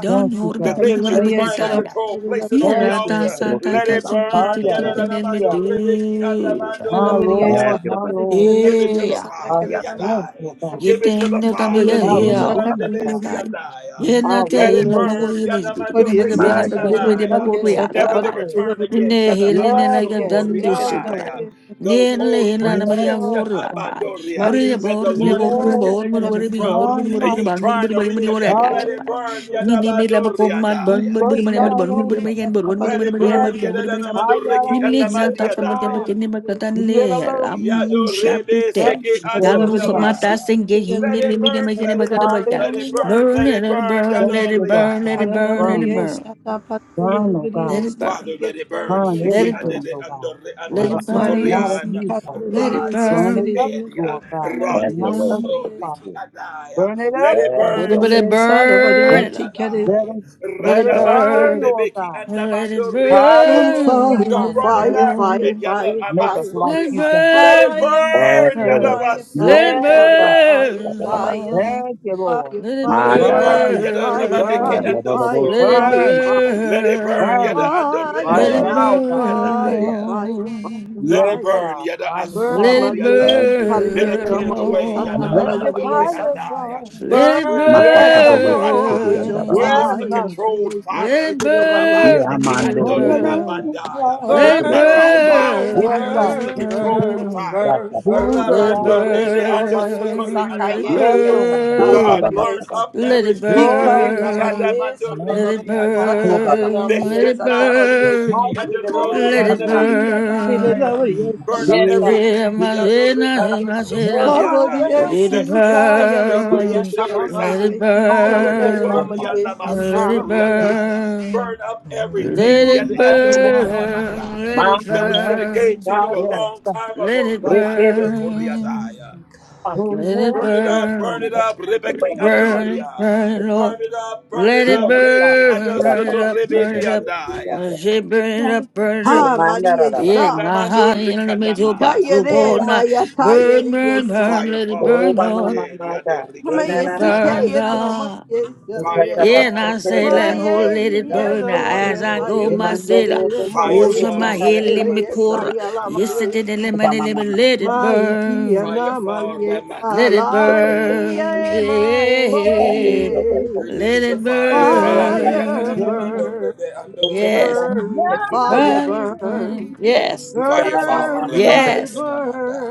[SPEAKER 6] Thank you,
[SPEAKER 1] The
[SPEAKER 6] God.
[SPEAKER 1] things you're
[SPEAKER 4] Shat.
[SPEAKER 6] Thank you,
[SPEAKER 1] trying to
[SPEAKER 6] God.
[SPEAKER 1] control, place it on the
[SPEAKER 6] Thank you,
[SPEAKER 1] altar.
[SPEAKER 6] Lord.
[SPEAKER 1] Let it
[SPEAKER 4] Rokutaba.
[SPEAKER 1] burn.
[SPEAKER 6] Hallelujah.
[SPEAKER 1] Yadadadamandoreti
[SPEAKER 7] Ana
[SPEAKER 6] My
[SPEAKER 7] Maria
[SPEAKER 4] Have
[SPEAKER 1] Andamandoria.
[SPEAKER 6] Lord,
[SPEAKER 4] your
[SPEAKER 7] Sata
[SPEAKER 6] my
[SPEAKER 4] way,
[SPEAKER 6] Lord.
[SPEAKER 7] Paracula
[SPEAKER 1] Give it to
[SPEAKER 7] Maria
[SPEAKER 1] the
[SPEAKER 7] Sata
[SPEAKER 6] Our
[SPEAKER 1] Father,
[SPEAKER 7] Carena
[SPEAKER 4] Yaka.
[SPEAKER 7] Maria
[SPEAKER 6] strength, oh
[SPEAKER 7] Sata
[SPEAKER 1] Yadai.
[SPEAKER 6] God.
[SPEAKER 3] Get
[SPEAKER 1] Give it to
[SPEAKER 3] in
[SPEAKER 1] the
[SPEAKER 3] there,
[SPEAKER 1] Father,
[SPEAKER 7] Paracula
[SPEAKER 6] Our
[SPEAKER 7] Maria
[SPEAKER 4] Manda
[SPEAKER 7] Sata
[SPEAKER 4] ba-
[SPEAKER 6] redeemer, God.
[SPEAKER 1] Yadurabandebesi
[SPEAKER 7] Carena
[SPEAKER 1] Yadai.
[SPEAKER 6] Our
[SPEAKER 1] Let
[SPEAKER 6] way
[SPEAKER 1] it
[SPEAKER 3] Ela
[SPEAKER 6] maker.
[SPEAKER 3] mago
[SPEAKER 1] burn,
[SPEAKER 3] yeme zbi. Tu punya
[SPEAKER 7] Maria
[SPEAKER 3] mago
[SPEAKER 1] Yadamaduriki
[SPEAKER 3] bina
[SPEAKER 6] Yes,
[SPEAKER 4] My
[SPEAKER 7] Siti
[SPEAKER 3] mago
[SPEAKER 4] God.
[SPEAKER 3] zbi
[SPEAKER 6] Lord.
[SPEAKER 7] Carena
[SPEAKER 3] dia
[SPEAKER 6] Yes,
[SPEAKER 1] Andamaya.
[SPEAKER 3] mago
[SPEAKER 7] Maria
[SPEAKER 3] ruya
[SPEAKER 6] Lord.
[SPEAKER 7] Sata
[SPEAKER 6] Yes,
[SPEAKER 1] Never
[SPEAKER 3] sabai.
[SPEAKER 1] to
[SPEAKER 6] Lord.
[SPEAKER 7] Paracula
[SPEAKER 1] return
[SPEAKER 7] Maria
[SPEAKER 1] again,
[SPEAKER 3] Ne
[SPEAKER 7] Sata
[SPEAKER 1] Yada
[SPEAKER 3] helene na
[SPEAKER 6] Yes,
[SPEAKER 3] ya
[SPEAKER 7] Maria
[SPEAKER 6] Lord.
[SPEAKER 1] Amasukuri
[SPEAKER 7] Siti
[SPEAKER 3] dandu
[SPEAKER 6] Yes,
[SPEAKER 7] Carena
[SPEAKER 3] suprai.
[SPEAKER 1] Amaya.
[SPEAKER 6] Lord.
[SPEAKER 1] Those
[SPEAKER 3] Ne le
[SPEAKER 1] old
[SPEAKER 3] hena
[SPEAKER 7] Maria
[SPEAKER 3] na na
[SPEAKER 7] Sata
[SPEAKER 3] maria
[SPEAKER 1] friendships,
[SPEAKER 6] Yes,
[SPEAKER 3] gorra
[SPEAKER 6] God.
[SPEAKER 3] ta. Bore
[SPEAKER 1] Yadabadoria,
[SPEAKER 7] Maria Sata
[SPEAKER 3] ya
[SPEAKER 7] Maria
[SPEAKER 1] that
[SPEAKER 3] bor
[SPEAKER 1] the
[SPEAKER 7] Siti
[SPEAKER 3] mi
[SPEAKER 1] Lord
[SPEAKER 3] bor
[SPEAKER 1] has
[SPEAKER 7] Carena
[SPEAKER 3] mi
[SPEAKER 7] Maria
[SPEAKER 6] Yes,
[SPEAKER 3] bor mi
[SPEAKER 1] disconnected
[SPEAKER 6] and
[SPEAKER 3] bor
[SPEAKER 7] Sata
[SPEAKER 1] you
[SPEAKER 6] it's
[SPEAKER 3] mi bor
[SPEAKER 1] from,
[SPEAKER 7] Paracula
[SPEAKER 1] uh,
[SPEAKER 3] mi bor
[SPEAKER 1] and
[SPEAKER 3] mi
[SPEAKER 6] unlike.
[SPEAKER 1] you
[SPEAKER 3] bor
[SPEAKER 7] Maria
[SPEAKER 3] mi bor mi
[SPEAKER 1] trying to
[SPEAKER 3] bor mi
[SPEAKER 7] Carena
[SPEAKER 3] bor
[SPEAKER 1] reconnect,
[SPEAKER 3] ya
[SPEAKER 7] Maria
[SPEAKER 1] let
[SPEAKER 3] chopa.
[SPEAKER 1] it
[SPEAKER 6] Hallelujah.
[SPEAKER 1] burn,
[SPEAKER 3] Ni ne ne la
[SPEAKER 7] Sata
[SPEAKER 3] ko
[SPEAKER 1] Yadabadoria
[SPEAKER 3] ma
[SPEAKER 6] We
[SPEAKER 3] ban
[SPEAKER 1] Daya.
[SPEAKER 3] bor bor
[SPEAKER 6] searched
[SPEAKER 3] mi
[SPEAKER 7] Iya
[SPEAKER 3] bor bor mi
[SPEAKER 6] all
[SPEAKER 3] bor
[SPEAKER 7] Maria
[SPEAKER 3] mi
[SPEAKER 6] over.
[SPEAKER 3] yan bor
[SPEAKER 7] Sata
[SPEAKER 3] bor bor
[SPEAKER 1] Let it
[SPEAKER 3] bor yan
[SPEAKER 7] Paracula
[SPEAKER 6] Yes,
[SPEAKER 3] bor
[SPEAKER 1] burn,
[SPEAKER 6] God.
[SPEAKER 7] Maria
[SPEAKER 3] bor bor
[SPEAKER 7] Siti
[SPEAKER 3] yan.
[SPEAKER 7] Carena
[SPEAKER 1] Yadamaduriki
[SPEAKER 3] Ni
[SPEAKER 7] Maria
[SPEAKER 6] Hallelujah.
[SPEAKER 3] le na ta
[SPEAKER 7] Sata
[SPEAKER 1] Andamandia
[SPEAKER 3] ka ma te
[SPEAKER 7] Paracula
[SPEAKER 3] ba
[SPEAKER 6] God.
[SPEAKER 1] Daya.
[SPEAKER 3] kene ma ka
[SPEAKER 7] Maria
[SPEAKER 3] tan
[SPEAKER 7] Sata
[SPEAKER 6] Yeah, yeah,
[SPEAKER 3] le
[SPEAKER 6] yeah,
[SPEAKER 3] ram
[SPEAKER 6] yeah.
[SPEAKER 3] sha te
[SPEAKER 1] Yadorebe
[SPEAKER 3] te.
[SPEAKER 6] Thank
[SPEAKER 1] seke
[SPEAKER 6] you,
[SPEAKER 3] Dal
[SPEAKER 7] Carena
[SPEAKER 6] There's
[SPEAKER 3] nu so ma
[SPEAKER 7] Maria
[SPEAKER 6] none.
[SPEAKER 3] ta
[SPEAKER 1] adorabaya.
[SPEAKER 7] Siti
[SPEAKER 3] sen ge hin
[SPEAKER 7] Carena
[SPEAKER 1] Let
[SPEAKER 3] ne
[SPEAKER 1] it
[SPEAKER 3] le mi
[SPEAKER 7] Maria
[SPEAKER 3] ne ma
[SPEAKER 1] burn,
[SPEAKER 3] kene
[SPEAKER 1] let
[SPEAKER 3] ma
[SPEAKER 1] it
[SPEAKER 3] ka de ba
[SPEAKER 1] burn,
[SPEAKER 3] ka.
[SPEAKER 1] let it
[SPEAKER 7] Sata
[SPEAKER 6] Hallelujah.
[SPEAKER 1] burn,
[SPEAKER 3] Burn
[SPEAKER 1] let
[SPEAKER 3] let
[SPEAKER 1] it
[SPEAKER 3] it
[SPEAKER 1] burn,
[SPEAKER 3] burn
[SPEAKER 6] Thank
[SPEAKER 3] let it
[SPEAKER 6] you, Lord
[SPEAKER 3] burn
[SPEAKER 1] Yadoria.
[SPEAKER 3] let
[SPEAKER 6] God.
[SPEAKER 3] it
[SPEAKER 7] Arana
[SPEAKER 3] burn let
[SPEAKER 6] Burn
[SPEAKER 3] it
[SPEAKER 7] Maria
[SPEAKER 6] us.
[SPEAKER 3] burn.
[SPEAKER 7] Isata Padre
[SPEAKER 6] Burn, oh
[SPEAKER 7] Liberia
[SPEAKER 3] Let
[SPEAKER 6] God.
[SPEAKER 3] it burn,
[SPEAKER 1] Father,
[SPEAKER 7] Isiti
[SPEAKER 1] let it
[SPEAKER 7] Gerda
[SPEAKER 1] burn.
[SPEAKER 6] Burn
[SPEAKER 7] Maria
[SPEAKER 3] let
[SPEAKER 1] Shiki
[SPEAKER 3] it burn.
[SPEAKER 7] Isata
[SPEAKER 6] everything,
[SPEAKER 1] adede
[SPEAKER 6] oh God.
[SPEAKER 1] andore
[SPEAKER 3] Let
[SPEAKER 1] aman
[SPEAKER 4] Kuba.
[SPEAKER 3] it
[SPEAKER 6] Up that is
[SPEAKER 7] Maria
[SPEAKER 6] not
[SPEAKER 3] burn.
[SPEAKER 6] of
[SPEAKER 7] Isi
[SPEAKER 1] sokorian.
[SPEAKER 6] you,
[SPEAKER 7] Cara
[SPEAKER 6] God.
[SPEAKER 3] Let it
[SPEAKER 7] Liberia
[SPEAKER 1] Rande
[SPEAKER 7] Isi
[SPEAKER 6] Burn it
[SPEAKER 3] burn.
[SPEAKER 7] Gerda
[SPEAKER 6] up,
[SPEAKER 7] Maria
[SPEAKER 1] sedia.
[SPEAKER 6] Lord God.
[SPEAKER 7] Isata
[SPEAKER 6] That's
[SPEAKER 3] Let
[SPEAKER 4] Have
[SPEAKER 3] it
[SPEAKER 1] Rando
[SPEAKER 4] your
[SPEAKER 6] not
[SPEAKER 7] Gerda
[SPEAKER 4] way,
[SPEAKER 6] of
[SPEAKER 3] burn.
[SPEAKER 4] Holy
[SPEAKER 6] you,
[SPEAKER 7] Liberia
[SPEAKER 6] God.
[SPEAKER 1] soriki
[SPEAKER 4] Spirit.
[SPEAKER 1] adaya.
[SPEAKER 6] Burn it up,
[SPEAKER 1] Let it
[SPEAKER 4] Have
[SPEAKER 6] God.
[SPEAKER 7] Isata
[SPEAKER 3] Let
[SPEAKER 1] burn.
[SPEAKER 3] it,
[SPEAKER 4] your
[SPEAKER 3] let
[SPEAKER 4] way,
[SPEAKER 7] Maria
[SPEAKER 3] it
[SPEAKER 1] Shiki
[SPEAKER 4] Holy Spirit.
[SPEAKER 7] Isata
[SPEAKER 3] burn.
[SPEAKER 7] Maria
[SPEAKER 6] And
[SPEAKER 1] andabandi
[SPEAKER 7] Tikere
[SPEAKER 6] let
[SPEAKER 1] adaya.
[SPEAKER 6] it,
[SPEAKER 3] Let
[SPEAKER 6] let
[SPEAKER 3] it
[SPEAKER 6] it
[SPEAKER 1] Radabando
[SPEAKER 6] burn,
[SPEAKER 3] burn.
[SPEAKER 6] Lord
[SPEAKER 1] rebeki
[SPEAKER 6] God.
[SPEAKER 3] Let it
[SPEAKER 1] andabando
[SPEAKER 7] Oh
[SPEAKER 1] riadaya.
[SPEAKER 3] burn.
[SPEAKER 6] Hallelujah,
[SPEAKER 3] Let
[SPEAKER 7] fire
[SPEAKER 1] Don't
[SPEAKER 3] it
[SPEAKER 6] Father
[SPEAKER 1] run it
[SPEAKER 6] God.
[SPEAKER 7] fire
[SPEAKER 1] after
[SPEAKER 7] fire
[SPEAKER 1] it.
[SPEAKER 3] burn.
[SPEAKER 1] Yada
[SPEAKER 7] fire
[SPEAKER 6] Make us
[SPEAKER 7] fire
[SPEAKER 6] like
[SPEAKER 3] Let it
[SPEAKER 6] you,
[SPEAKER 1] amasoria.
[SPEAKER 6] God.
[SPEAKER 1] Let it
[SPEAKER 7] Fire,
[SPEAKER 3] burn.
[SPEAKER 4] Have
[SPEAKER 1] burn.
[SPEAKER 7] fire,
[SPEAKER 3] Let
[SPEAKER 4] your
[SPEAKER 1] Yada
[SPEAKER 4] way,
[SPEAKER 3] it burn.
[SPEAKER 4] Holy
[SPEAKER 7] fire, fire,
[SPEAKER 3] Let
[SPEAKER 1] baso
[SPEAKER 7] fire,
[SPEAKER 4] Spirit.
[SPEAKER 6] Yes,
[SPEAKER 3] it burn.
[SPEAKER 6] God.
[SPEAKER 7] fire,
[SPEAKER 1] koria.
[SPEAKER 7] fire, fire,
[SPEAKER 3] Lord.
[SPEAKER 6] Thank you, Lord.
[SPEAKER 3] Let
[SPEAKER 7] fire,
[SPEAKER 3] it
[SPEAKER 1] Let
[SPEAKER 7] fire,
[SPEAKER 1] it
[SPEAKER 4] Manda
[SPEAKER 1] burn,
[SPEAKER 4] raraba.
[SPEAKER 6] Burn,
[SPEAKER 1] yada
[SPEAKER 7] fire,
[SPEAKER 1] namande ke
[SPEAKER 3] burn.
[SPEAKER 6] burn,
[SPEAKER 7] fire,
[SPEAKER 1] ando
[SPEAKER 7] fire,
[SPEAKER 3] Let it
[SPEAKER 1] soria.
[SPEAKER 7] fire,
[SPEAKER 6] burn,
[SPEAKER 7] fire.
[SPEAKER 1] Let it burn,
[SPEAKER 3] burn.
[SPEAKER 1] yada
[SPEAKER 6] burn
[SPEAKER 1] ando re
[SPEAKER 6] right
[SPEAKER 3] Let
[SPEAKER 1] ende
[SPEAKER 3] it
[SPEAKER 4] Manda
[SPEAKER 6] now,
[SPEAKER 7] Fire,
[SPEAKER 1] besiki
[SPEAKER 6] God.
[SPEAKER 3] burn.
[SPEAKER 7] fire,
[SPEAKER 1] adaya.
[SPEAKER 3] Lord.
[SPEAKER 7] fire, fire,
[SPEAKER 1] Let
[SPEAKER 6] Yes,
[SPEAKER 1] it
[SPEAKER 7] fire.
[SPEAKER 1] burn,
[SPEAKER 6] God.
[SPEAKER 1] yada
[SPEAKER 6] Fire
[SPEAKER 7] Burn,
[SPEAKER 3] Let
[SPEAKER 6] fall.
[SPEAKER 3] it
[SPEAKER 7] Maria, see,
[SPEAKER 1] asuriadaya. Let it
[SPEAKER 7] Kaliela,
[SPEAKER 3] burn.
[SPEAKER 1] clear the
[SPEAKER 7] Maria,
[SPEAKER 1] way,
[SPEAKER 7] Sata,
[SPEAKER 1] yada
[SPEAKER 6] Let
[SPEAKER 3] Lord.
[SPEAKER 7] Kalina,
[SPEAKER 6] your
[SPEAKER 1] amando
[SPEAKER 7] Maria,
[SPEAKER 5] You
[SPEAKER 7] Sata.
[SPEAKER 6] fire
[SPEAKER 5] will
[SPEAKER 6] fall.
[SPEAKER 1] Let it
[SPEAKER 3] Let it
[SPEAKER 1] clear the
[SPEAKER 7] Burn
[SPEAKER 6] Yes,
[SPEAKER 1] path,
[SPEAKER 7] us,
[SPEAKER 6] God.
[SPEAKER 7] Lord, with
[SPEAKER 1] rakaya.
[SPEAKER 7] your
[SPEAKER 1] See,
[SPEAKER 5] Jesus.
[SPEAKER 1] this
[SPEAKER 6] Yes,
[SPEAKER 1] is a
[SPEAKER 7] fire,
[SPEAKER 6] God.
[SPEAKER 3] burn.
[SPEAKER 1] controlled
[SPEAKER 7] Maria, Sata,
[SPEAKER 3] Let
[SPEAKER 1] fire,
[SPEAKER 3] it
[SPEAKER 7] Kalina, Maria.
[SPEAKER 3] burn.
[SPEAKER 1] rabandiki ando
[SPEAKER 6] From your name is
[SPEAKER 1] riamandaya.
[SPEAKER 3] Let
[SPEAKER 6] love.
[SPEAKER 1] This is
[SPEAKER 3] it
[SPEAKER 1] not a, a
[SPEAKER 7] Burn,
[SPEAKER 1] wild
[SPEAKER 7] burn,
[SPEAKER 6] Yes,
[SPEAKER 3] burn.
[SPEAKER 1] fire. This
[SPEAKER 3] Let
[SPEAKER 6] God.
[SPEAKER 1] is a
[SPEAKER 3] it
[SPEAKER 7] burn,
[SPEAKER 1] controlled
[SPEAKER 7] burn,
[SPEAKER 3] burn.
[SPEAKER 1] fire,
[SPEAKER 7] burn, burn,
[SPEAKER 6] Do the
[SPEAKER 3] Let it
[SPEAKER 7] burn,
[SPEAKER 6] God.
[SPEAKER 3] burn.
[SPEAKER 1] rabando
[SPEAKER 7] burn us, Lord,
[SPEAKER 1] ando
[SPEAKER 7] Maria,
[SPEAKER 1] sukuri
[SPEAKER 3] Let
[SPEAKER 7] Saka,
[SPEAKER 3] it
[SPEAKER 6] Yes,
[SPEAKER 7] Maria,
[SPEAKER 1] andabaya.
[SPEAKER 6] Lord.
[SPEAKER 7] Sata,
[SPEAKER 1] God,
[SPEAKER 3] burn.
[SPEAKER 7] Maria. Santa,
[SPEAKER 1] burn up
[SPEAKER 3] Let it
[SPEAKER 1] everything,
[SPEAKER 6] Lord,
[SPEAKER 7] Hika
[SPEAKER 6] you
[SPEAKER 1] riki
[SPEAKER 6] are
[SPEAKER 3] burn.
[SPEAKER 6] mighty.
[SPEAKER 7] namariye
[SPEAKER 1] adamando
[SPEAKER 3] Let
[SPEAKER 6] And
[SPEAKER 3] it
[SPEAKER 1] riandi
[SPEAKER 6] you are
[SPEAKER 7] salavariye
[SPEAKER 6] high.
[SPEAKER 7] sata
[SPEAKER 1] andaya
[SPEAKER 7] kare
[SPEAKER 1] that
[SPEAKER 3] burn.
[SPEAKER 5] But
[SPEAKER 3] Let
[SPEAKER 7] namariye
[SPEAKER 3] it
[SPEAKER 1] should
[SPEAKER 7] sata
[SPEAKER 1] not be.
[SPEAKER 7] variye
[SPEAKER 3] burn.
[SPEAKER 1] Shiki
[SPEAKER 6] mighty
[SPEAKER 7] sita
[SPEAKER 3] Let it burn.
[SPEAKER 7] namariye
[SPEAKER 6] God
[SPEAKER 1] adorori
[SPEAKER 3] Let it
[SPEAKER 7] sata
[SPEAKER 6] from
[SPEAKER 1] andebedi
[SPEAKER 6] you.
[SPEAKER 3] burn.
[SPEAKER 1] adaya.
[SPEAKER 7] hilavariye,
[SPEAKER 1] Burn
[SPEAKER 5] realize
[SPEAKER 7] namariye
[SPEAKER 1] up
[SPEAKER 6] Yes, God.
[SPEAKER 3] Yeah,
[SPEAKER 1] everything
[SPEAKER 3] my
[SPEAKER 1] yadore
[SPEAKER 3] little my
[SPEAKER 5] you
[SPEAKER 6] You're
[SPEAKER 1] adosokori
[SPEAKER 3] little-
[SPEAKER 6] my
[SPEAKER 1] adaya,
[SPEAKER 7] havariye
[SPEAKER 3] let it
[SPEAKER 1] that's
[SPEAKER 6] love.
[SPEAKER 1] taking
[SPEAKER 7] sika
[SPEAKER 1] up space where
[SPEAKER 7] yelamaya
[SPEAKER 1] you
[SPEAKER 3] burn,
[SPEAKER 1] should
[SPEAKER 3] let it
[SPEAKER 1] reside.
[SPEAKER 7] saramariye sika
[SPEAKER 6] My joy
[SPEAKER 7] yere
[SPEAKER 6] of
[SPEAKER 3] burn,
[SPEAKER 1] Rebekori
[SPEAKER 6] my
[SPEAKER 7] namariye sata
[SPEAKER 3] let
[SPEAKER 6] sin.
[SPEAKER 3] it
[SPEAKER 1] anamasokori andaya.
[SPEAKER 3] burn,
[SPEAKER 1] Burn up
[SPEAKER 5] are
[SPEAKER 1] everything
[SPEAKER 3] let
[SPEAKER 5] the
[SPEAKER 6] You
[SPEAKER 3] it
[SPEAKER 1] yadi
[SPEAKER 6] have
[SPEAKER 1] adore
[SPEAKER 6] won.
[SPEAKER 3] burn, let
[SPEAKER 1] anamandaya,
[SPEAKER 3] it
[SPEAKER 1] that we should
[SPEAKER 6] Another.
[SPEAKER 1] have gave
[SPEAKER 3] burn,
[SPEAKER 1] to you a
[SPEAKER 6] Yes,
[SPEAKER 1] long
[SPEAKER 6] God.
[SPEAKER 1] time
[SPEAKER 3] let
[SPEAKER 1] ago.
[SPEAKER 3] it
[SPEAKER 5] end
[SPEAKER 1] Rabandokori
[SPEAKER 5] of the living
[SPEAKER 1] adaya.
[SPEAKER 3] burn.
[SPEAKER 5] God.
[SPEAKER 6] Oh,
[SPEAKER 3] Let it
[SPEAKER 6] let
[SPEAKER 1] Burn it
[SPEAKER 6] your
[SPEAKER 1] up, burn
[SPEAKER 3] burn,
[SPEAKER 1] it up,
[SPEAKER 6] fire
[SPEAKER 1] Rebecca
[SPEAKER 6] fall.
[SPEAKER 3] burn,
[SPEAKER 1] Andoria.
[SPEAKER 3] burn,
[SPEAKER 1] Burn
[SPEAKER 3] Lord.
[SPEAKER 1] it up, burn
[SPEAKER 3] Let
[SPEAKER 1] it
[SPEAKER 3] it
[SPEAKER 1] up,
[SPEAKER 6] Yes, God.
[SPEAKER 1] Reki
[SPEAKER 3] burn, burn it
[SPEAKER 1] Adosoto
[SPEAKER 3] up, burn
[SPEAKER 1] Rebedi
[SPEAKER 3] it up.
[SPEAKER 1] Andaya.
[SPEAKER 3] I say, burn it up, burn it up.
[SPEAKER 7] ha mariye
[SPEAKER 3] Yes,
[SPEAKER 7] sa
[SPEAKER 3] my
[SPEAKER 1] Shanamando
[SPEAKER 3] heart in the middle,
[SPEAKER 1] Rikanamandai.
[SPEAKER 7] kayere
[SPEAKER 3] possible not.
[SPEAKER 7] maya ta yere
[SPEAKER 3] Burn, burn,
[SPEAKER 7] yesa
[SPEAKER 3] burn,
[SPEAKER 1] Fire
[SPEAKER 3] let it
[SPEAKER 1] for
[SPEAKER 4] Oh,
[SPEAKER 3] burn,
[SPEAKER 4] my, my,
[SPEAKER 3] Lord.
[SPEAKER 4] my,
[SPEAKER 1] Rande
[SPEAKER 4] my
[SPEAKER 1] Diado
[SPEAKER 4] God. Eh,
[SPEAKER 7] hama
[SPEAKER 3] Let
[SPEAKER 4] na,
[SPEAKER 3] it
[SPEAKER 4] na,
[SPEAKER 7] yesi
[SPEAKER 4] na, my
[SPEAKER 3] burn,
[SPEAKER 1] Rikanamandoria.
[SPEAKER 7] kayere
[SPEAKER 4] God.
[SPEAKER 3] God.
[SPEAKER 7] namariye
[SPEAKER 4] We
[SPEAKER 7] sala
[SPEAKER 4] touch
[SPEAKER 1] Fire
[SPEAKER 4] up our
[SPEAKER 3] Yeah,
[SPEAKER 7] yere
[SPEAKER 3] and
[SPEAKER 1] for
[SPEAKER 3] I
[SPEAKER 4] scripture,
[SPEAKER 3] say,
[SPEAKER 4] na, na,
[SPEAKER 3] Lamb,
[SPEAKER 4] na,
[SPEAKER 3] oh,
[SPEAKER 1] Renamando
[SPEAKER 7] Maye
[SPEAKER 3] let it
[SPEAKER 1] Rebedi
[SPEAKER 4] God.
[SPEAKER 3] burn
[SPEAKER 7] yele
[SPEAKER 3] as
[SPEAKER 7] moye
[SPEAKER 3] I go,
[SPEAKER 1] Andoria.
[SPEAKER 4] Eh, na,
[SPEAKER 3] my
[SPEAKER 7] saye
[SPEAKER 4] na, na,
[SPEAKER 3] sailor.
[SPEAKER 4] na,
[SPEAKER 7] yele
[SPEAKER 4] eh,
[SPEAKER 1] Fire
[SPEAKER 3] Oh,
[SPEAKER 7] moye
[SPEAKER 4] eh,
[SPEAKER 3] so
[SPEAKER 4] na,
[SPEAKER 3] my
[SPEAKER 1] for
[SPEAKER 7] tiki
[SPEAKER 4] na,
[SPEAKER 3] head,
[SPEAKER 4] na, na.
[SPEAKER 3] let
[SPEAKER 7] yele
[SPEAKER 3] me
[SPEAKER 1] Renamando
[SPEAKER 7] yesa
[SPEAKER 3] pour.
[SPEAKER 1] Corre
[SPEAKER 3] Yes, it did, let
[SPEAKER 1] Andai.
[SPEAKER 4] Oh,
[SPEAKER 3] me,
[SPEAKER 4] my,
[SPEAKER 3] let
[SPEAKER 4] my, my,
[SPEAKER 3] me,
[SPEAKER 4] my
[SPEAKER 3] let
[SPEAKER 4] God.
[SPEAKER 3] it
[SPEAKER 7] Maikia
[SPEAKER 3] burn.
[SPEAKER 1] Fire
[SPEAKER 7] na
[SPEAKER 1] for
[SPEAKER 7] malie
[SPEAKER 3] Let it
[SPEAKER 4] Oh, my God.
[SPEAKER 1] Ramakarabandia.
[SPEAKER 7] salai
[SPEAKER 3] burn.
[SPEAKER 7] e
[SPEAKER 4] Oh,
[SPEAKER 7] maetie.
[SPEAKER 3] Yeah.
[SPEAKER 4] my God.
[SPEAKER 3] Let
[SPEAKER 1] Release your
[SPEAKER 3] it
[SPEAKER 4] Eh,
[SPEAKER 1] fire,
[SPEAKER 4] na, na, na,
[SPEAKER 1] Father.
[SPEAKER 4] na.
[SPEAKER 7] Fire
[SPEAKER 1] Yadanamando
[SPEAKER 3] burn.
[SPEAKER 7] burn,
[SPEAKER 1] Rebe
[SPEAKER 4] We touch
[SPEAKER 1] Andoria.
[SPEAKER 4] up
[SPEAKER 3] Yes.
[SPEAKER 4] our
[SPEAKER 7] burn,
[SPEAKER 4] scripture, na,
[SPEAKER 7] fire
[SPEAKER 4] na, na.
[SPEAKER 3] Fire
[SPEAKER 7] burn.
[SPEAKER 3] burn. Yes.
[SPEAKER 4] We shall
[SPEAKER 1] Fire
[SPEAKER 4] allow
[SPEAKER 1] for
[SPEAKER 4] our
[SPEAKER 7] Burn,
[SPEAKER 4] son to
[SPEAKER 1] Ramanda
[SPEAKER 4] do,
[SPEAKER 7] fire,
[SPEAKER 3] Yes.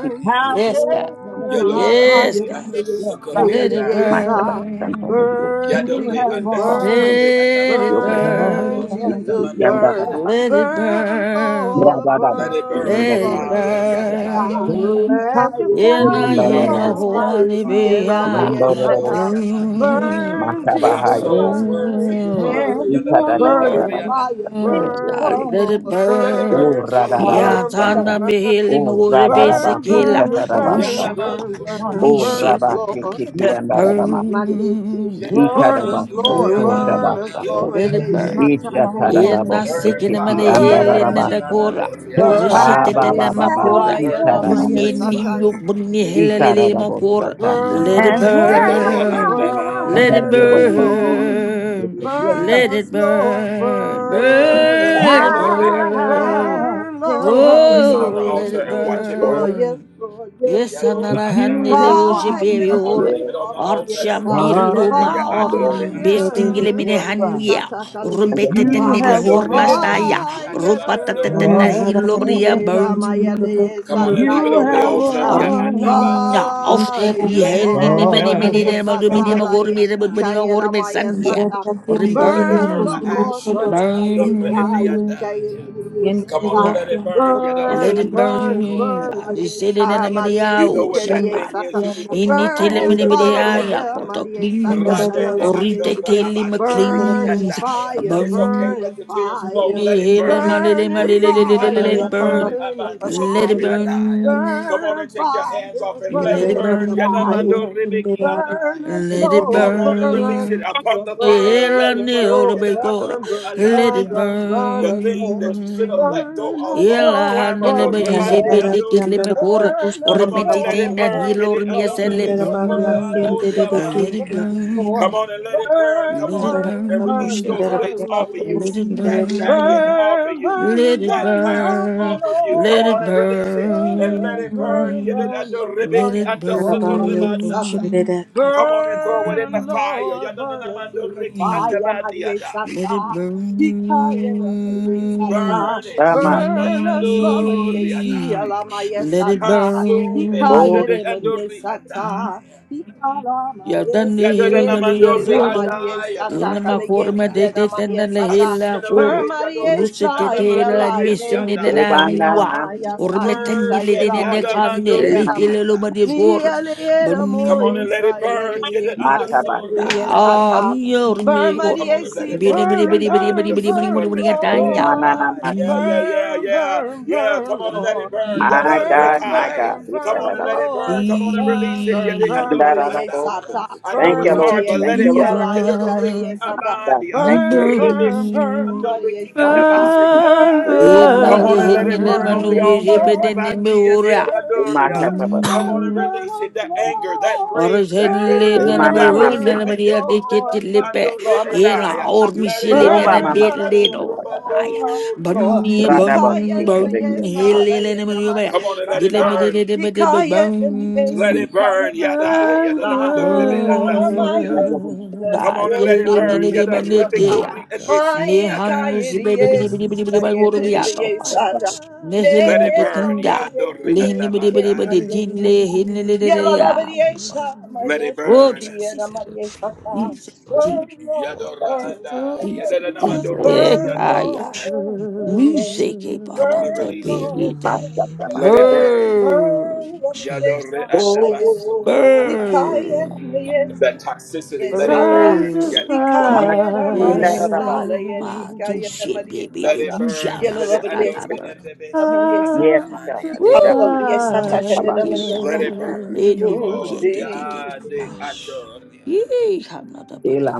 [SPEAKER 4] teached.
[SPEAKER 6] How
[SPEAKER 3] Yes, God.
[SPEAKER 6] terrible
[SPEAKER 7] burn,
[SPEAKER 6] my
[SPEAKER 3] Yes,
[SPEAKER 7] fire,
[SPEAKER 1] Yadoramandi
[SPEAKER 3] God.
[SPEAKER 1] and
[SPEAKER 6] sin.
[SPEAKER 1] the
[SPEAKER 7] burn, yes,
[SPEAKER 6] Yes,
[SPEAKER 7] I,
[SPEAKER 6] God.
[SPEAKER 1] Sukari
[SPEAKER 3] Let
[SPEAKER 1] and
[SPEAKER 3] it
[SPEAKER 1] I.
[SPEAKER 4] My
[SPEAKER 7] yes,
[SPEAKER 4] God,
[SPEAKER 7] I.
[SPEAKER 4] son to be
[SPEAKER 3] burn.
[SPEAKER 4] taught.
[SPEAKER 7] burn,
[SPEAKER 6] You
[SPEAKER 1] Yadori
[SPEAKER 6] have
[SPEAKER 7] Jesus,
[SPEAKER 1] and the
[SPEAKER 4] God,
[SPEAKER 6] won.
[SPEAKER 7] burn,
[SPEAKER 1] Sukari and the
[SPEAKER 3] Let it
[SPEAKER 1] Mandi
[SPEAKER 4] your
[SPEAKER 1] and
[SPEAKER 4] way,
[SPEAKER 1] the
[SPEAKER 4] God.
[SPEAKER 7] burn,
[SPEAKER 6] again.
[SPEAKER 1] Mandori
[SPEAKER 4] We
[SPEAKER 3] burn.
[SPEAKER 1] and
[SPEAKER 4] put
[SPEAKER 1] the
[SPEAKER 7] Jesus,
[SPEAKER 4] it, na,
[SPEAKER 6] Yes,
[SPEAKER 4] na,
[SPEAKER 1] Mandori
[SPEAKER 6] God.
[SPEAKER 7] burn,
[SPEAKER 3] Let it
[SPEAKER 7] burn,
[SPEAKER 3] burn.
[SPEAKER 4] Ra,
[SPEAKER 6] Yes,
[SPEAKER 7] Lord,
[SPEAKER 4] ra, ra, ra.
[SPEAKER 1] Let
[SPEAKER 6] God.
[SPEAKER 1] it
[SPEAKER 4] Eh, na,
[SPEAKER 7] burn
[SPEAKER 4] na,
[SPEAKER 7] us,
[SPEAKER 4] na, na.
[SPEAKER 3] Let
[SPEAKER 1] burn,
[SPEAKER 3] it
[SPEAKER 7] Lord,
[SPEAKER 1] Father,
[SPEAKER 7] yes, I,
[SPEAKER 4] Ra,
[SPEAKER 1] Yada
[SPEAKER 4] ra, ra.
[SPEAKER 6] To
[SPEAKER 1] Andor
[SPEAKER 7] ta.
[SPEAKER 1] and
[SPEAKER 3] burn.
[SPEAKER 7] Ikaya,
[SPEAKER 3] Yeah,
[SPEAKER 6] electrify
[SPEAKER 4] Na,
[SPEAKER 3] na,
[SPEAKER 4] na,
[SPEAKER 7] yes,
[SPEAKER 6] your
[SPEAKER 1] Let
[SPEAKER 4] na, na,
[SPEAKER 1] our
[SPEAKER 3] yeah, na,
[SPEAKER 7] ina,
[SPEAKER 4] na.
[SPEAKER 1] hearts
[SPEAKER 3] ho,
[SPEAKER 6] soul.
[SPEAKER 3] ah,
[SPEAKER 1] burn,
[SPEAKER 7] maya,
[SPEAKER 3] ni,
[SPEAKER 7] dia,
[SPEAKER 3] be,
[SPEAKER 1] Father,
[SPEAKER 7] lava,
[SPEAKER 1] Yada
[SPEAKER 4] Na,
[SPEAKER 3] ah.
[SPEAKER 4] na,
[SPEAKER 1] da
[SPEAKER 7] yes,
[SPEAKER 4] na,
[SPEAKER 7] I,
[SPEAKER 6] Yes,
[SPEAKER 4] na,
[SPEAKER 1] Mandori
[SPEAKER 7] ta.
[SPEAKER 6] God.
[SPEAKER 4] na.
[SPEAKER 1] and
[SPEAKER 3] Burn.
[SPEAKER 7] burn,
[SPEAKER 1] Let
[SPEAKER 4] Masaba
[SPEAKER 1] our
[SPEAKER 4] ha
[SPEAKER 7] Jesus,
[SPEAKER 4] ya
[SPEAKER 1] souls
[SPEAKER 4] raba
[SPEAKER 1] burn for
[SPEAKER 7] burn,
[SPEAKER 4] masikika
[SPEAKER 1] you,
[SPEAKER 6] When
[SPEAKER 3] Burn.
[SPEAKER 1] Father,
[SPEAKER 7] burn.
[SPEAKER 1] Yada da
[SPEAKER 4] da
[SPEAKER 6] your
[SPEAKER 4] da da
[SPEAKER 7] Burn
[SPEAKER 6] name
[SPEAKER 4] da
[SPEAKER 7] in
[SPEAKER 4] da
[SPEAKER 1] Mandori and
[SPEAKER 4] ba
[SPEAKER 7] fire,
[SPEAKER 4] samba da
[SPEAKER 6] is
[SPEAKER 3] burn.
[SPEAKER 4] da da
[SPEAKER 7] burn
[SPEAKER 3] I
[SPEAKER 4] da
[SPEAKER 7] us,
[SPEAKER 3] let
[SPEAKER 7] Lord.
[SPEAKER 6] born.
[SPEAKER 3] it
[SPEAKER 1] Let it
[SPEAKER 4] da
[SPEAKER 3] burn.
[SPEAKER 4] oh
[SPEAKER 1] burn,
[SPEAKER 7] Burn, burn,
[SPEAKER 4] raba
[SPEAKER 1] Father.
[SPEAKER 3] Yeah,
[SPEAKER 7] burn,
[SPEAKER 6] Hallelujah.
[SPEAKER 7] burn,
[SPEAKER 4] samba
[SPEAKER 3] Tana Mihili
[SPEAKER 4] oh
[SPEAKER 3] Mawari
[SPEAKER 4] raba
[SPEAKER 7] burn, burn,
[SPEAKER 4] sika
[SPEAKER 6] Who
[SPEAKER 3] Besikila.
[SPEAKER 6] the
[SPEAKER 4] da
[SPEAKER 7] burn,
[SPEAKER 4] raba
[SPEAKER 6] power
[SPEAKER 7] burn,
[SPEAKER 1] Yanda
[SPEAKER 3] Usha
[SPEAKER 4] samba
[SPEAKER 3] Pa
[SPEAKER 7] burn, burn,
[SPEAKER 4] oh
[SPEAKER 6] is
[SPEAKER 7] burn
[SPEAKER 3] Nisha
[SPEAKER 1] Mandori
[SPEAKER 7] us,
[SPEAKER 3] Pa
[SPEAKER 4] raba
[SPEAKER 7] Lord.
[SPEAKER 4] siki ti
[SPEAKER 6] Yes,
[SPEAKER 4] and raba
[SPEAKER 7] Mighty
[SPEAKER 4] masikika
[SPEAKER 7] AC.
[SPEAKER 3] Burn.
[SPEAKER 1] Burn,
[SPEAKER 7] Burn
[SPEAKER 4] raba
[SPEAKER 7] us,
[SPEAKER 6] God.
[SPEAKER 7] Lord.
[SPEAKER 4] soto raba
[SPEAKER 3] Burn.
[SPEAKER 7] Burn us, Lord.
[SPEAKER 4] samba
[SPEAKER 3] Let
[SPEAKER 7] Mighty
[SPEAKER 6] So
[SPEAKER 3] it
[SPEAKER 7] AC.
[SPEAKER 3] burn.
[SPEAKER 4] icha da raba
[SPEAKER 3] Yena
[SPEAKER 4] siki
[SPEAKER 3] sikene
[SPEAKER 4] ti
[SPEAKER 3] mane
[SPEAKER 1] Father.
[SPEAKER 4] and
[SPEAKER 3] hele
[SPEAKER 7] Burn,
[SPEAKER 3] ne
[SPEAKER 4] raba
[SPEAKER 3] da
[SPEAKER 4] samba
[SPEAKER 3] kora.
[SPEAKER 7] Jesus. Burn.
[SPEAKER 6] I
[SPEAKER 3] Rishete de
[SPEAKER 7] Mighty
[SPEAKER 3] na
[SPEAKER 4] ababa
[SPEAKER 6] can
[SPEAKER 4] ba ba
[SPEAKER 7] AC.
[SPEAKER 6] down
[SPEAKER 3] makora.
[SPEAKER 7] Lion,
[SPEAKER 1] Burn
[SPEAKER 4] sika
[SPEAKER 1] in this
[SPEAKER 4] raba
[SPEAKER 6] from
[SPEAKER 7] Amaya,
[SPEAKER 3] Bunye
[SPEAKER 1] place,
[SPEAKER 6] me
[SPEAKER 3] ninyo
[SPEAKER 7] Sataka,
[SPEAKER 1] Father.
[SPEAKER 3] bunye hele
[SPEAKER 4] sika
[SPEAKER 3] de
[SPEAKER 7] AC.
[SPEAKER 4] raba samba
[SPEAKER 3] makora.
[SPEAKER 4] kani ya
[SPEAKER 3] Let it
[SPEAKER 6] and
[SPEAKER 7] Burn us,
[SPEAKER 4] masamba.
[SPEAKER 6] have
[SPEAKER 1] Yadora
[SPEAKER 7] Lord,
[SPEAKER 3] burn.
[SPEAKER 6] my
[SPEAKER 1] andaba,
[SPEAKER 3] Let it
[SPEAKER 7] burn us, Lord.
[SPEAKER 1] yadadadadadoriada.
[SPEAKER 6] peace.
[SPEAKER 3] burn.
[SPEAKER 6] Yes,
[SPEAKER 7] Burn
[SPEAKER 6] sir.
[SPEAKER 3] Let
[SPEAKER 7] us,
[SPEAKER 3] it
[SPEAKER 7] Lord,
[SPEAKER 3] burn.
[SPEAKER 1] Let it burn.
[SPEAKER 7] burn
[SPEAKER 3] Burn.
[SPEAKER 7] us,
[SPEAKER 3] Let it
[SPEAKER 7] Lord.
[SPEAKER 6] I
[SPEAKER 1] Yadadadadoriada.
[SPEAKER 3] burn.
[SPEAKER 7] Burn,
[SPEAKER 1] Come
[SPEAKER 6] tell
[SPEAKER 1] on and
[SPEAKER 6] all
[SPEAKER 7] Lord,
[SPEAKER 1] place it
[SPEAKER 6] my
[SPEAKER 1] on the
[SPEAKER 3] Oh, let
[SPEAKER 1] altar
[SPEAKER 6] friends
[SPEAKER 3] it
[SPEAKER 1] and
[SPEAKER 7] burn
[SPEAKER 1] watch
[SPEAKER 7] us,
[SPEAKER 1] it
[SPEAKER 7] Lord. Yes,
[SPEAKER 3] burn.
[SPEAKER 1] burn.
[SPEAKER 7] Lord, yes,
[SPEAKER 3] Yes,
[SPEAKER 7] Lord.
[SPEAKER 6] that
[SPEAKER 1] Yadora
[SPEAKER 6] you
[SPEAKER 3] anarahandele
[SPEAKER 6] have
[SPEAKER 1] andai.
[SPEAKER 3] oje beri
[SPEAKER 6] won
[SPEAKER 1] Come on and
[SPEAKER 3] ora.
[SPEAKER 7] Fire,
[SPEAKER 1] leave it on
[SPEAKER 7] for
[SPEAKER 1] the altar
[SPEAKER 7] Maria
[SPEAKER 1] and watch
[SPEAKER 7] Sa.
[SPEAKER 1] it
[SPEAKER 3] Orchamilu
[SPEAKER 1] burn.
[SPEAKER 3] ma or
[SPEAKER 6] again.
[SPEAKER 1] Yadore
[SPEAKER 2] Thank
[SPEAKER 3] bestingile
[SPEAKER 7] Fire,
[SPEAKER 1] andaba.
[SPEAKER 3] mine
[SPEAKER 6] Yes,
[SPEAKER 7] Maria
[SPEAKER 6] sir.
[SPEAKER 7] Sa,
[SPEAKER 3] hanya
[SPEAKER 7] Ta,
[SPEAKER 4] in the
[SPEAKER 7] Sa,
[SPEAKER 3] rumbete
[SPEAKER 4] name of
[SPEAKER 6] You
[SPEAKER 3] tenil
[SPEAKER 6] have
[SPEAKER 3] hor
[SPEAKER 1] Yadore
[SPEAKER 3] mastaya
[SPEAKER 6] won
[SPEAKER 1] edeshiki
[SPEAKER 3] rupata
[SPEAKER 7] Fire,
[SPEAKER 3] tetena
[SPEAKER 7] Maria
[SPEAKER 1] adadadadoriada.
[SPEAKER 3] hilobria
[SPEAKER 7] Sa, La,
[SPEAKER 6] again.
[SPEAKER 7] Maria
[SPEAKER 3] bunda
[SPEAKER 7] De
[SPEAKER 1] Come
[SPEAKER 7] Sa,
[SPEAKER 1] on and
[SPEAKER 7] Ka,
[SPEAKER 1] leave it
[SPEAKER 6] You
[SPEAKER 1] on the
[SPEAKER 6] have
[SPEAKER 1] altar. Ya anda
[SPEAKER 6] won
[SPEAKER 3] orina
[SPEAKER 1] bandoria.
[SPEAKER 3] of
[SPEAKER 7] Fire
[SPEAKER 1] Let it
[SPEAKER 3] yehel nini
[SPEAKER 1] burn.
[SPEAKER 7] fall,
[SPEAKER 3] mene
[SPEAKER 1] Yada
[SPEAKER 3] mene
[SPEAKER 7] Maria
[SPEAKER 1] ando
[SPEAKER 3] ne malu mene
[SPEAKER 7] Sata,
[SPEAKER 1] sakara
[SPEAKER 6] again.
[SPEAKER 3] magor
[SPEAKER 1] andi
[SPEAKER 7] Laia
[SPEAKER 3] mene bud mene
[SPEAKER 7] Kikaya
[SPEAKER 1] andai.
[SPEAKER 3] magor mene
[SPEAKER 7] Ramaya
[SPEAKER 3] sanya
[SPEAKER 7] Sata.
[SPEAKER 3] or
[SPEAKER 1] Let it
[SPEAKER 7] Burn,
[SPEAKER 1] turn to
[SPEAKER 7] Lord,
[SPEAKER 1] ash. Yada
[SPEAKER 7] burn, Maria
[SPEAKER 1] andora andi
[SPEAKER 7] Sai,
[SPEAKER 3] burn
[SPEAKER 7] Kaya Maria
[SPEAKER 1] andai. Come on and
[SPEAKER 7] Sata.
[SPEAKER 3] burn
[SPEAKER 1] let it burn. Yada
[SPEAKER 3] let
[SPEAKER 1] ora
[SPEAKER 7] Burn,
[SPEAKER 3] it
[SPEAKER 1] anda
[SPEAKER 7] burn,
[SPEAKER 1] mandakori
[SPEAKER 3] burn.
[SPEAKER 7] burn,
[SPEAKER 3] God. You
[SPEAKER 7] Maria
[SPEAKER 1] yada.
[SPEAKER 3] said in the
[SPEAKER 7] Sa,
[SPEAKER 3] name of the
[SPEAKER 7] Maria
[SPEAKER 1] You know
[SPEAKER 3] Yahweh,
[SPEAKER 1] what that
[SPEAKER 7] Sikaria
[SPEAKER 1] thing
[SPEAKER 3] Shafada.
[SPEAKER 7] Sata.
[SPEAKER 1] is. You need to
[SPEAKER 3] In
[SPEAKER 1] put
[SPEAKER 3] the
[SPEAKER 1] on the
[SPEAKER 3] name
[SPEAKER 7] Burning
[SPEAKER 1] altar.
[SPEAKER 3] of the
[SPEAKER 1] Let it
[SPEAKER 3] Yahweh,
[SPEAKER 1] burn.
[SPEAKER 7] fire,
[SPEAKER 3] for to
[SPEAKER 7] Maria Sata,
[SPEAKER 3] cleanse.
[SPEAKER 1] Randa de
[SPEAKER 7] Kalala
[SPEAKER 3] Or in
[SPEAKER 7] Maria
[SPEAKER 3] the
[SPEAKER 1] andora
[SPEAKER 7] Sata.
[SPEAKER 3] name of
[SPEAKER 1] abando riki
[SPEAKER 7] Burning
[SPEAKER 3] cleanse.
[SPEAKER 1] andai.
[SPEAKER 7] fire,
[SPEAKER 1] It's okay.
[SPEAKER 3] Burn.
[SPEAKER 1] Let
[SPEAKER 7] burning
[SPEAKER 1] the tears flow.
[SPEAKER 7] fire.
[SPEAKER 1] Let
[SPEAKER 3] Hey,
[SPEAKER 1] it
[SPEAKER 3] hey,
[SPEAKER 1] burn.
[SPEAKER 3] Let
[SPEAKER 7] Burning
[SPEAKER 1] Riki
[SPEAKER 7] fire,
[SPEAKER 3] it
[SPEAKER 1] andamandore
[SPEAKER 3] burn.
[SPEAKER 7] burning
[SPEAKER 1] abanso
[SPEAKER 3] Let it burn. Let it
[SPEAKER 1] kori
[SPEAKER 7] fire.
[SPEAKER 1] adai.
[SPEAKER 2] you.
[SPEAKER 1] Come
[SPEAKER 3] burn.
[SPEAKER 1] on and
[SPEAKER 7] Burn
[SPEAKER 1] take your hands
[SPEAKER 7] fire,
[SPEAKER 1] off and let
[SPEAKER 3] Let
[SPEAKER 1] it
[SPEAKER 3] it
[SPEAKER 7] burning
[SPEAKER 1] burn.
[SPEAKER 2] Yandarabara
[SPEAKER 3] burn.
[SPEAKER 1] Yanamando
[SPEAKER 7] fire.
[SPEAKER 1] rebeki
[SPEAKER 2] Bhushindarari
[SPEAKER 7] Burn us,
[SPEAKER 1] andai.
[SPEAKER 3] Let it
[SPEAKER 1] Come
[SPEAKER 2] Yandarabhabu
[SPEAKER 7] Lord,
[SPEAKER 1] on and
[SPEAKER 7] burn
[SPEAKER 1] release it
[SPEAKER 3] burn.
[SPEAKER 7] us,
[SPEAKER 1] upon
[SPEAKER 7] Lord,
[SPEAKER 1] the fire. Let
[SPEAKER 3] Ela
[SPEAKER 7] burn
[SPEAKER 1] it
[SPEAKER 7] us,
[SPEAKER 1] burn.
[SPEAKER 3] neola
[SPEAKER 7] Lord,
[SPEAKER 3] bekora.
[SPEAKER 7] burn,
[SPEAKER 1] Yanamandore
[SPEAKER 7] burn,
[SPEAKER 3] Let
[SPEAKER 7] burn,
[SPEAKER 3] it
[SPEAKER 1] andai.
[SPEAKER 7] burn, burn
[SPEAKER 1] The
[SPEAKER 7] us,
[SPEAKER 1] thing
[SPEAKER 7] Lord.
[SPEAKER 1] that you should have
[SPEAKER 3] burn.
[SPEAKER 1] let go
[SPEAKER 7] Burn
[SPEAKER 1] a
[SPEAKER 7] us,
[SPEAKER 1] long
[SPEAKER 3] Ela
[SPEAKER 7] Lord,
[SPEAKER 1] time
[SPEAKER 3] nele
[SPEAKER 1] ago.
[SPEAKER 7] burn us,
[SPEAKER 3] beji zebe
[SPEAKER 1] Rebande
[SPEAKER 2] Yandarara
[SPEAKER 7] Lord.
[SPEAKER 3] deket
[SPEAKER 1] andori
[SPEAKER 3] le
[SPEAKER 1] adai.
[SPEAKER 3] mekora.
[SPEAKER 2] Yandarabhabu
[SPEAKER 7] Burn
[SPEAKER 3] Ori
[SPEAKER 1] Come
[SPEAKER 7] us,
[SPEAKER 1] on and let
[SPEAKER 3] meditate
[SPEAKER 1] it
[SPEAKER 2] Shindarabhabu
[SPEAKER 7] Lord,
[SPEAKER 3] that
[SPEAKER 1] burn.
[SPEAKER 7] burn
[SPEAKER 3] heal
[SPEAKER 1] Get
[SPEAKER 7] us,
[SPEAKER 3] or
[SPEAKER 1] it
[SPEAKER 3] me
[SPEAKER 1] under
[SPEAKER 3] said
[SPEAKER 7] Lord.
[SPEAKER 3] let it
[SPEAKER 1] ribbit,
[SPEAKER 2] Yandarabhari
[SPEAKER 1] succory,
[SPEAKER 7] Burn
[SPEAKER 3] burn.
[SPEAKER 1] under
[SPEAKER 7] us,
[SPEAKER 2] Yandareke
[SPEAKER 7] Lord,
[SPEAKER 3] Let it
[SPEAKER 7] burn us,
[SPEAKER 1] riamai. Come
[SPEAKER 3] burn.
[SPEAKER 7] Lord.
[SPEAKER 1] on and let it burn. Come
[SPEAKER 7] Burn,
[SPEAKER 3] Let
[SPEAKER 1] on
[SPEAKER 3] it
[SPEAKER 1] and,
[SPEAKER 7] burn,
[SPEAKER 1] and
[SPEAKER 2] Yandarabhabu
[SPEAKER 1] release
[SPEAKER 3] burn.
[SPEAKER 7] burn,
[SPEAKER 3] Let
[SPEAKER 1] those weights
[SPEAKER 7] burn, my
[SPEAKER 1] off of
[SPEAKER 2] Shindarabhabu
[SPEAKER 1] you.
[SPEAKER 3] it
[SPEAKER 7] AC.
[SPEAKER 2] Shindarari
[SPEAKER 1] That
[SPEAKER 2] Yato
[SPEAKER 3] burn.
[SPEAKER 1] baggage off of
[SPEAKER 7] Burn,
[SPEAKER 1] you.
[SPEAKER 3] Let
[SPEAKER 7] burn,
[SPEAKER 3] it
[SPEAKER 1] That
[SPEAKER 7] burn,
[SPEAKER 1] past
[SPEAKER 3] burn.
[SPEAKER 7] burn,
[SPEAKER 1] off of you. Come
[SPEAKER 3] Let it
[SPEAKER 1] on and
[SPEAKER 7] Lord.
[SPEAKER 1] release it and let
[SPEAKER 7] Burn,
[SPEAKER 1] it burn.
[SPEAKER 7] burn,
[SPEAKER 1] Get it
[SPEAKER 3] burn.
[SPEAKER 7] burn,
[SPEAKER 1] under
[SPEAKER 7] burn,
[SPEAKER 1] ribbit,
[SPEAKER 3] Let
[SPEAKER 7] burn us,
[SPEAKER 3] it
[SPEAKER 1] under
[SPEAKER 7] Lord,
[SPEAKER 2] Rarabari
[SPEAKER 7] Maria
[SPEAKER 2] Yato
[SPEAKER 1] sutoribandai.
[SPEAKER 7] Sata.
[SPEAKER 2] Shindarake
[SPEAKER 3] burn.
[SPEAKER 1] Come on and throw
[SPEAKER 3] Be.
[SPEAKER 1] it in the
[SPEAKER 7] Burn,
[SPEAKER 1] fire.
[SPEAKER 7] Lord, burn us in
[SPEAKER 1] Yadanamando
[SPEAKER 7] your
[SPEAKER 1] riki under
[SPEAKER 7] fire, Maria
[SPEAKER 1] bandiada.
[SPEAKER 3] Let it
[SPEAKER 7] Sata.
[SPEAKER 3] burn. Deep,
[SPEAKER 7] Hikaya, Maria Sata.
[SPEAKER 1] Burn it.
[SPEAKER 4] Ramasan.
[SPEAKER 7] Burn us, Lord,
[SPEAKER 1] Shandamando
[SPEAKER 7] Maria, see,
[SPEAKER 1] riadai.
[SPEAKER 7] Alamaya
[SPEAKER 3] Let it
[SPEAKER 7] Sata,
[SPEAKER 1] Consume it.
[SPEAKER 7] Hikaya
[SPEAKER 3] burn.
[SPEAKER 1] Shede
[SPEAKER 4] Holy
[SPEAKER 7] de Maria
[SPEAKER 1] andori
[SPEAKER 3] deep.
[SPEAKER 7] Sata,
[SPEAKER 1] andai.
[SPEAKER 7] he Hikala Maya,
[SPEAKER 3] Yadani
[SPEAKER 1] Yadada
[SPEAKER 3] Hilimani
[SPEAKER 7] Yedi,
[SPEAKER 1] namandori
[SPEAKER 3] Yazoro.
[SPEAKER 7] Maria
[SPEAKER 1] andai.
[SPEAKER 7] Sata,
[SPEAKER 3] Ilma
[SPEAKER 1] Yanamandori
[SPEAKER 3] korma
[SPEAKER 7] Kalegeti,
[SPEAKER 3] de
[SPEAKER 1] andai.
[SPEAKER 7] Maya
[SPEAKER 3] Tetanala
[SPEAKER 7] Sata,
[SPEAKER 3] Hila Kuru.
[SPEAKER 7] Burn
[SPEAKER 1] Accelerated
[SPEAKER 7] Maria
[SPEAKER 1] yadoriki
[SPEAKER 3] Rusete
[SPEAKER 7] Sai,
[SPEAKER 3] Tela
[SPEAKER 1] andamandori mi
[SPEAKER 7] Elaya,
[SPEAKER 3] Missinilla
[SPEAKER 1] andai.
[SPEAKER 4] Obana
[SPEAKER 7] Kaya
[SPEAKER 3] Wa.
[SPEAKER 4] Nam
[SPEAKER 7] Maya
[SPEAKER 3] Or
[SPEAKER 7] Saita,
[SPEAKER 1] Purge
[SPEAKER 3] metendile
[SPEAKER 1] it.
[SPEAKER 3] de Kandil,
[SPEAKER 7] Yela,
[SPEAKER 1] Yadamandoriki
[SPEAKER 4] Yeman
[SPEAKER 1] andai.
[SPEAKER 3] Hilomadi
[SPEAKER 7] me Mi
[SPEAKER 3] Gore.
[SPEAKER 7] aliena
[SPEAKER 1] Come on and let it
[SPEAKER 7] moisa
[SPEAKER 1] burn. Yada
[SPEAKER 7] yalieta
[SPEAKER 4] Matabas.
[SPEAKER 1] andosori andai.
[SPEAKER 3] Ah,
[SPEAKER 7] yaliesata.
[SPEAKER 3] Dios
[SPEAKER 7] Burn, my
[SPEAKER 3] mío.
[SPEAKER 1] Come on and let
[SPEAKER 7] Adiesi,
[SPEAKER 1] it
[SPEAKER 3] Bidi,
[SPEAKER 1] burn.
[SPEAKER 3] bidi,
[SPEAKER 7] burn,
[SPEAKER 3] bidi, bidi,
[SPEAKER 1] Yada,
[SPEAKER 3] bidi,
[SPEAKER 7] burn,
[SPEAKER 3] bidi, bidi, bidi,
[SPEAKER 1] yoshigore
[SPEAKER 7] burn,
[SPEAKER 3] bidi,
[SPEAKER 1] andade,
[SPEAKER 3] katanya.
[SPEAKER 4] Obana
[SPEAKER 7] Lord.
[SPEAKER 1] yada.
[SPEAKER 4] Namas.
[SPEAKER 1] Yeah, yeah,
[SPEAKER 3] Bidi,
[SPEAKER 1] yeah, yeah.
[SPEAKER 7] Burn,
[SPEAKER 1] Yeah,
[SPEAKER 7] burn,
[SPEAKER 1] Yeah,
[SPEAKER 7] burn,
[SPEAKER 1] come on and let it
[SPEAKER 7] Lord.
[SPEAKER 1] burn.
[SPEAKER 4] My
[SPEAKER 1] Yada,
[SPEAKER 4] God,
[SPEAKER 7] Burn,
[SPEAKER 4] my God.
[SPEAKER 7] burn,
[SPEAKER 1] rekai. Come
[SPEAKER 7] burn,
[SPEAKER 1] on and let
[SPEAKER 4] Itararaba.
[SPEAKER 1] it burn.
[SPEAKER 7] Lord.
[SPEAKER 3] bidi.
[SPEAKER 1] Come on and release
[SPEAKER 7] Burn,
[SPEAKER 1] it.
[SPEAKER 7] burn,
[SPEAKER 1] Yada,
[SPEAKER 7] burn, Mama
[SPEAKER 1] andori,
[SPEAKER 4] Ndararabo.
[SPEAKER 1] andai.
[SPEAKER 7] Yesata.
[SPEAKER 1] I know
[SPEAKER 4] Thank
[SPEAKER 7] Burn,
[SPEAKER 4] you,
[SPEAKER 1] it's
[SPEAKER 7] Mama
[SPEAKER 4] Lord.
[SPEAKER 3] Music
[SPEAKER 1] hard,
[SPEAKER 3] to
[SPEAKER 1] but
[SPEAKER 4] Thank
[SPEAKER 1] let
[SPEAKER 4] you,
[SPEAKER 1] it
[SPEAKER 7] Yesi,
[SPEAKER 4] Lord.
[SPEAKER 1] burn. Yada,
[SPEAKER 7] Alayeta,
[SPEAKER 1] riki,
[SPEAKER 3] Jesus.
[SPEAKER 4] My
[SPEAKER 7] Yesata.
[SPEAKER 4] God.
[SPEAKER 1] amandia.
[SPEAKER 4] Thank
[SPEAKER 3] Bidi.
[SPEAKER 4] you,
[SPEAKER 7] Burn,
[SPEAKER 4] Jesus.
[SPEAKER 1] Ribi,
[SPEAKER 7] burn,
[SPEAKER 1] shiki,
[SPEAKER 7] burn, Mama
[SPEAKER 1] andoriki,
[SPEAKER 4] Thank you,
[SPEAKER 7] Yesata.
[SPEAKER 1] andabasi,
[SPEAKER 4] Jesus.
[SPEAKER 8] Burn,
[SPEAKER 7] Burn,
[SPEAKER 1] andai.
[SPEAKER 3] Ena
[SPEAKER 1] Come
[SPEAKER 7] burn,
[SPEAKER 1] on and
[SPEAKER 4] Remandararaba.
[SPEAKER 3] lihi
[SPEAKER 1] let it
[SPEAKER 7] burn,
[SPEAKER 3] nile
[SPEAKER 1] burn on
[SPEAKER 3] manu
[SPEAKER 7] burn
[SPEAKER 1] the
[SPEAKER 7] us,
[SPEAKER 3] wisi
[SPEAKER 1] altar.
[SPEAKER 3] bidi
[SPEAKER 7] Lord.
[SPEAKER 3] nime
[SPEAKER 1] Rebandi,
[SPEAKER 8] burn,
[SPEAKER 3] ura.
[SPEAKER 1] yada,
[SPEAKER 7] Burn,
[SPEAKER 1] andoria.
[SPEAKER 4] Rematababa.
[SPEAKER 7] burn,
[SPEAKER 1] Come on
[SPEAKER 7] burn,
[SPEAKER 1] and
[SPEAKER 7] burn
[SPEAKER 3] Bum.
[SPEAKER 1] release it.
[SPEAKER 7] us,
[SPEAKER 1] That anger, that
[SPEAKER 7] Lord.
[SPEAKER 1] rage, that
[SPEAKER 3] Orijinally
[SPEAKER 1] bitterness,
[SPEAKER 3] nana
[SPEAKER 1] that
[SPEAKER 3] meho
[SPEAKER 4] Remamamama.
[SPEAKER 7] Burn
[SPEAKER 3] nana
[SPEAKER 7] us,
[SPEAKER 1] resentment. Let
[SPEAKER 3] maria
[SPEAKER 1] it
[SPEAKER 3] de
[SPEAKER 7] Lord. Burn us,
[SPEAKER 3] kitilipe
[SPEAKER 7] Lord. Maria
[SPEAKER 3] ena or
[SPEAKER 7] Santa.
[SPEAKER 3] michele nana
[SPEAKER 7] Burn,
[SPEAKER 4] Obamama.
[SPEAKER 1] burn.
[SPEAKER 7] burn us,
[SPEAKER 3] beleno
[SPEAKER 4] Itararaba.
[SPEAKER 7] Lord.
[SPEAKER 3] aya
[SPEAKER 7] Burn us, Lord.
[SPEAKER 3] bunny
[SPEAKER 4] Radaba.
[SPEAKER 7] Hikaya
[SPEAKER 3] bun
[SPEAKER 7] de
[SPEAKER 3] bun
[SPEAKER 7] Maria
[SPEAKER 4] Sikariyandaraba.
[SPEAKER 3] hele
[SPEAKER 7] Sala,
[SPEAKER 3] nana
[SPEAKER 7] Yeda
[SPEAKER 3] meho ba
[SPEAKER 7] Maria
[SPEAKER 1] Come on and let it
[SPEAKER 3] gile me de
[SPEAKER 7] Santa.
[SPEAKER 3] de
[SPEAKER 1] burn.
[SPEAKER 3] de de de
[SPEAKER 7] Hikaya de Maria
[SPEAKER 1] Let
[SPEAKER 3] bun
[SPEAKER 1] it
[SPEAKER 7] Sikala
[SPEAKER 1] burn.
[SPEAKER 7] Maria
[SPEAKER 1] Yada.
[SPEAKER 8] burn, burn,
[SPEAKER 1] Yada da
[SPEAKER 7] Santa.
[SPEAKER 1] mando ribe and
[SPEAKER 8] burn,
[SPEAKER 1] da
[SPEAKER 3] bun
[SPEAKER 7] Hikama
[SPEAKER 1] soria.
[SPEAKER 7] Yesi,
[SPEAKER 3] da
[SPEAKER 1] Come on and let it
[SPEAKER 3] gile
[SPEAKER 8] burn.
[SPEAKER 3] ne
[SPEAKER 7] Yeda
[SPEAKER 3] de
[SPEAKER 1] burn.
[SPEAKER 3] de ba
[SPEAKER 1] Yada
[SPEAKER 7] Maria
[SPEAKER 3] ne
[SPEAKER 1] ribe
[SPEAKER 3] de
[SPEAKER 5] Oh,
[SPEAKER 7] Santa.
[SPEAKER 3] ya
[SPEAKER 1] kuri and
[SPEAKER 5] God,
[SPEAKER 1] de
[SPEAKER 3] ne
[SPEAKER 1] siki
[SPEAKER 7] My
[SPEAKER 3] hanu
[SPEAKER 1] adai.
[SPEAKER 7] Hikaya
[SPEAKER 3] si be
[SPEAKER 7] de
[SPEAKER 3] de
[SPEAKER 5] you
[SPEAKER 3] be de be de
[SPEAKER 7] Yesi,
[SPEAKER 3] be de
[SPEAKER 5] do
[SPEAKER 3] ba ngoro bi
[SPEAKER 7] Yeda
[SPEAKER 3] ya to pa
[SPEAKER 7] Maria
[SPEAKER 4] Thank
[SPEAKER 3] ne hele
[SPEAKER 1] Let
[SPEAKER 3] me
[SPEAKER 1] it
[SPEAKER 3] de
[SPEAKER 7] yeah,
[SPEAKER 1] burn.
[SPEAKER 3] kinga
[SPEAKER 7] Lord, yeah,
[SPEAKER 1] Yada
[SPEAKER 7] yeah,
[SPEAKER 3] le
[SPEAKER 1] and
[SPEAKER 7] yeah,
[SPEAKER 3] ne
[SPEAKER 1] da
[SPEAKER 3] be de be
[SPEAKER 7] yeah,
[SPEAKER 3] de be de
[SPEAKER 7] yeah, Maria
[SPEAKER 1] bandai.
[SPEAKER 3] jin le
[SPEAKER 7] Sata.
[SPEAKER 3] hele le de
[SPEAKER 7] Yeah,
[SPEAKER 3] de
[SPEAKER 7] la la
[SPEAKER 3] ya
[SPEAKER 7] Maria
[SPEAKER 5] things of
[SPEAKER 7] Sata,
[SPEAKER 1] Let
[SPEAKER 7] Maria
[SPEAKER 1] it
[SPEAKER 3] Oh,
[SPEAKER 1] burn.
[SPEAKER 7] Siki, yeah, la
[SPEAKER 3] Jesus,
[SPEAKER 7] Maria
[SPEAKER 5] beautiful
[SPEAKER 7] Sata.
[SPEAKER 3] Jesus,
[SPEAKER 5] of
[SPEAKER 7] Burn,
[SPEAKER 3] Jesus,
[SPEAKER 7] Lord,
[SPEAKER 1] Yada
[SPEAKER 5] what?
[SPEAKER 1] ra
[SPEAKER 7] burn,
[SPEAKER 3] Jesus,
[SPEAKER 7] burn,
[SPEAKER 4] you,
[SPEAKER 1] andai. Yada
[SPEAKER 3] Jesus,
[SPEAKER 7] burn.
[SPEAKER 1] da
[SPEAKER 8] Holy
[SPEAKER 1] na mando
[SPEAKER 3] Jesus.
[SPEAKER 5] In the
[SPEAKER 1] ro-
[SPEAKER 8] God,
[SPEAKER 7] Burn,
[SPEAKER 5] name
[SPEAKER 1] yada.
[SPEAKER 7] Lord,
[SPEAKER 3] Ekaya.
[SPEAKER 7] burn, burn, burn.
[SPEAKER 3] Music
[SPEAKER 1] Come
[SPEAKER 3] about
[SPEAKER 1] on and
[SPEAKER 7] Burn,
[SPEAKER 3] that
[SPEAKER 1] release
[SPEAKER 8] burn.
[SPEAKER 5] in
[SPEAKER 1] it.
[SPEAKER 5] the
[SPEAKER 7] Lord,
[SPEAKER 3] hita.
[SPEAKER 7] burn,
[SPEAKER 5] name of
[SPEAKER 7] burn,
[SPEAKER 1] Let it
[SPEAKER 7] burn.
[SPEAKER 1] burn.
[SPEAKER 3] Burn,
[SPEAKER 7] Burn, la Maria
[SPEAKER 1] Yadore
[SPEAKER 7] Sata,
[SPEAKER 5] Jesus,
[SPEAKER 7] Maria Si.
[SPEAKER 1] andabasokore
[SPEAKER 4] Oh,
[SPEAKER 1] andai.
[SPEAKER 7] Hikaya,
[SPEAKER 3] burn,
[SPEAKER 7] Maria
[SPEAKER 1] The
[SPEAKER 7] Sata, Maria
[SPEAKER 1] toxicity, let it
[SPEAKER 7] Sata.
[SPEAKER 8] Tongues
[SPEAKER 1] burn.
[SPEAKER 8] of
[SPEAKER 1] Yet
[SPEAKER 3] burn.
[SPEAKER 4] my.
[SPEAKER 1] andore
[SPEAKER 7] Hikaya,
[SPEAKER 8] fire.
[SPEAKER 1] andabadi
[SPEAKER 7] Maria
[SPEAKER 3] Esaya.
[SPEAKER 7] Sala,
[SPEAKER 1] andai.
[SPEAKER 7] yeah,
[SPEAKER 3] Ma
[SPEAKER 7] Tika, yeah,
[SPEAKER 3] tushe
[SPEAKER 7] Maria
[SPEAKER 3] baby the
[SPEAKER 1] Let it burn.
[SPEAKER 3] ujana
[SPEAKER 1] Shede
[SPEAKER 3] da
[SPEAKER 5] purify,
[SPEAKER 3] da
[SPEAKER 7] Sata.
[SPEAKER 3] da
[SPEAKER 1] andore
[SPEAKER 3] burn.
[SPEAKER 1] andabesiki
[SPEAKER 7] Ramaria
[SPEAKER 4] Yes,
[SPEAKER 7] Sata.
[SPEAKER 8] Tongues
[SPEAKER 4] God.
[SPEAKER 8] of
[SPEAKER 1] andanamandia.
[SPEAKER 8] the
[SPEAKER 7] Ikara
[SPEAKER 3] Woo!
[SPEAKER 7] Ramaria
[SPEAKER 8] fire,
[SPEAKER 7] Sata.
[SPEAKER 3] That
[SPEAKER 5] wash
[SPEAKER 7] Kade
[SPEAKER 3] forget
[SPEAKER 7] Ramaria
[SPEAKER 5] us,
[SPEAKER 3] that
[SPEAKER 1] Let it
[SPEAKER 7] Sata.
[SPEAKER 3] about
[SPEAKER 1] burn.
[SPEAKER 3] any
[SPEAKER 7] Mm,
[SPEAKER 3] jet
[SPEAKER 1] Yakori
[SPEAKER 3] it it it
[SPEAKER 7] Jesus.
[SPEAKER 1] ande
[SPEAKER 3] about.
[SPEAKER 5] wash.
[SPEAKER 1] andore.
[SPEAKER 3] Yee, another button.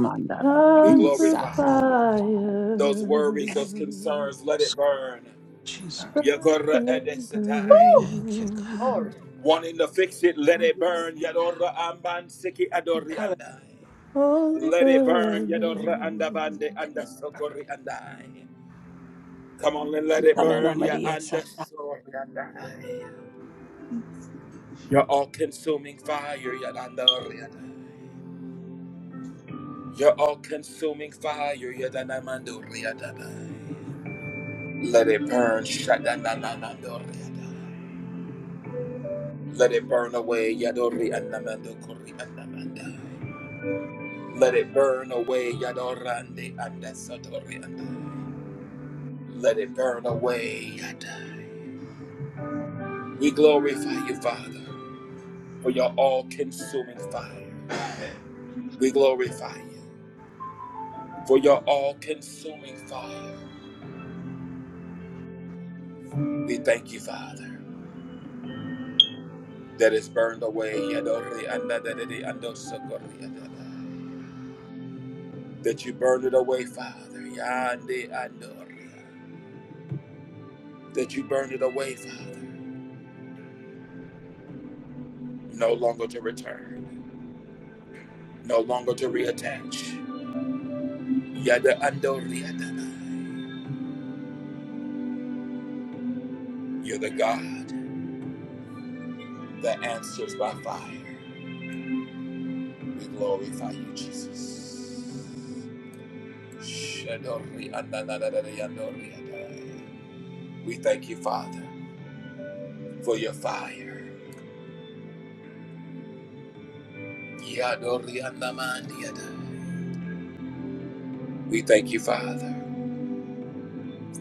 [SPEAKER 1] We
[SPEAKER 8] tongues of
[SPEAKER 1] glorify
[SPEAKER 5] Hallelujah,
[SPEAKER 1] you.
[SPEAKER 3] Sataya time.
[SPEAKER 8] fire,
[SPEAKER 1] those worries, those concerns. Let it burn.
[SPEAKER 5] Jesus.
[SPEAKER 8] burn,
[SPEAKER 1] Yakore
[SPEAKER 8] burn,
[SPEAKER 1] edesatai.
[SPEAKER 7] Woo!
[SPEAKER 5] Thank you, God.
[SPEAKER 8] burn,
[SPEAKER 7] Glory.
[SPEAKER 1] Wanting to fix it, let it
[SPEAKER 7] Maria
[SPEAKER 1] burn.
[SPEAKER 7] Sata.
[SPEAKER 1] Yadora amban siki adori
[SPEAKER 7] Ikara.
[SPEAKER 1] andai.
[SPEAKER 8] holy
[SPEAKER 1] Let it burn, Yadora and Abande
[SPEAKER 8] burn.
[SPEAKER 1] and the Sokori and I. Come on and let it
[SPEAKER 7] Ikara
[SPEAKER 1] burn, Ya
[SPEAKER 7] Ramaria
[SPEAKER 1] and the
[SPEAKER 7] Sata.
[SPEAKER 1] Sori and I. Your all consuming fire, Yadandori and I. Your all consuming fire, Yadanamandori and I. Let it burn, Shadananandori and I. Let it burn away, Yadori and Namandokori and Namandai. Let it burn away, Yadorande and the Sotori and I. Let it burn away, Yadai. We glorify you, Father, for your all consuming fire. We glorify you for your all consuming fire. We thank you, Father, that is burned away. That you burned it away, Father. That you burned it away, Father. No longer to return, no longer to reattach. You're the God that answers by fire. We glorify you, Jesus. Shadori adadadadada yadori adai. We thank you, Father, for your fire. Yadori adamandi adai. We thank you, Father,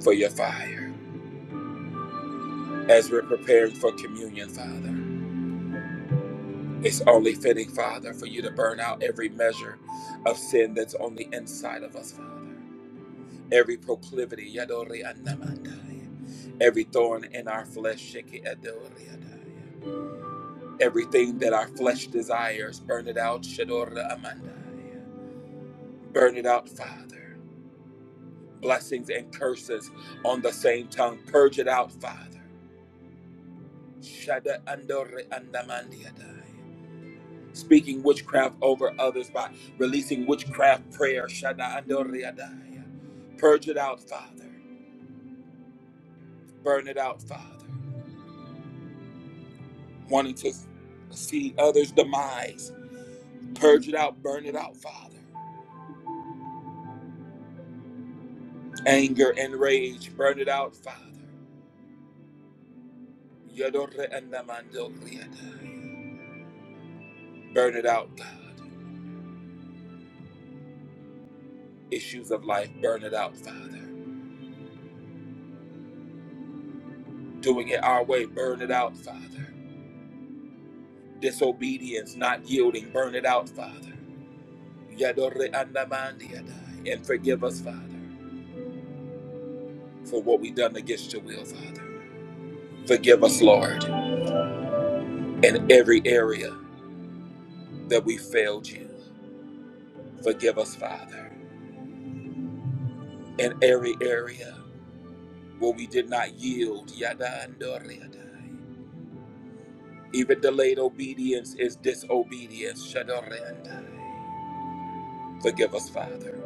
[SPEAKER 1] for your fire. As we're preparing for communion, Father, it's only fitting, Father, for you to burn out every measure of sin that's on the inside of us, Father. Every proclivity, yadori adamandai. every thorn in our flesh, shiki adori adai. Everything that our flesh desires, burn it out, Shadora Amandai. Burn it out, Father. Blessings and curses on the same tongue, purge it out, Father. Shada Andore Andamandiadai. Speaking witchcraft over others by releasing witchcraft prayer, Shada Andore Adai. Purge it out, Father. Burn it out, Father. Wanting to see others' demise, purge it out, burn it out, Father. Anger and rage, burn it out, Father. Yodore andamando kriada. Burn it out, God. Issues of life, burn it out, Father. Doing it our way, burn it out, Father. Disobedience, not yielding, burn it out, Father. Yadore andamandiada. And forgive us, Father, for what we've done against your will, Father. Forgive us, Lord, in every area that we failed you. Forgive us, Father, in every area where we did not yield. Yadandoriadai. Even delayed obedience is disobedience. Shadoriandai. Forgive us, Father.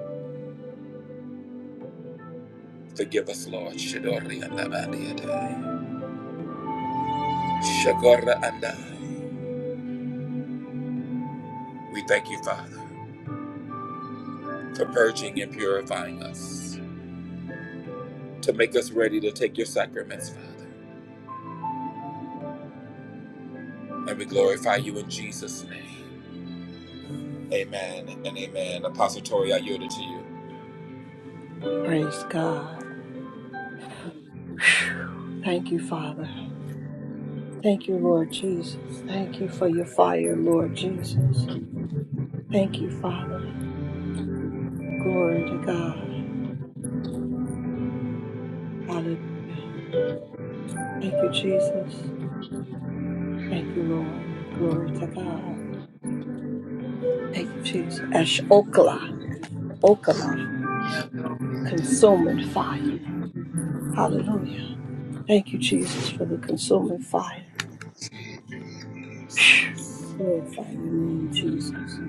[SPEAKER 1] Forgive us, Lord. Shadoriandabadiadai. Shakoraandai. We thank you, Father, for purging and purifying us, to make us ready to take your sacraments, Father. And we glorify you in Jesus' name. Amen and amen. Apostle Tori, I yield it to you.
[SPEAKER 7] Praise God. Thank you, Father. Thank you, Lord Jesus. Thank you for your fire, Lord Jesus. Thank you, Father. Glory to God. Hallelujah. Thank you, Jesus. Thank you, Lord. Glory to God. Thank you, Jesus. Ash Okala. consuming fire. Hallelujah. Thank you, Jesus, for the consuming fire. *sighs* Glorify your name, Jesus.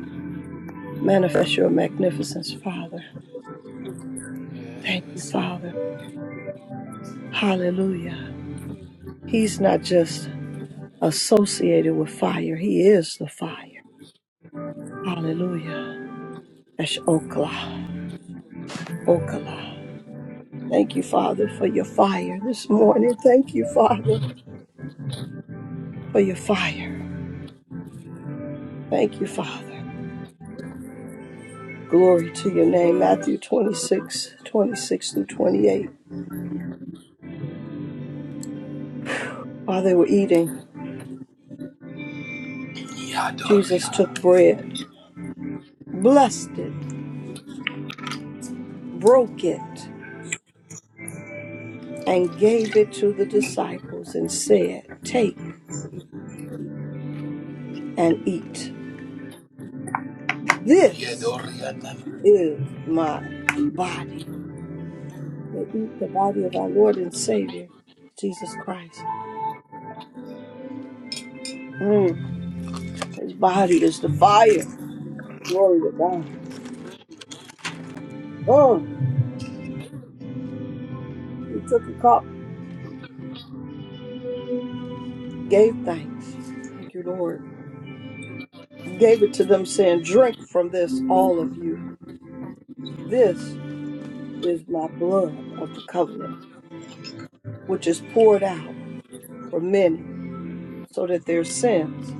[SPEAKER 7] Manifest your magnificence, Father. Thank you,
[SPEAKER 1] Yes.
[SPEAKER 7] Father. Hallelujah. He's not just associated with fire, He is the fire. Hallelujah. That's Okla. Okla. Thank you, Father, for your fire this morning. Thank you, Father, for your fire. Thank you, Father. Glory to your name. Matthew 26, 26 through 28. While they were eating, Jesus took
[SPEAKER 1] Yadoria.
[SPEAKER 7] bread, blessed it, broke it, and gave it to the disciples and said, Take and eat. This
[SPEAKER 1] Yadoria.
[SPEAKER 7] is my body. They eat the body of our Lord and Savior, Jesus Christ. Mm, His body is the fire. Glory to God. Mm. He took a cup, gave thanks. Thank you, Lord gave it to them, saying, Drink from this, all of you. This is my blood of the covenant, which is poured out for many, so that their sins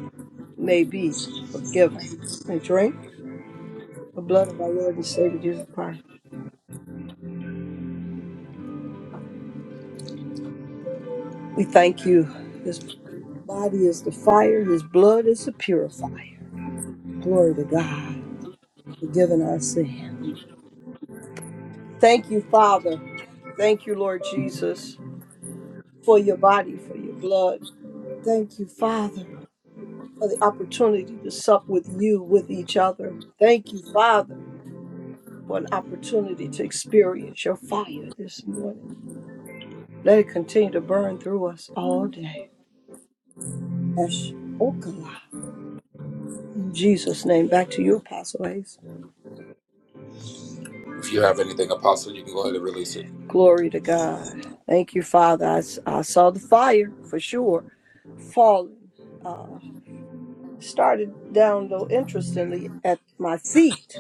[SPEAKER 7] may be forgiven. And drink the blood of our Lord and Savior Jesus Christ. We thank you. His body is the fire, his blood is the purifier. Glory to God, forgiving our sins. Thank you, Father. Thank you, Lord Jesus, for your body, for your blood. Thank you, Father for the opportunity to sup with you, with each other. Thank you, Father, for an opportunity to experience your fire this morning. Let it continue to burn through us all day. Esh Okala. In Jesus' name, back to you, Apostle Ace.
[SPEAKER 1] If you have anything, Apostle, you can go ahead and release it.
[SPEAKER 7] Glory to God. Thank you, Father. I I saw the fire for sure falling. Uh, started down, though, interestingly, at my feet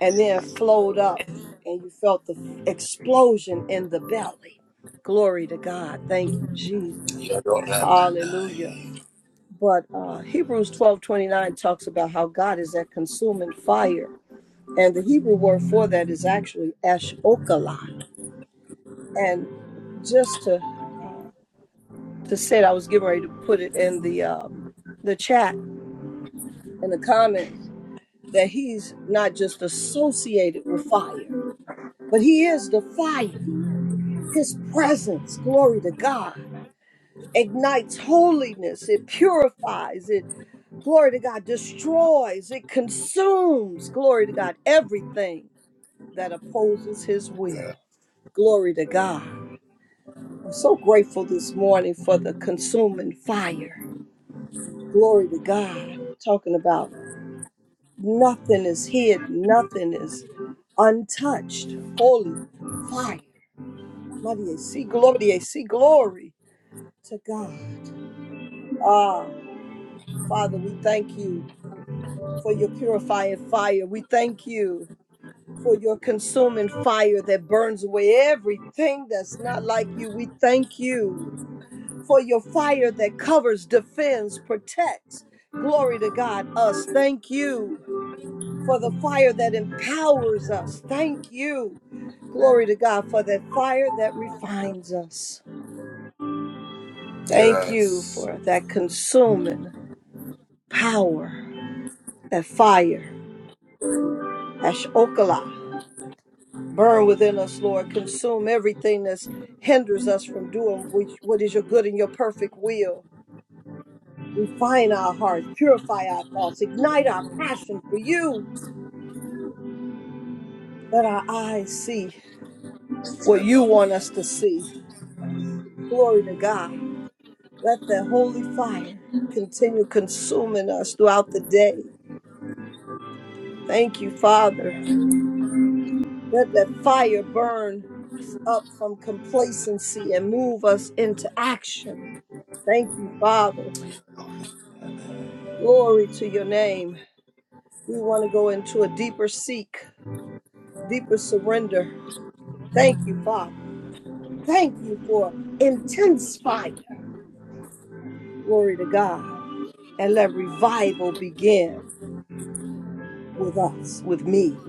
[SPEAKER 7] and then flowed up and you felt the explosion in the belly glory to god thank you jesus
[SPEAKER 1] Yodoramandai.
[SPEAKER 7] hallelujah but uh, hebrews twelve twenty nine talks about how god is a consuming fire and the hebrew word for that is actually ashokala and just to uh, to say it, i was getting ready to put it in the um, the chat in the comments that he's not just associated with fire but he is the fire His presence, glory to God, ignites holiness. It purifies. It, glory to God, destroys. It consumes, glory to God, everything that opposes his will. Glory to God. I'm so grateful this morning for the consuming fire. Glory to God. Talking about nothing is hid, nothing is untouched. Holy fire. Mighty, see glory, see glory to God. Ah, Father, we thank you for your purifying fire. We thank you for your consuming fire that burns away everything that's not like you. We thank you for your fire that covers, defends, protects. Glory to God, us. Thank you for the fire that empowers us. Thank you. Glory to God for that fire that refines us. Thank you
[SPEAKER 1] Yes.
[SPEAKER 7] for that consuming power, that fire. Ashokala, burn within us, Lord. Consume everything that hinders us from doing which, what is your good and your perfect will. Refine our hearts, purify our thoughts, ignite our passion for you. Let our eyes see what you want us to
[SPEAKER 1] Yadorabandai.
[SPEAKER 7] see. Glory to God. Let that holy fire continue consuming us throughout the day. Thank you, Father. Let that fire burn us up from complacency and move us into action. Thank you, Father. Glory to your name. We want to go into a deeper seek, deeper surrender. Thank you, Father. Thank you for intense fire. Glory to God. And let revival begin with us, with me,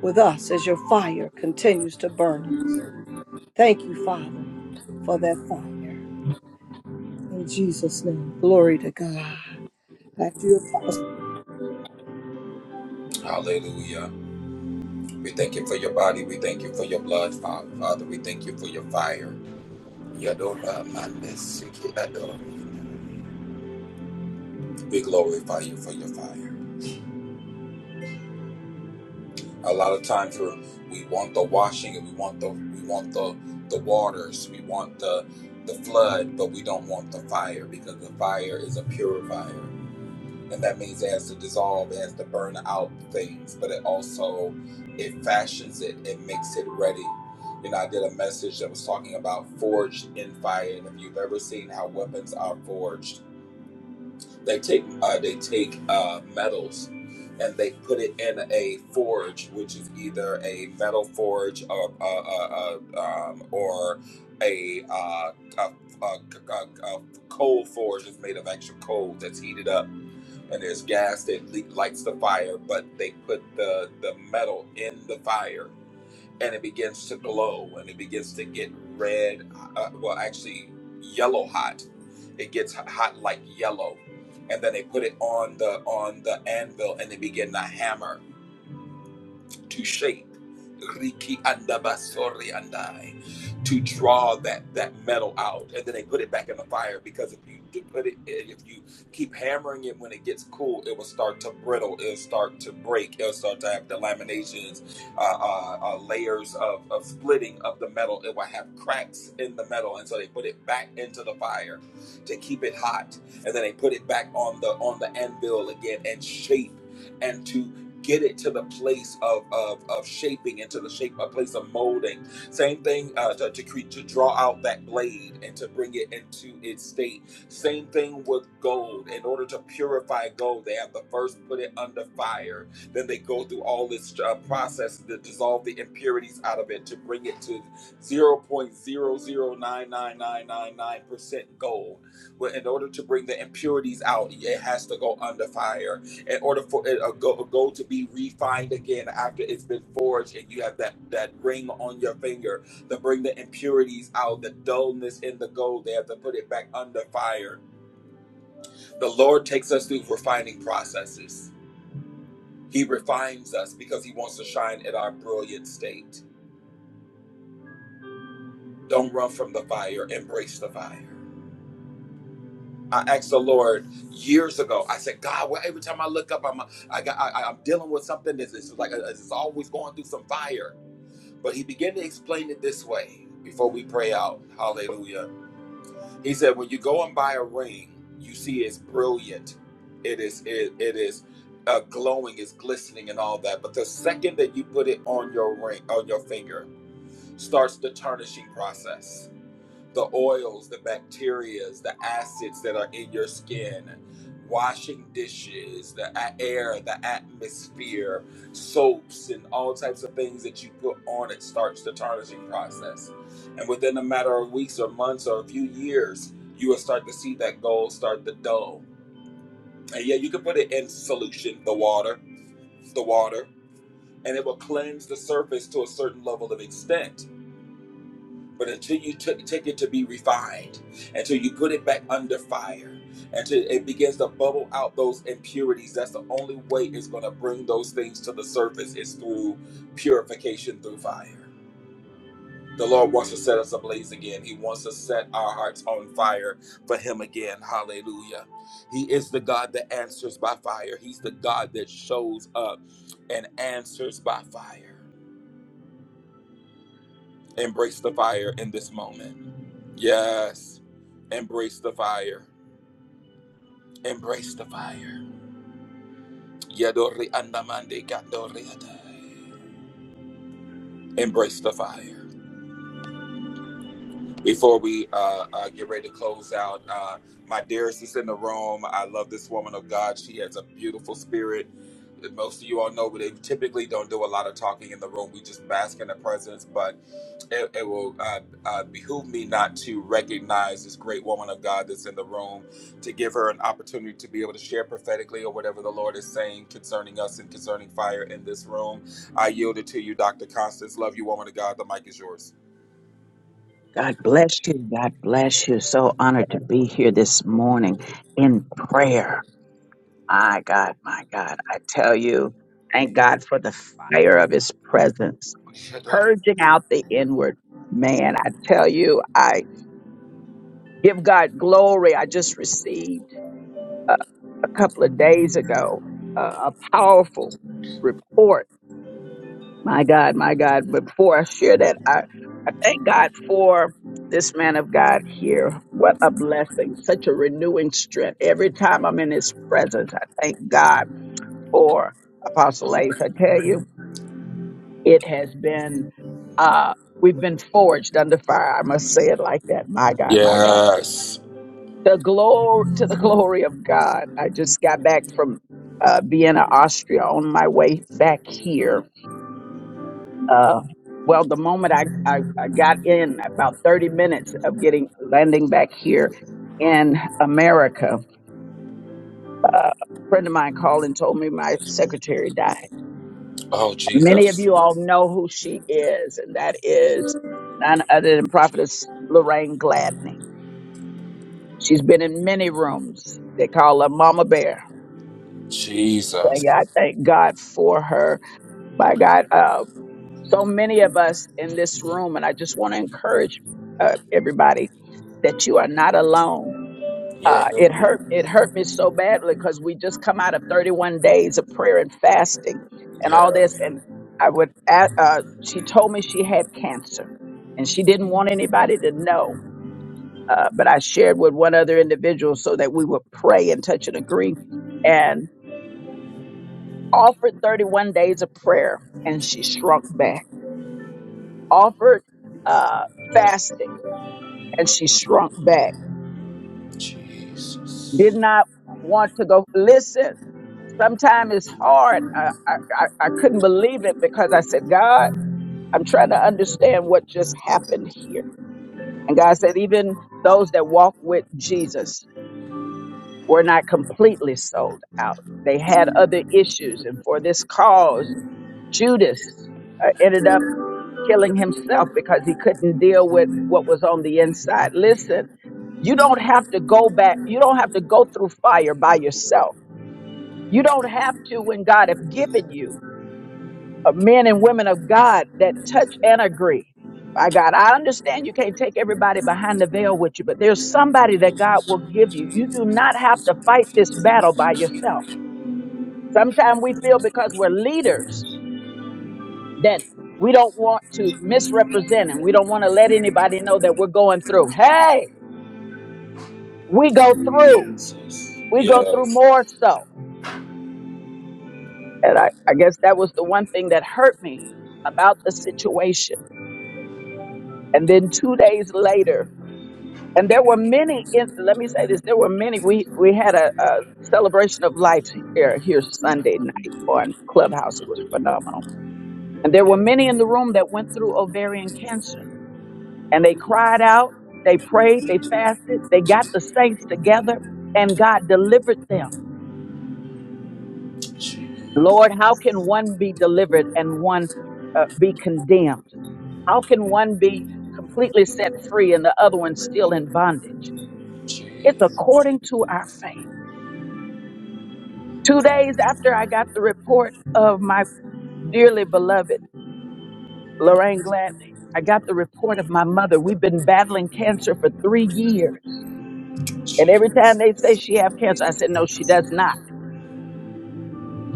[SPEAKER 7] with us as your fire continues to burn us. Thank you, Father, for that fire. In Jesus' name. Glory to God. Back to you, Apostle.
[SPEAKER 1] Hallelujah. We thank you for your body. We thank you for your blood, Father. Father, we thank you for your fire. Yodoramandesikiador. We glorify you for your fire. A lot of times we're, we want the washing and we want the we want the the waters. We want the the flood, but we don't want the fire because the fire is a purifier. and that means it has to dissolve, it has to burn out things, but it also it fashions it, it makes it ready. You know, I did a message that was talking about forged in fire, and if you've ever seen how weapons are forged, they take uh, they take uh, metals and they put it in a forge, which is either a metal forge or uh, uh, uh, um, or a, uh, a, a, a, a coal forge is made of actual coal that's heated up and there's gas that le- lights the fire, but they put the the metal in the fire, and it begins to glow, and it begins to get red. Uh, well, actually, yellow hot. It gets h- hot like yellow, and then they put it on the on the anvil, and they begin to hammer to shape Riki Andabasori andai, to draw that that metal out and then they put it back in the fire because if you do put it eh, if you keep hammering it when it gets cool it will start to brittle it'll start to break it'll start to have delaminations uh, uh, uh, layers of, of splitting of the metal it will have cracks in the metal and so they put it back into the fire to keep it hot and then they put it back on the on the anvil again and shape and to get it to the place of of, of shaping into the shape a place of molding same thing uh, to, to create to draw out that blade and to bring it into its state same thing with gold in order to purify gold they have to first put it under fire then they go through all this uh, process to dissolve the impurities out of it to bring it to zero point zero zero nine nine nine nine nine percent gold well, in order to bring the impurities out, it has to go under fire in order for it, a, go- a gold to be refined again after it's been forged and you have that, that ring on your finger to bring the impurities out, the dullness in the gold, they have to put it back under fire. The Lord takes us through refining processes. He refines us because He wants to shine in our brilliant state. Don't run from the fire, embrace the fire. I asked the Lord years ago. I said, God, well, every time I look up, I'm I got I, I'm dealing with something that's it's like uh, it's always going through some fire. But he began to explain it this way before we pray out. Hallelujah. He said, When you go and buy a ring, you see it's brilliant. It is it, it is uh, glowing, it's glistening and all that. But the second that you put it on your ring, on your finger, starts the tarnishing process the oils, the bacterias, the acids that are in your skin, washing dishes, the a- air, the atmosphere, soaps, and all types of things that you put on it starts the tarnishing process. And within a matter of weeks or months or a few years, you will start to see that gold start to dull. And yeah, you can put it in solution, the water, the water, and it will cleanse the surface to a certain level of extent but until you t- take it to be refined, until you put it back under fire, until it begins to bubble out those impurities, that's the only way it's going to bring those things to the surface is through purification through fire. The Lord wants to set us ablaze again. He wants to set our hearts on fire for Him again. Hallelujah. He is the God that answers by fire, He's the God that shows up and answers by fire. Embrace the fire in this moment. Yes. Embrace the fire. Embrace the fire. Yadori andamande gandori adai. Embrace the fire. Before we uh, uh, get ready to close out, uh, my dearest is in the room. I love this woman of God. She has a beautiful spirit. Most of you all know, but they typically don't do a lot of talking in the room. We just bask in the presence. But it, it will uh, uh, behoove me not to recognize this great woman of God that's in the room, to give her an opportunity to be able to share prophetically or whatever the Lord is saying concerning us and concerning fire in this room. I yield it to you, Dr. Constance. Love you, woman of God. The mic is yours.
[SPEAKER 4] God bless you. God bless you. So honored to be here this morning in prayer. My God, my God. I tell you, thank God for the fire of his presence, purging out the inward man. I tell you, I give God glory. I just received. uh, a couple of days ago uh, a powerful report. My God, my God. But before I share that, I, I thank God for this man of God here. What a blessing, such a renewing strength. Every time I'm in his presence, I thank God for Apostle Ace. I tell you, it has been, uh, we've been forged under fire. I must say it like that. My God, my God.
[SPEAKER 1] Yes.
[SPEAKER 4] the glory to the *laughs* glory of God. I just got back from uh, Vienna, Austria, on my way back here. Uh, well, the moment I, I, I got in, about thirty minutes of getting landing back here in America, uh, a friend of mine called and told me my secretary died.
[SPEAKER 1] Oh,
[SPEAKER 4] Many of
[SPEAKER 1] Jesus.
[SPEAKER 4] you all know who she is, and that is none other than Prophetess Lorraine Gladney. She's been in many rooms. They call her Mama Bear tell
[SPEAKER 1] Jesus.
[SPEAKER 4] you, I thank God for her. My God, uh, so many of us in this room, and I just want to encourage uh, everybody that you are not alone.
[SPEAKER 1] Yeah.
[SPEAKER 4] Uh, it hurt. It hurt me so badly because we just come out of 31 days of prayer and fasting and
[SPEAKER 1] Yeah.
[SPEAKER 4] all this, and I would. a uh, she told me she had cancer, and she didn't want anybody to know. Uh, but I shared with one other individual so that we would pray and touch and agree. offered 31 days of prayer and she shrunk back, offered uh, fasting and she shrunk back, did not want to go. Listen, sometimes it's hard. I, I, I I couldn't believe it because I said, God, I'm trying to understand what just happened here. And God said, even those that walk with Jesus were not completely sold out. They had other issues. And for this cause, Judas uh, ended up killing himself because he couldn't deal with what was on the inside. Listen, you don't have to go back. You don't have to go through fire by yourself. You don't have to when God have given you uh, men and women of God that touch and agree. By God, I understand you can't take everybody behind the veil with you, but there's somebody that God will give you. You do not have to fight this battle by yourself. Sometimes we feel because we're leaders that we don't want to misrepresent and we don't want to let anybody know that we're going through. Hey, we go through.
[SPEAKER 1] Jesus.
[SPEAKER 4] We go through
[SPEAKER 1] Yes.
[SPEAKER 4] more so. And I, I guess that was the one thing that hurt me about the situation. And then two days later, and there were many, in, let me say this, there were many. We, we had a, a celebration of life here, here Sunday night on Clubhouse. It was phenomenal. And there were many in the room that went through ovarian cancer. and they cried out, they prayed, they fasted, they got the saints together, and God delivered them.
[SPEAKER 1] Je-
[SPEAKER 4] Lord, how can one be delivered and one uh, be condemned? How can one be completely set free and the other one still in bondage? It's according to our faith. Two days after I got the report of my dearly beloved Lorraine Gladney, I got the report of my mother. We've been battling cancer for three years. And every time they say
[SPEAKER 1] Jesus.
[SPEAKER 4] she have cancer, I said, no, she does not.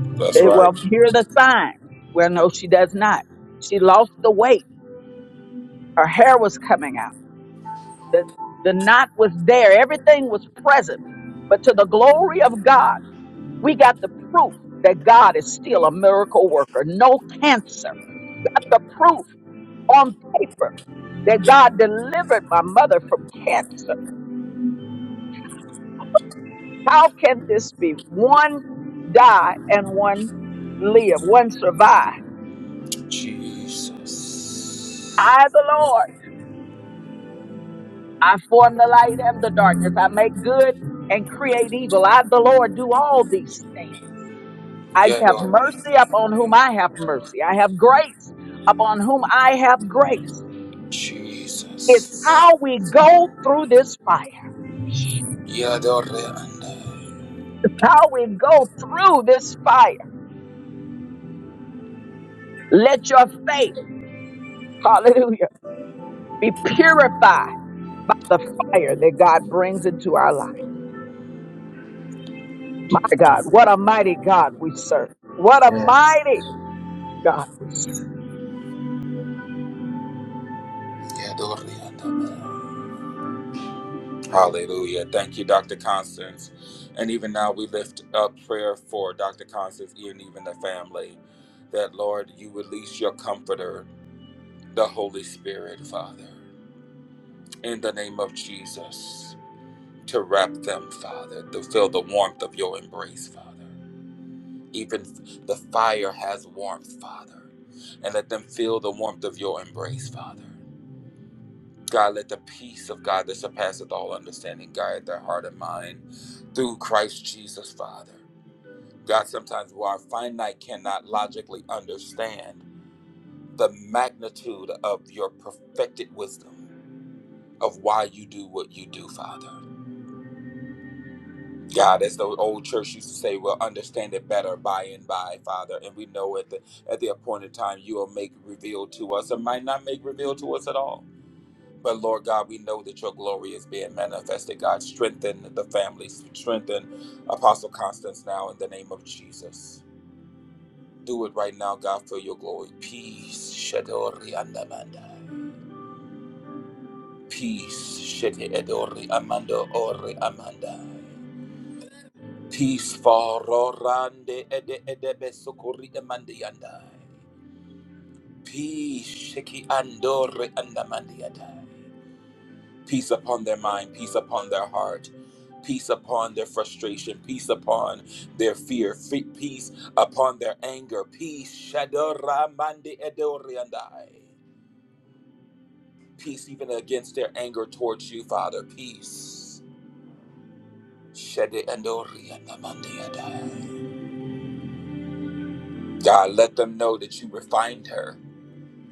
[SPEAKER 1] That's
[SPEAKER 4] Eh,
[SPEAKER 1] right.
[SPEAKER 4] well, here are the signs. Well, no, she does not. She lost the weight. Her hair was coming out. The, the knot was there. Everything was present. But to the glory of God, we got the proof that God is still a miracle worker. No cancer. Got the proof on paper that God delivered my mother from cancer. How can this be? One die and one live, one survive.
[SPEAKER 1] Jesus.
[SPEAKER 4] I, the Lord. I form the light and the darkness. I make good and create evil. I, the Lord, do all these things. I have
[SPEAKER 1] Yadore.
[SPEAKER 4] mercy upon whom I have mercy. I have grace upon whom I have grace. It's
[SPEAKER 1] Jesus.
[SPEAKER 4] how we go through this fire.
[SPEAKER 1] Yadore and
[SPEAKER 4] It's how we go through this fire. Let your faith, hallelujah, be purified by the fire that God brings into our life. My God, what a mighty God we serve. What a mighty God we serve.
[SPEAKER 1] Yadore and Hallelujah. Thank you, Dr. Constance. And even now we lift up prayer for Dr. Constance and even the family. That Lord, you release your comforter, the Holy Spirit, Father, in the name of Jesus, to wrap them, Father, to feel the warmth of your embrace, Father. Even the fire has warmth, Father. And let them feel the warmth of your embrace, Father. God, let the peace of God that surpasseth all understanding guide their heart and mind through Christ Jesus, Father. God, sometimes where our finite cannot logically understand the magnitude of your perfected wisdom of why you do what you do, Father. God, as the old church used to say, we'll understand it better by and by, Father. And we know at the at the appointed time you will make revealed to us or might not make revealed to us at all. But Lord God, we know that your glory is being manifested. God, strengthen the families, strengthen Apostle Constance now in the name of Jesus. Do it right now, God, for your glory. Peace, Shadori Andamanda. Peace, Shete Edori Amando Ori Amanda. Peace for Rorande Ede Edebe Sokori Emandiandai. Peace Shiki Andore Andamandiadai. Peace upon their mind, peace upon their heart, peace upon their frustration, peace upon their fear, fe- peace upon their anger, peace Shadora Mandi Edoriandai. Peace even against their anger towards you, Father. Peace. Shede Andori Andamandiadai. God, let them know that you refined her.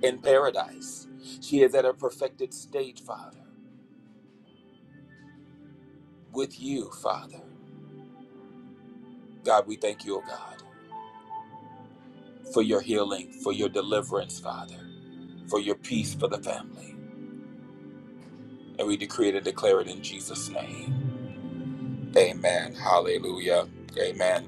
[SPEAKER 1] in paradise. She is at her perfected stage, Father, with you, Father. God, we thank you, O God, for your healing, for your deliverance, Father, for your peace for the family. And we decree it and declare it in Jesus' name. Amen. Hallelujah. Amen.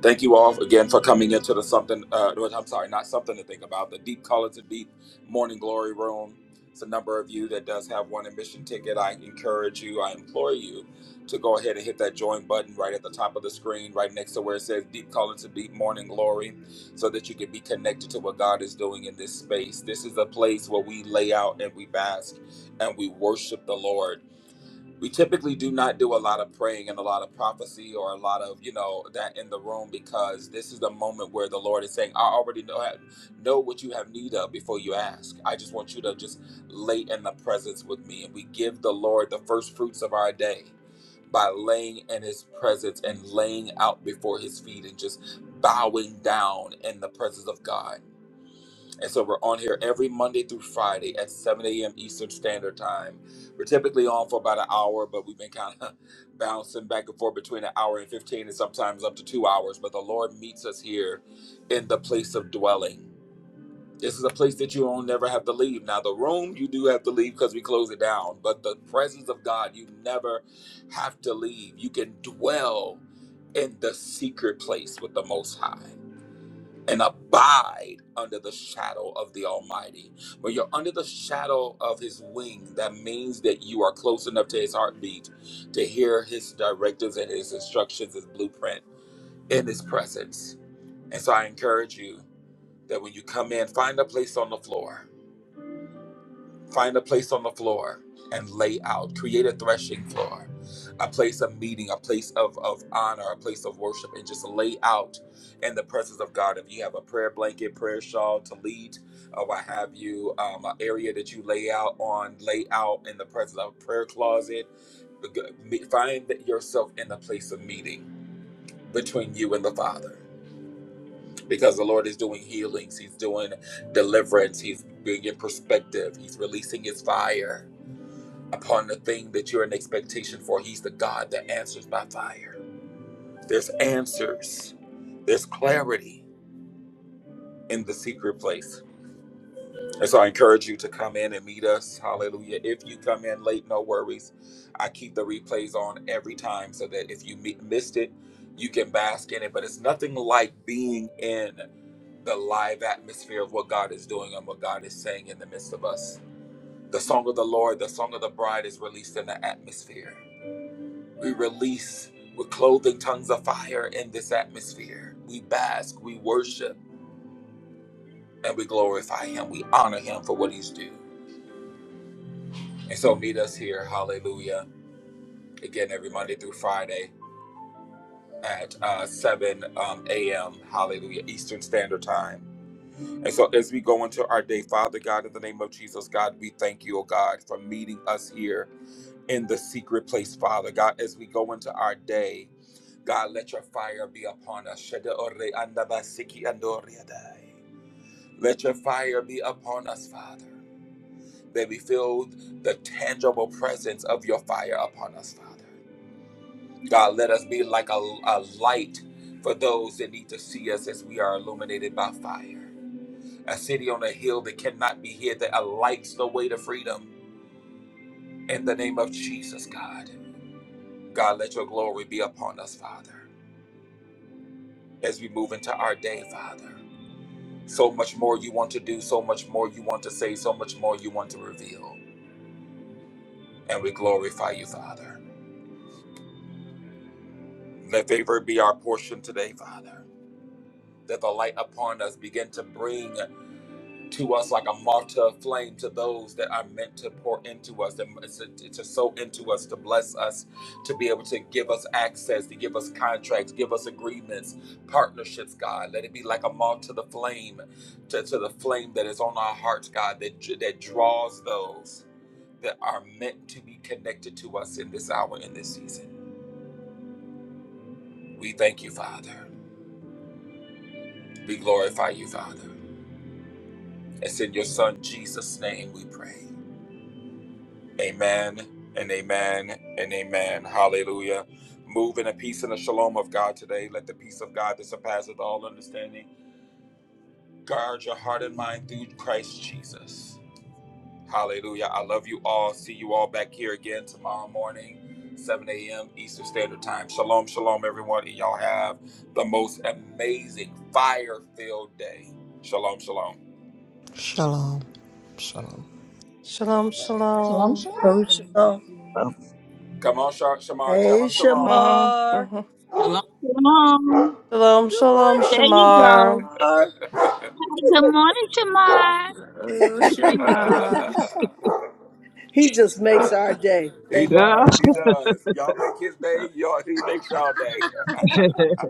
[SPEAKER 1] Thank you all again for coming into the something, uh, no, I'm sorry, not something to think about, the Deep Colors of Deep Morning Glory Room. It's a number of you that does have one admission ticket. I encourage you, I implore you to go ahead and hit that join button right at the top of the screen, right next to where it says Deep Colors of Deep Morning Glory, so that you can be connected to what God is doing in this space. This is a place where we lay out and we bask and we worship the Lord we typically do not do a lot of praying and a lot of prophecy or a lot of you know that in the room because this is the moment where the lord is saying i already know know what you have need of before you ask i just want you to just lay in the presence with me and we give the lord the first fruits of our day by laying in his presence and laying out before his feet and just bowing down in the presence of god and so we're on here every Monday through Friday at 7 a.m. Eastern Standard Time. We're typically on for about an hour, but we've been kind of *laughs* bouncing back and forth between an hour and 15 and sometimes up to two hours. But the Lord meets us here in the place of dwelling. This is a place that you will never have to leave. Now, the room, you do have to leave because we close it down, but the presence of God, you never have to leave. You can dwell in the secret place with the Most High and abide under the shadow of the Almighty. When you're under the shadow of His wing, that means that you are close enough to His heartbeat to hear His directives and His instructions, His blueprint in His presence. And so I encourage you that when you come in, find a place on the floor Find a place on the floor and lay out. Create a threshing floor, a place of meeting, a place of, of honor, a place of worship, and just lay out in the presence of God. If you have a prayer blanket, prayer shawl to lead, or what have you, um, an area that you lay out on, lay out in the presence of a prayer closet. Find yourself in a place of meeting between you and the Father. Because the Lord is doing healings, He's doing deliverance, He's bringing perspective, He's releasing His fire upon the thing that you're in expectation for. He's the God that answers by fire. There's answers, there's clarity in the secret place. And so I encourage you to come in and meet us. Hallelujah. If you come in late, no worries. I keep the replays on every time so that if you mi- missed it, you can bask in it. But it's nothing like being in the live atmosphere of what God is doing and what God is saying in the midst of us. The song of the Lord, the song of the bride is released in the atmosphere. We release with clothing tongues of fire in this atmosphere. We bask, we worship, and we glorify Him. We honor Him for what He's due. And so meet us here, hallelujah, again every Monday through Friday at uh, 7 um, a.m., hallelujah, Eastern Standard Time. And so as we go into our day, Father God, in the name of Jesus, God, we thank you, oh God, for meeting us here in the secret place, Father God, as we go into our day. God, let your fire be upon us. Shada ore anda basiki Let your fire be upon us, Father, that we feel the tangible presence of your fire upon us, Father. God, let us be like a, a light for those that need to see us as we are illuminated by fire. A city on a hill that cannot be hid, that lights the way to freedom. In the name of Jesus, God. God, let your glory be upon us, Father, as we move into our day, Father. So much more you want to do, so much more you want to say, so much more you want to reveal. And we glorify you, Father. Let favor be our portion today, Father. That the light upon us begin to bring to us like a martyr flame to those that are meant to pour into us, and to, to sow into us, to bless us, to be able to give us access, to give us contracts, give us agreements, partnerships, God. Let it be like a martyr to the flame, to, to the flame that is on our hearts, God, that, that draws those. that are meant to be connected to us in this hour, in this season. We thank you, Father. We glorify you, Father. It's in your Son Jesus' name we pray. Amen and amen and amen. Hallelujah. Move in a peace and a shalom of God today. Let the peace of God that surpasses all understanding guard your heart and mind through Christ Jesus. Hallelujah. I love you all. See you all back here again tomorrow morning, 7 a.m. Eastern Standard Time. Shalom, shalom, everyone. And y'all have the most amazing fire filled day. Shalom, shalom.
[SPEAKER 5] Shalom. Shalom.
[SPEAKER 8] Shalom,
[SPEAKER 9] Shalom,
[SPEAKER 8] shalom.
[SPEAKER 9] shalom.
[SPEAKER 7] Oh,
[SPEAKER 10] Shalom,
[SPEAKER 7] shalom.
[SPEAKER 10] shalom.
[SPEAKER 1] Come on, Sha- Shamar. Tell
[SPEAKER 7] Hey,
[SPEAKER 1] him shalom.
[SPEAKER 8] Mhm,
[SPEAKER 7] Shamar.
[SPEAKER 8] mhm.
[SPEAKER 6] Shalom. Shalom.
[SPEAKER 8] Shalom,
[SPEAKER 7] Good
[SPEAKER 8] shalom,
[SPEAKER 6] There you
[SPEAKER 7] morning,
[SPEAKER 6] go.
[SPEAKER 8] Shamar.
[SPEAKER 7] Shamar.
[SPEAKER 6] Good morning, Shamar.
[SPEAKER 7] *laughs*
[SPEAKER 1] *laughs*
[SPEAKER 7] He just makes our day.
[SPEAKER 1] he
[SPEAKER 7] Thank you.
[SPEAKER 6] Yeah.
[SPEAKER 1] does. He
[SPEAKER 7] Lord.
[SPEAKER 1] does. Y'all make his day. Y'all, he makes y'all day.
[SPEAKER 6] *laughs*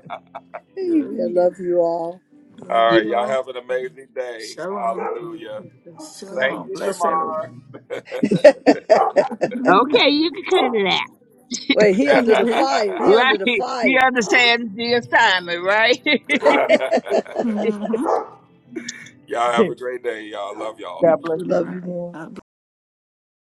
[SPEAKER 7] Amen. I
[SPEAKER 3] Hallelujah.
[SPEAKER 7] love you all.
[SPEAKER 3] Love
[SPEAKER 1] All right.
[SPEAKER 3] you
[SPEAKER 1] Y'all
[SPEAKER 3] all.
[SPEAKER 1] have an amazing day.
[SPEAKER 3] Shalom.
[SPEAKER 1] Hallelujah.
[SPEAKER 7] Good
[SPEAKER 1] Thank
[SPEAKER 7] morning.
[SPEAKER 3] Shalom.
[SPEAKER 1] you,
[SPEAKER 3] Bless everyone.
[SPEAKER 1] Shamar.
[SPEAKER 7] *laughs*
[SPEAKER 6] Okay, you can cut it out.
[SPEAKER 7] Wait, he
[SPEAKER 1] *laughs*
[SPEAKER 7] under the
[SPEAKER 3] *laughs*
[SPEAKER 7] fire. He
[SPEAKER 6] right.
[SPEAKER 7] under the
[SPEAKER 6] You
[SPEAKER 7] fire.
[SPEAKER 6] understand the assignment, right? *laughs*
[SPEAKER 7] *laughs*
[SPEAKER 3] Mhm.
[SPEAKER 1] y'all have a great day. Y'all love y'all.
[SPEAKER 7] You
[SPEAKER 6] God bless
[SPEAKER 3] All
[SPEAKER 6] you.
[SPEAKER 7] Love you more.
[SPEAKER 3] right.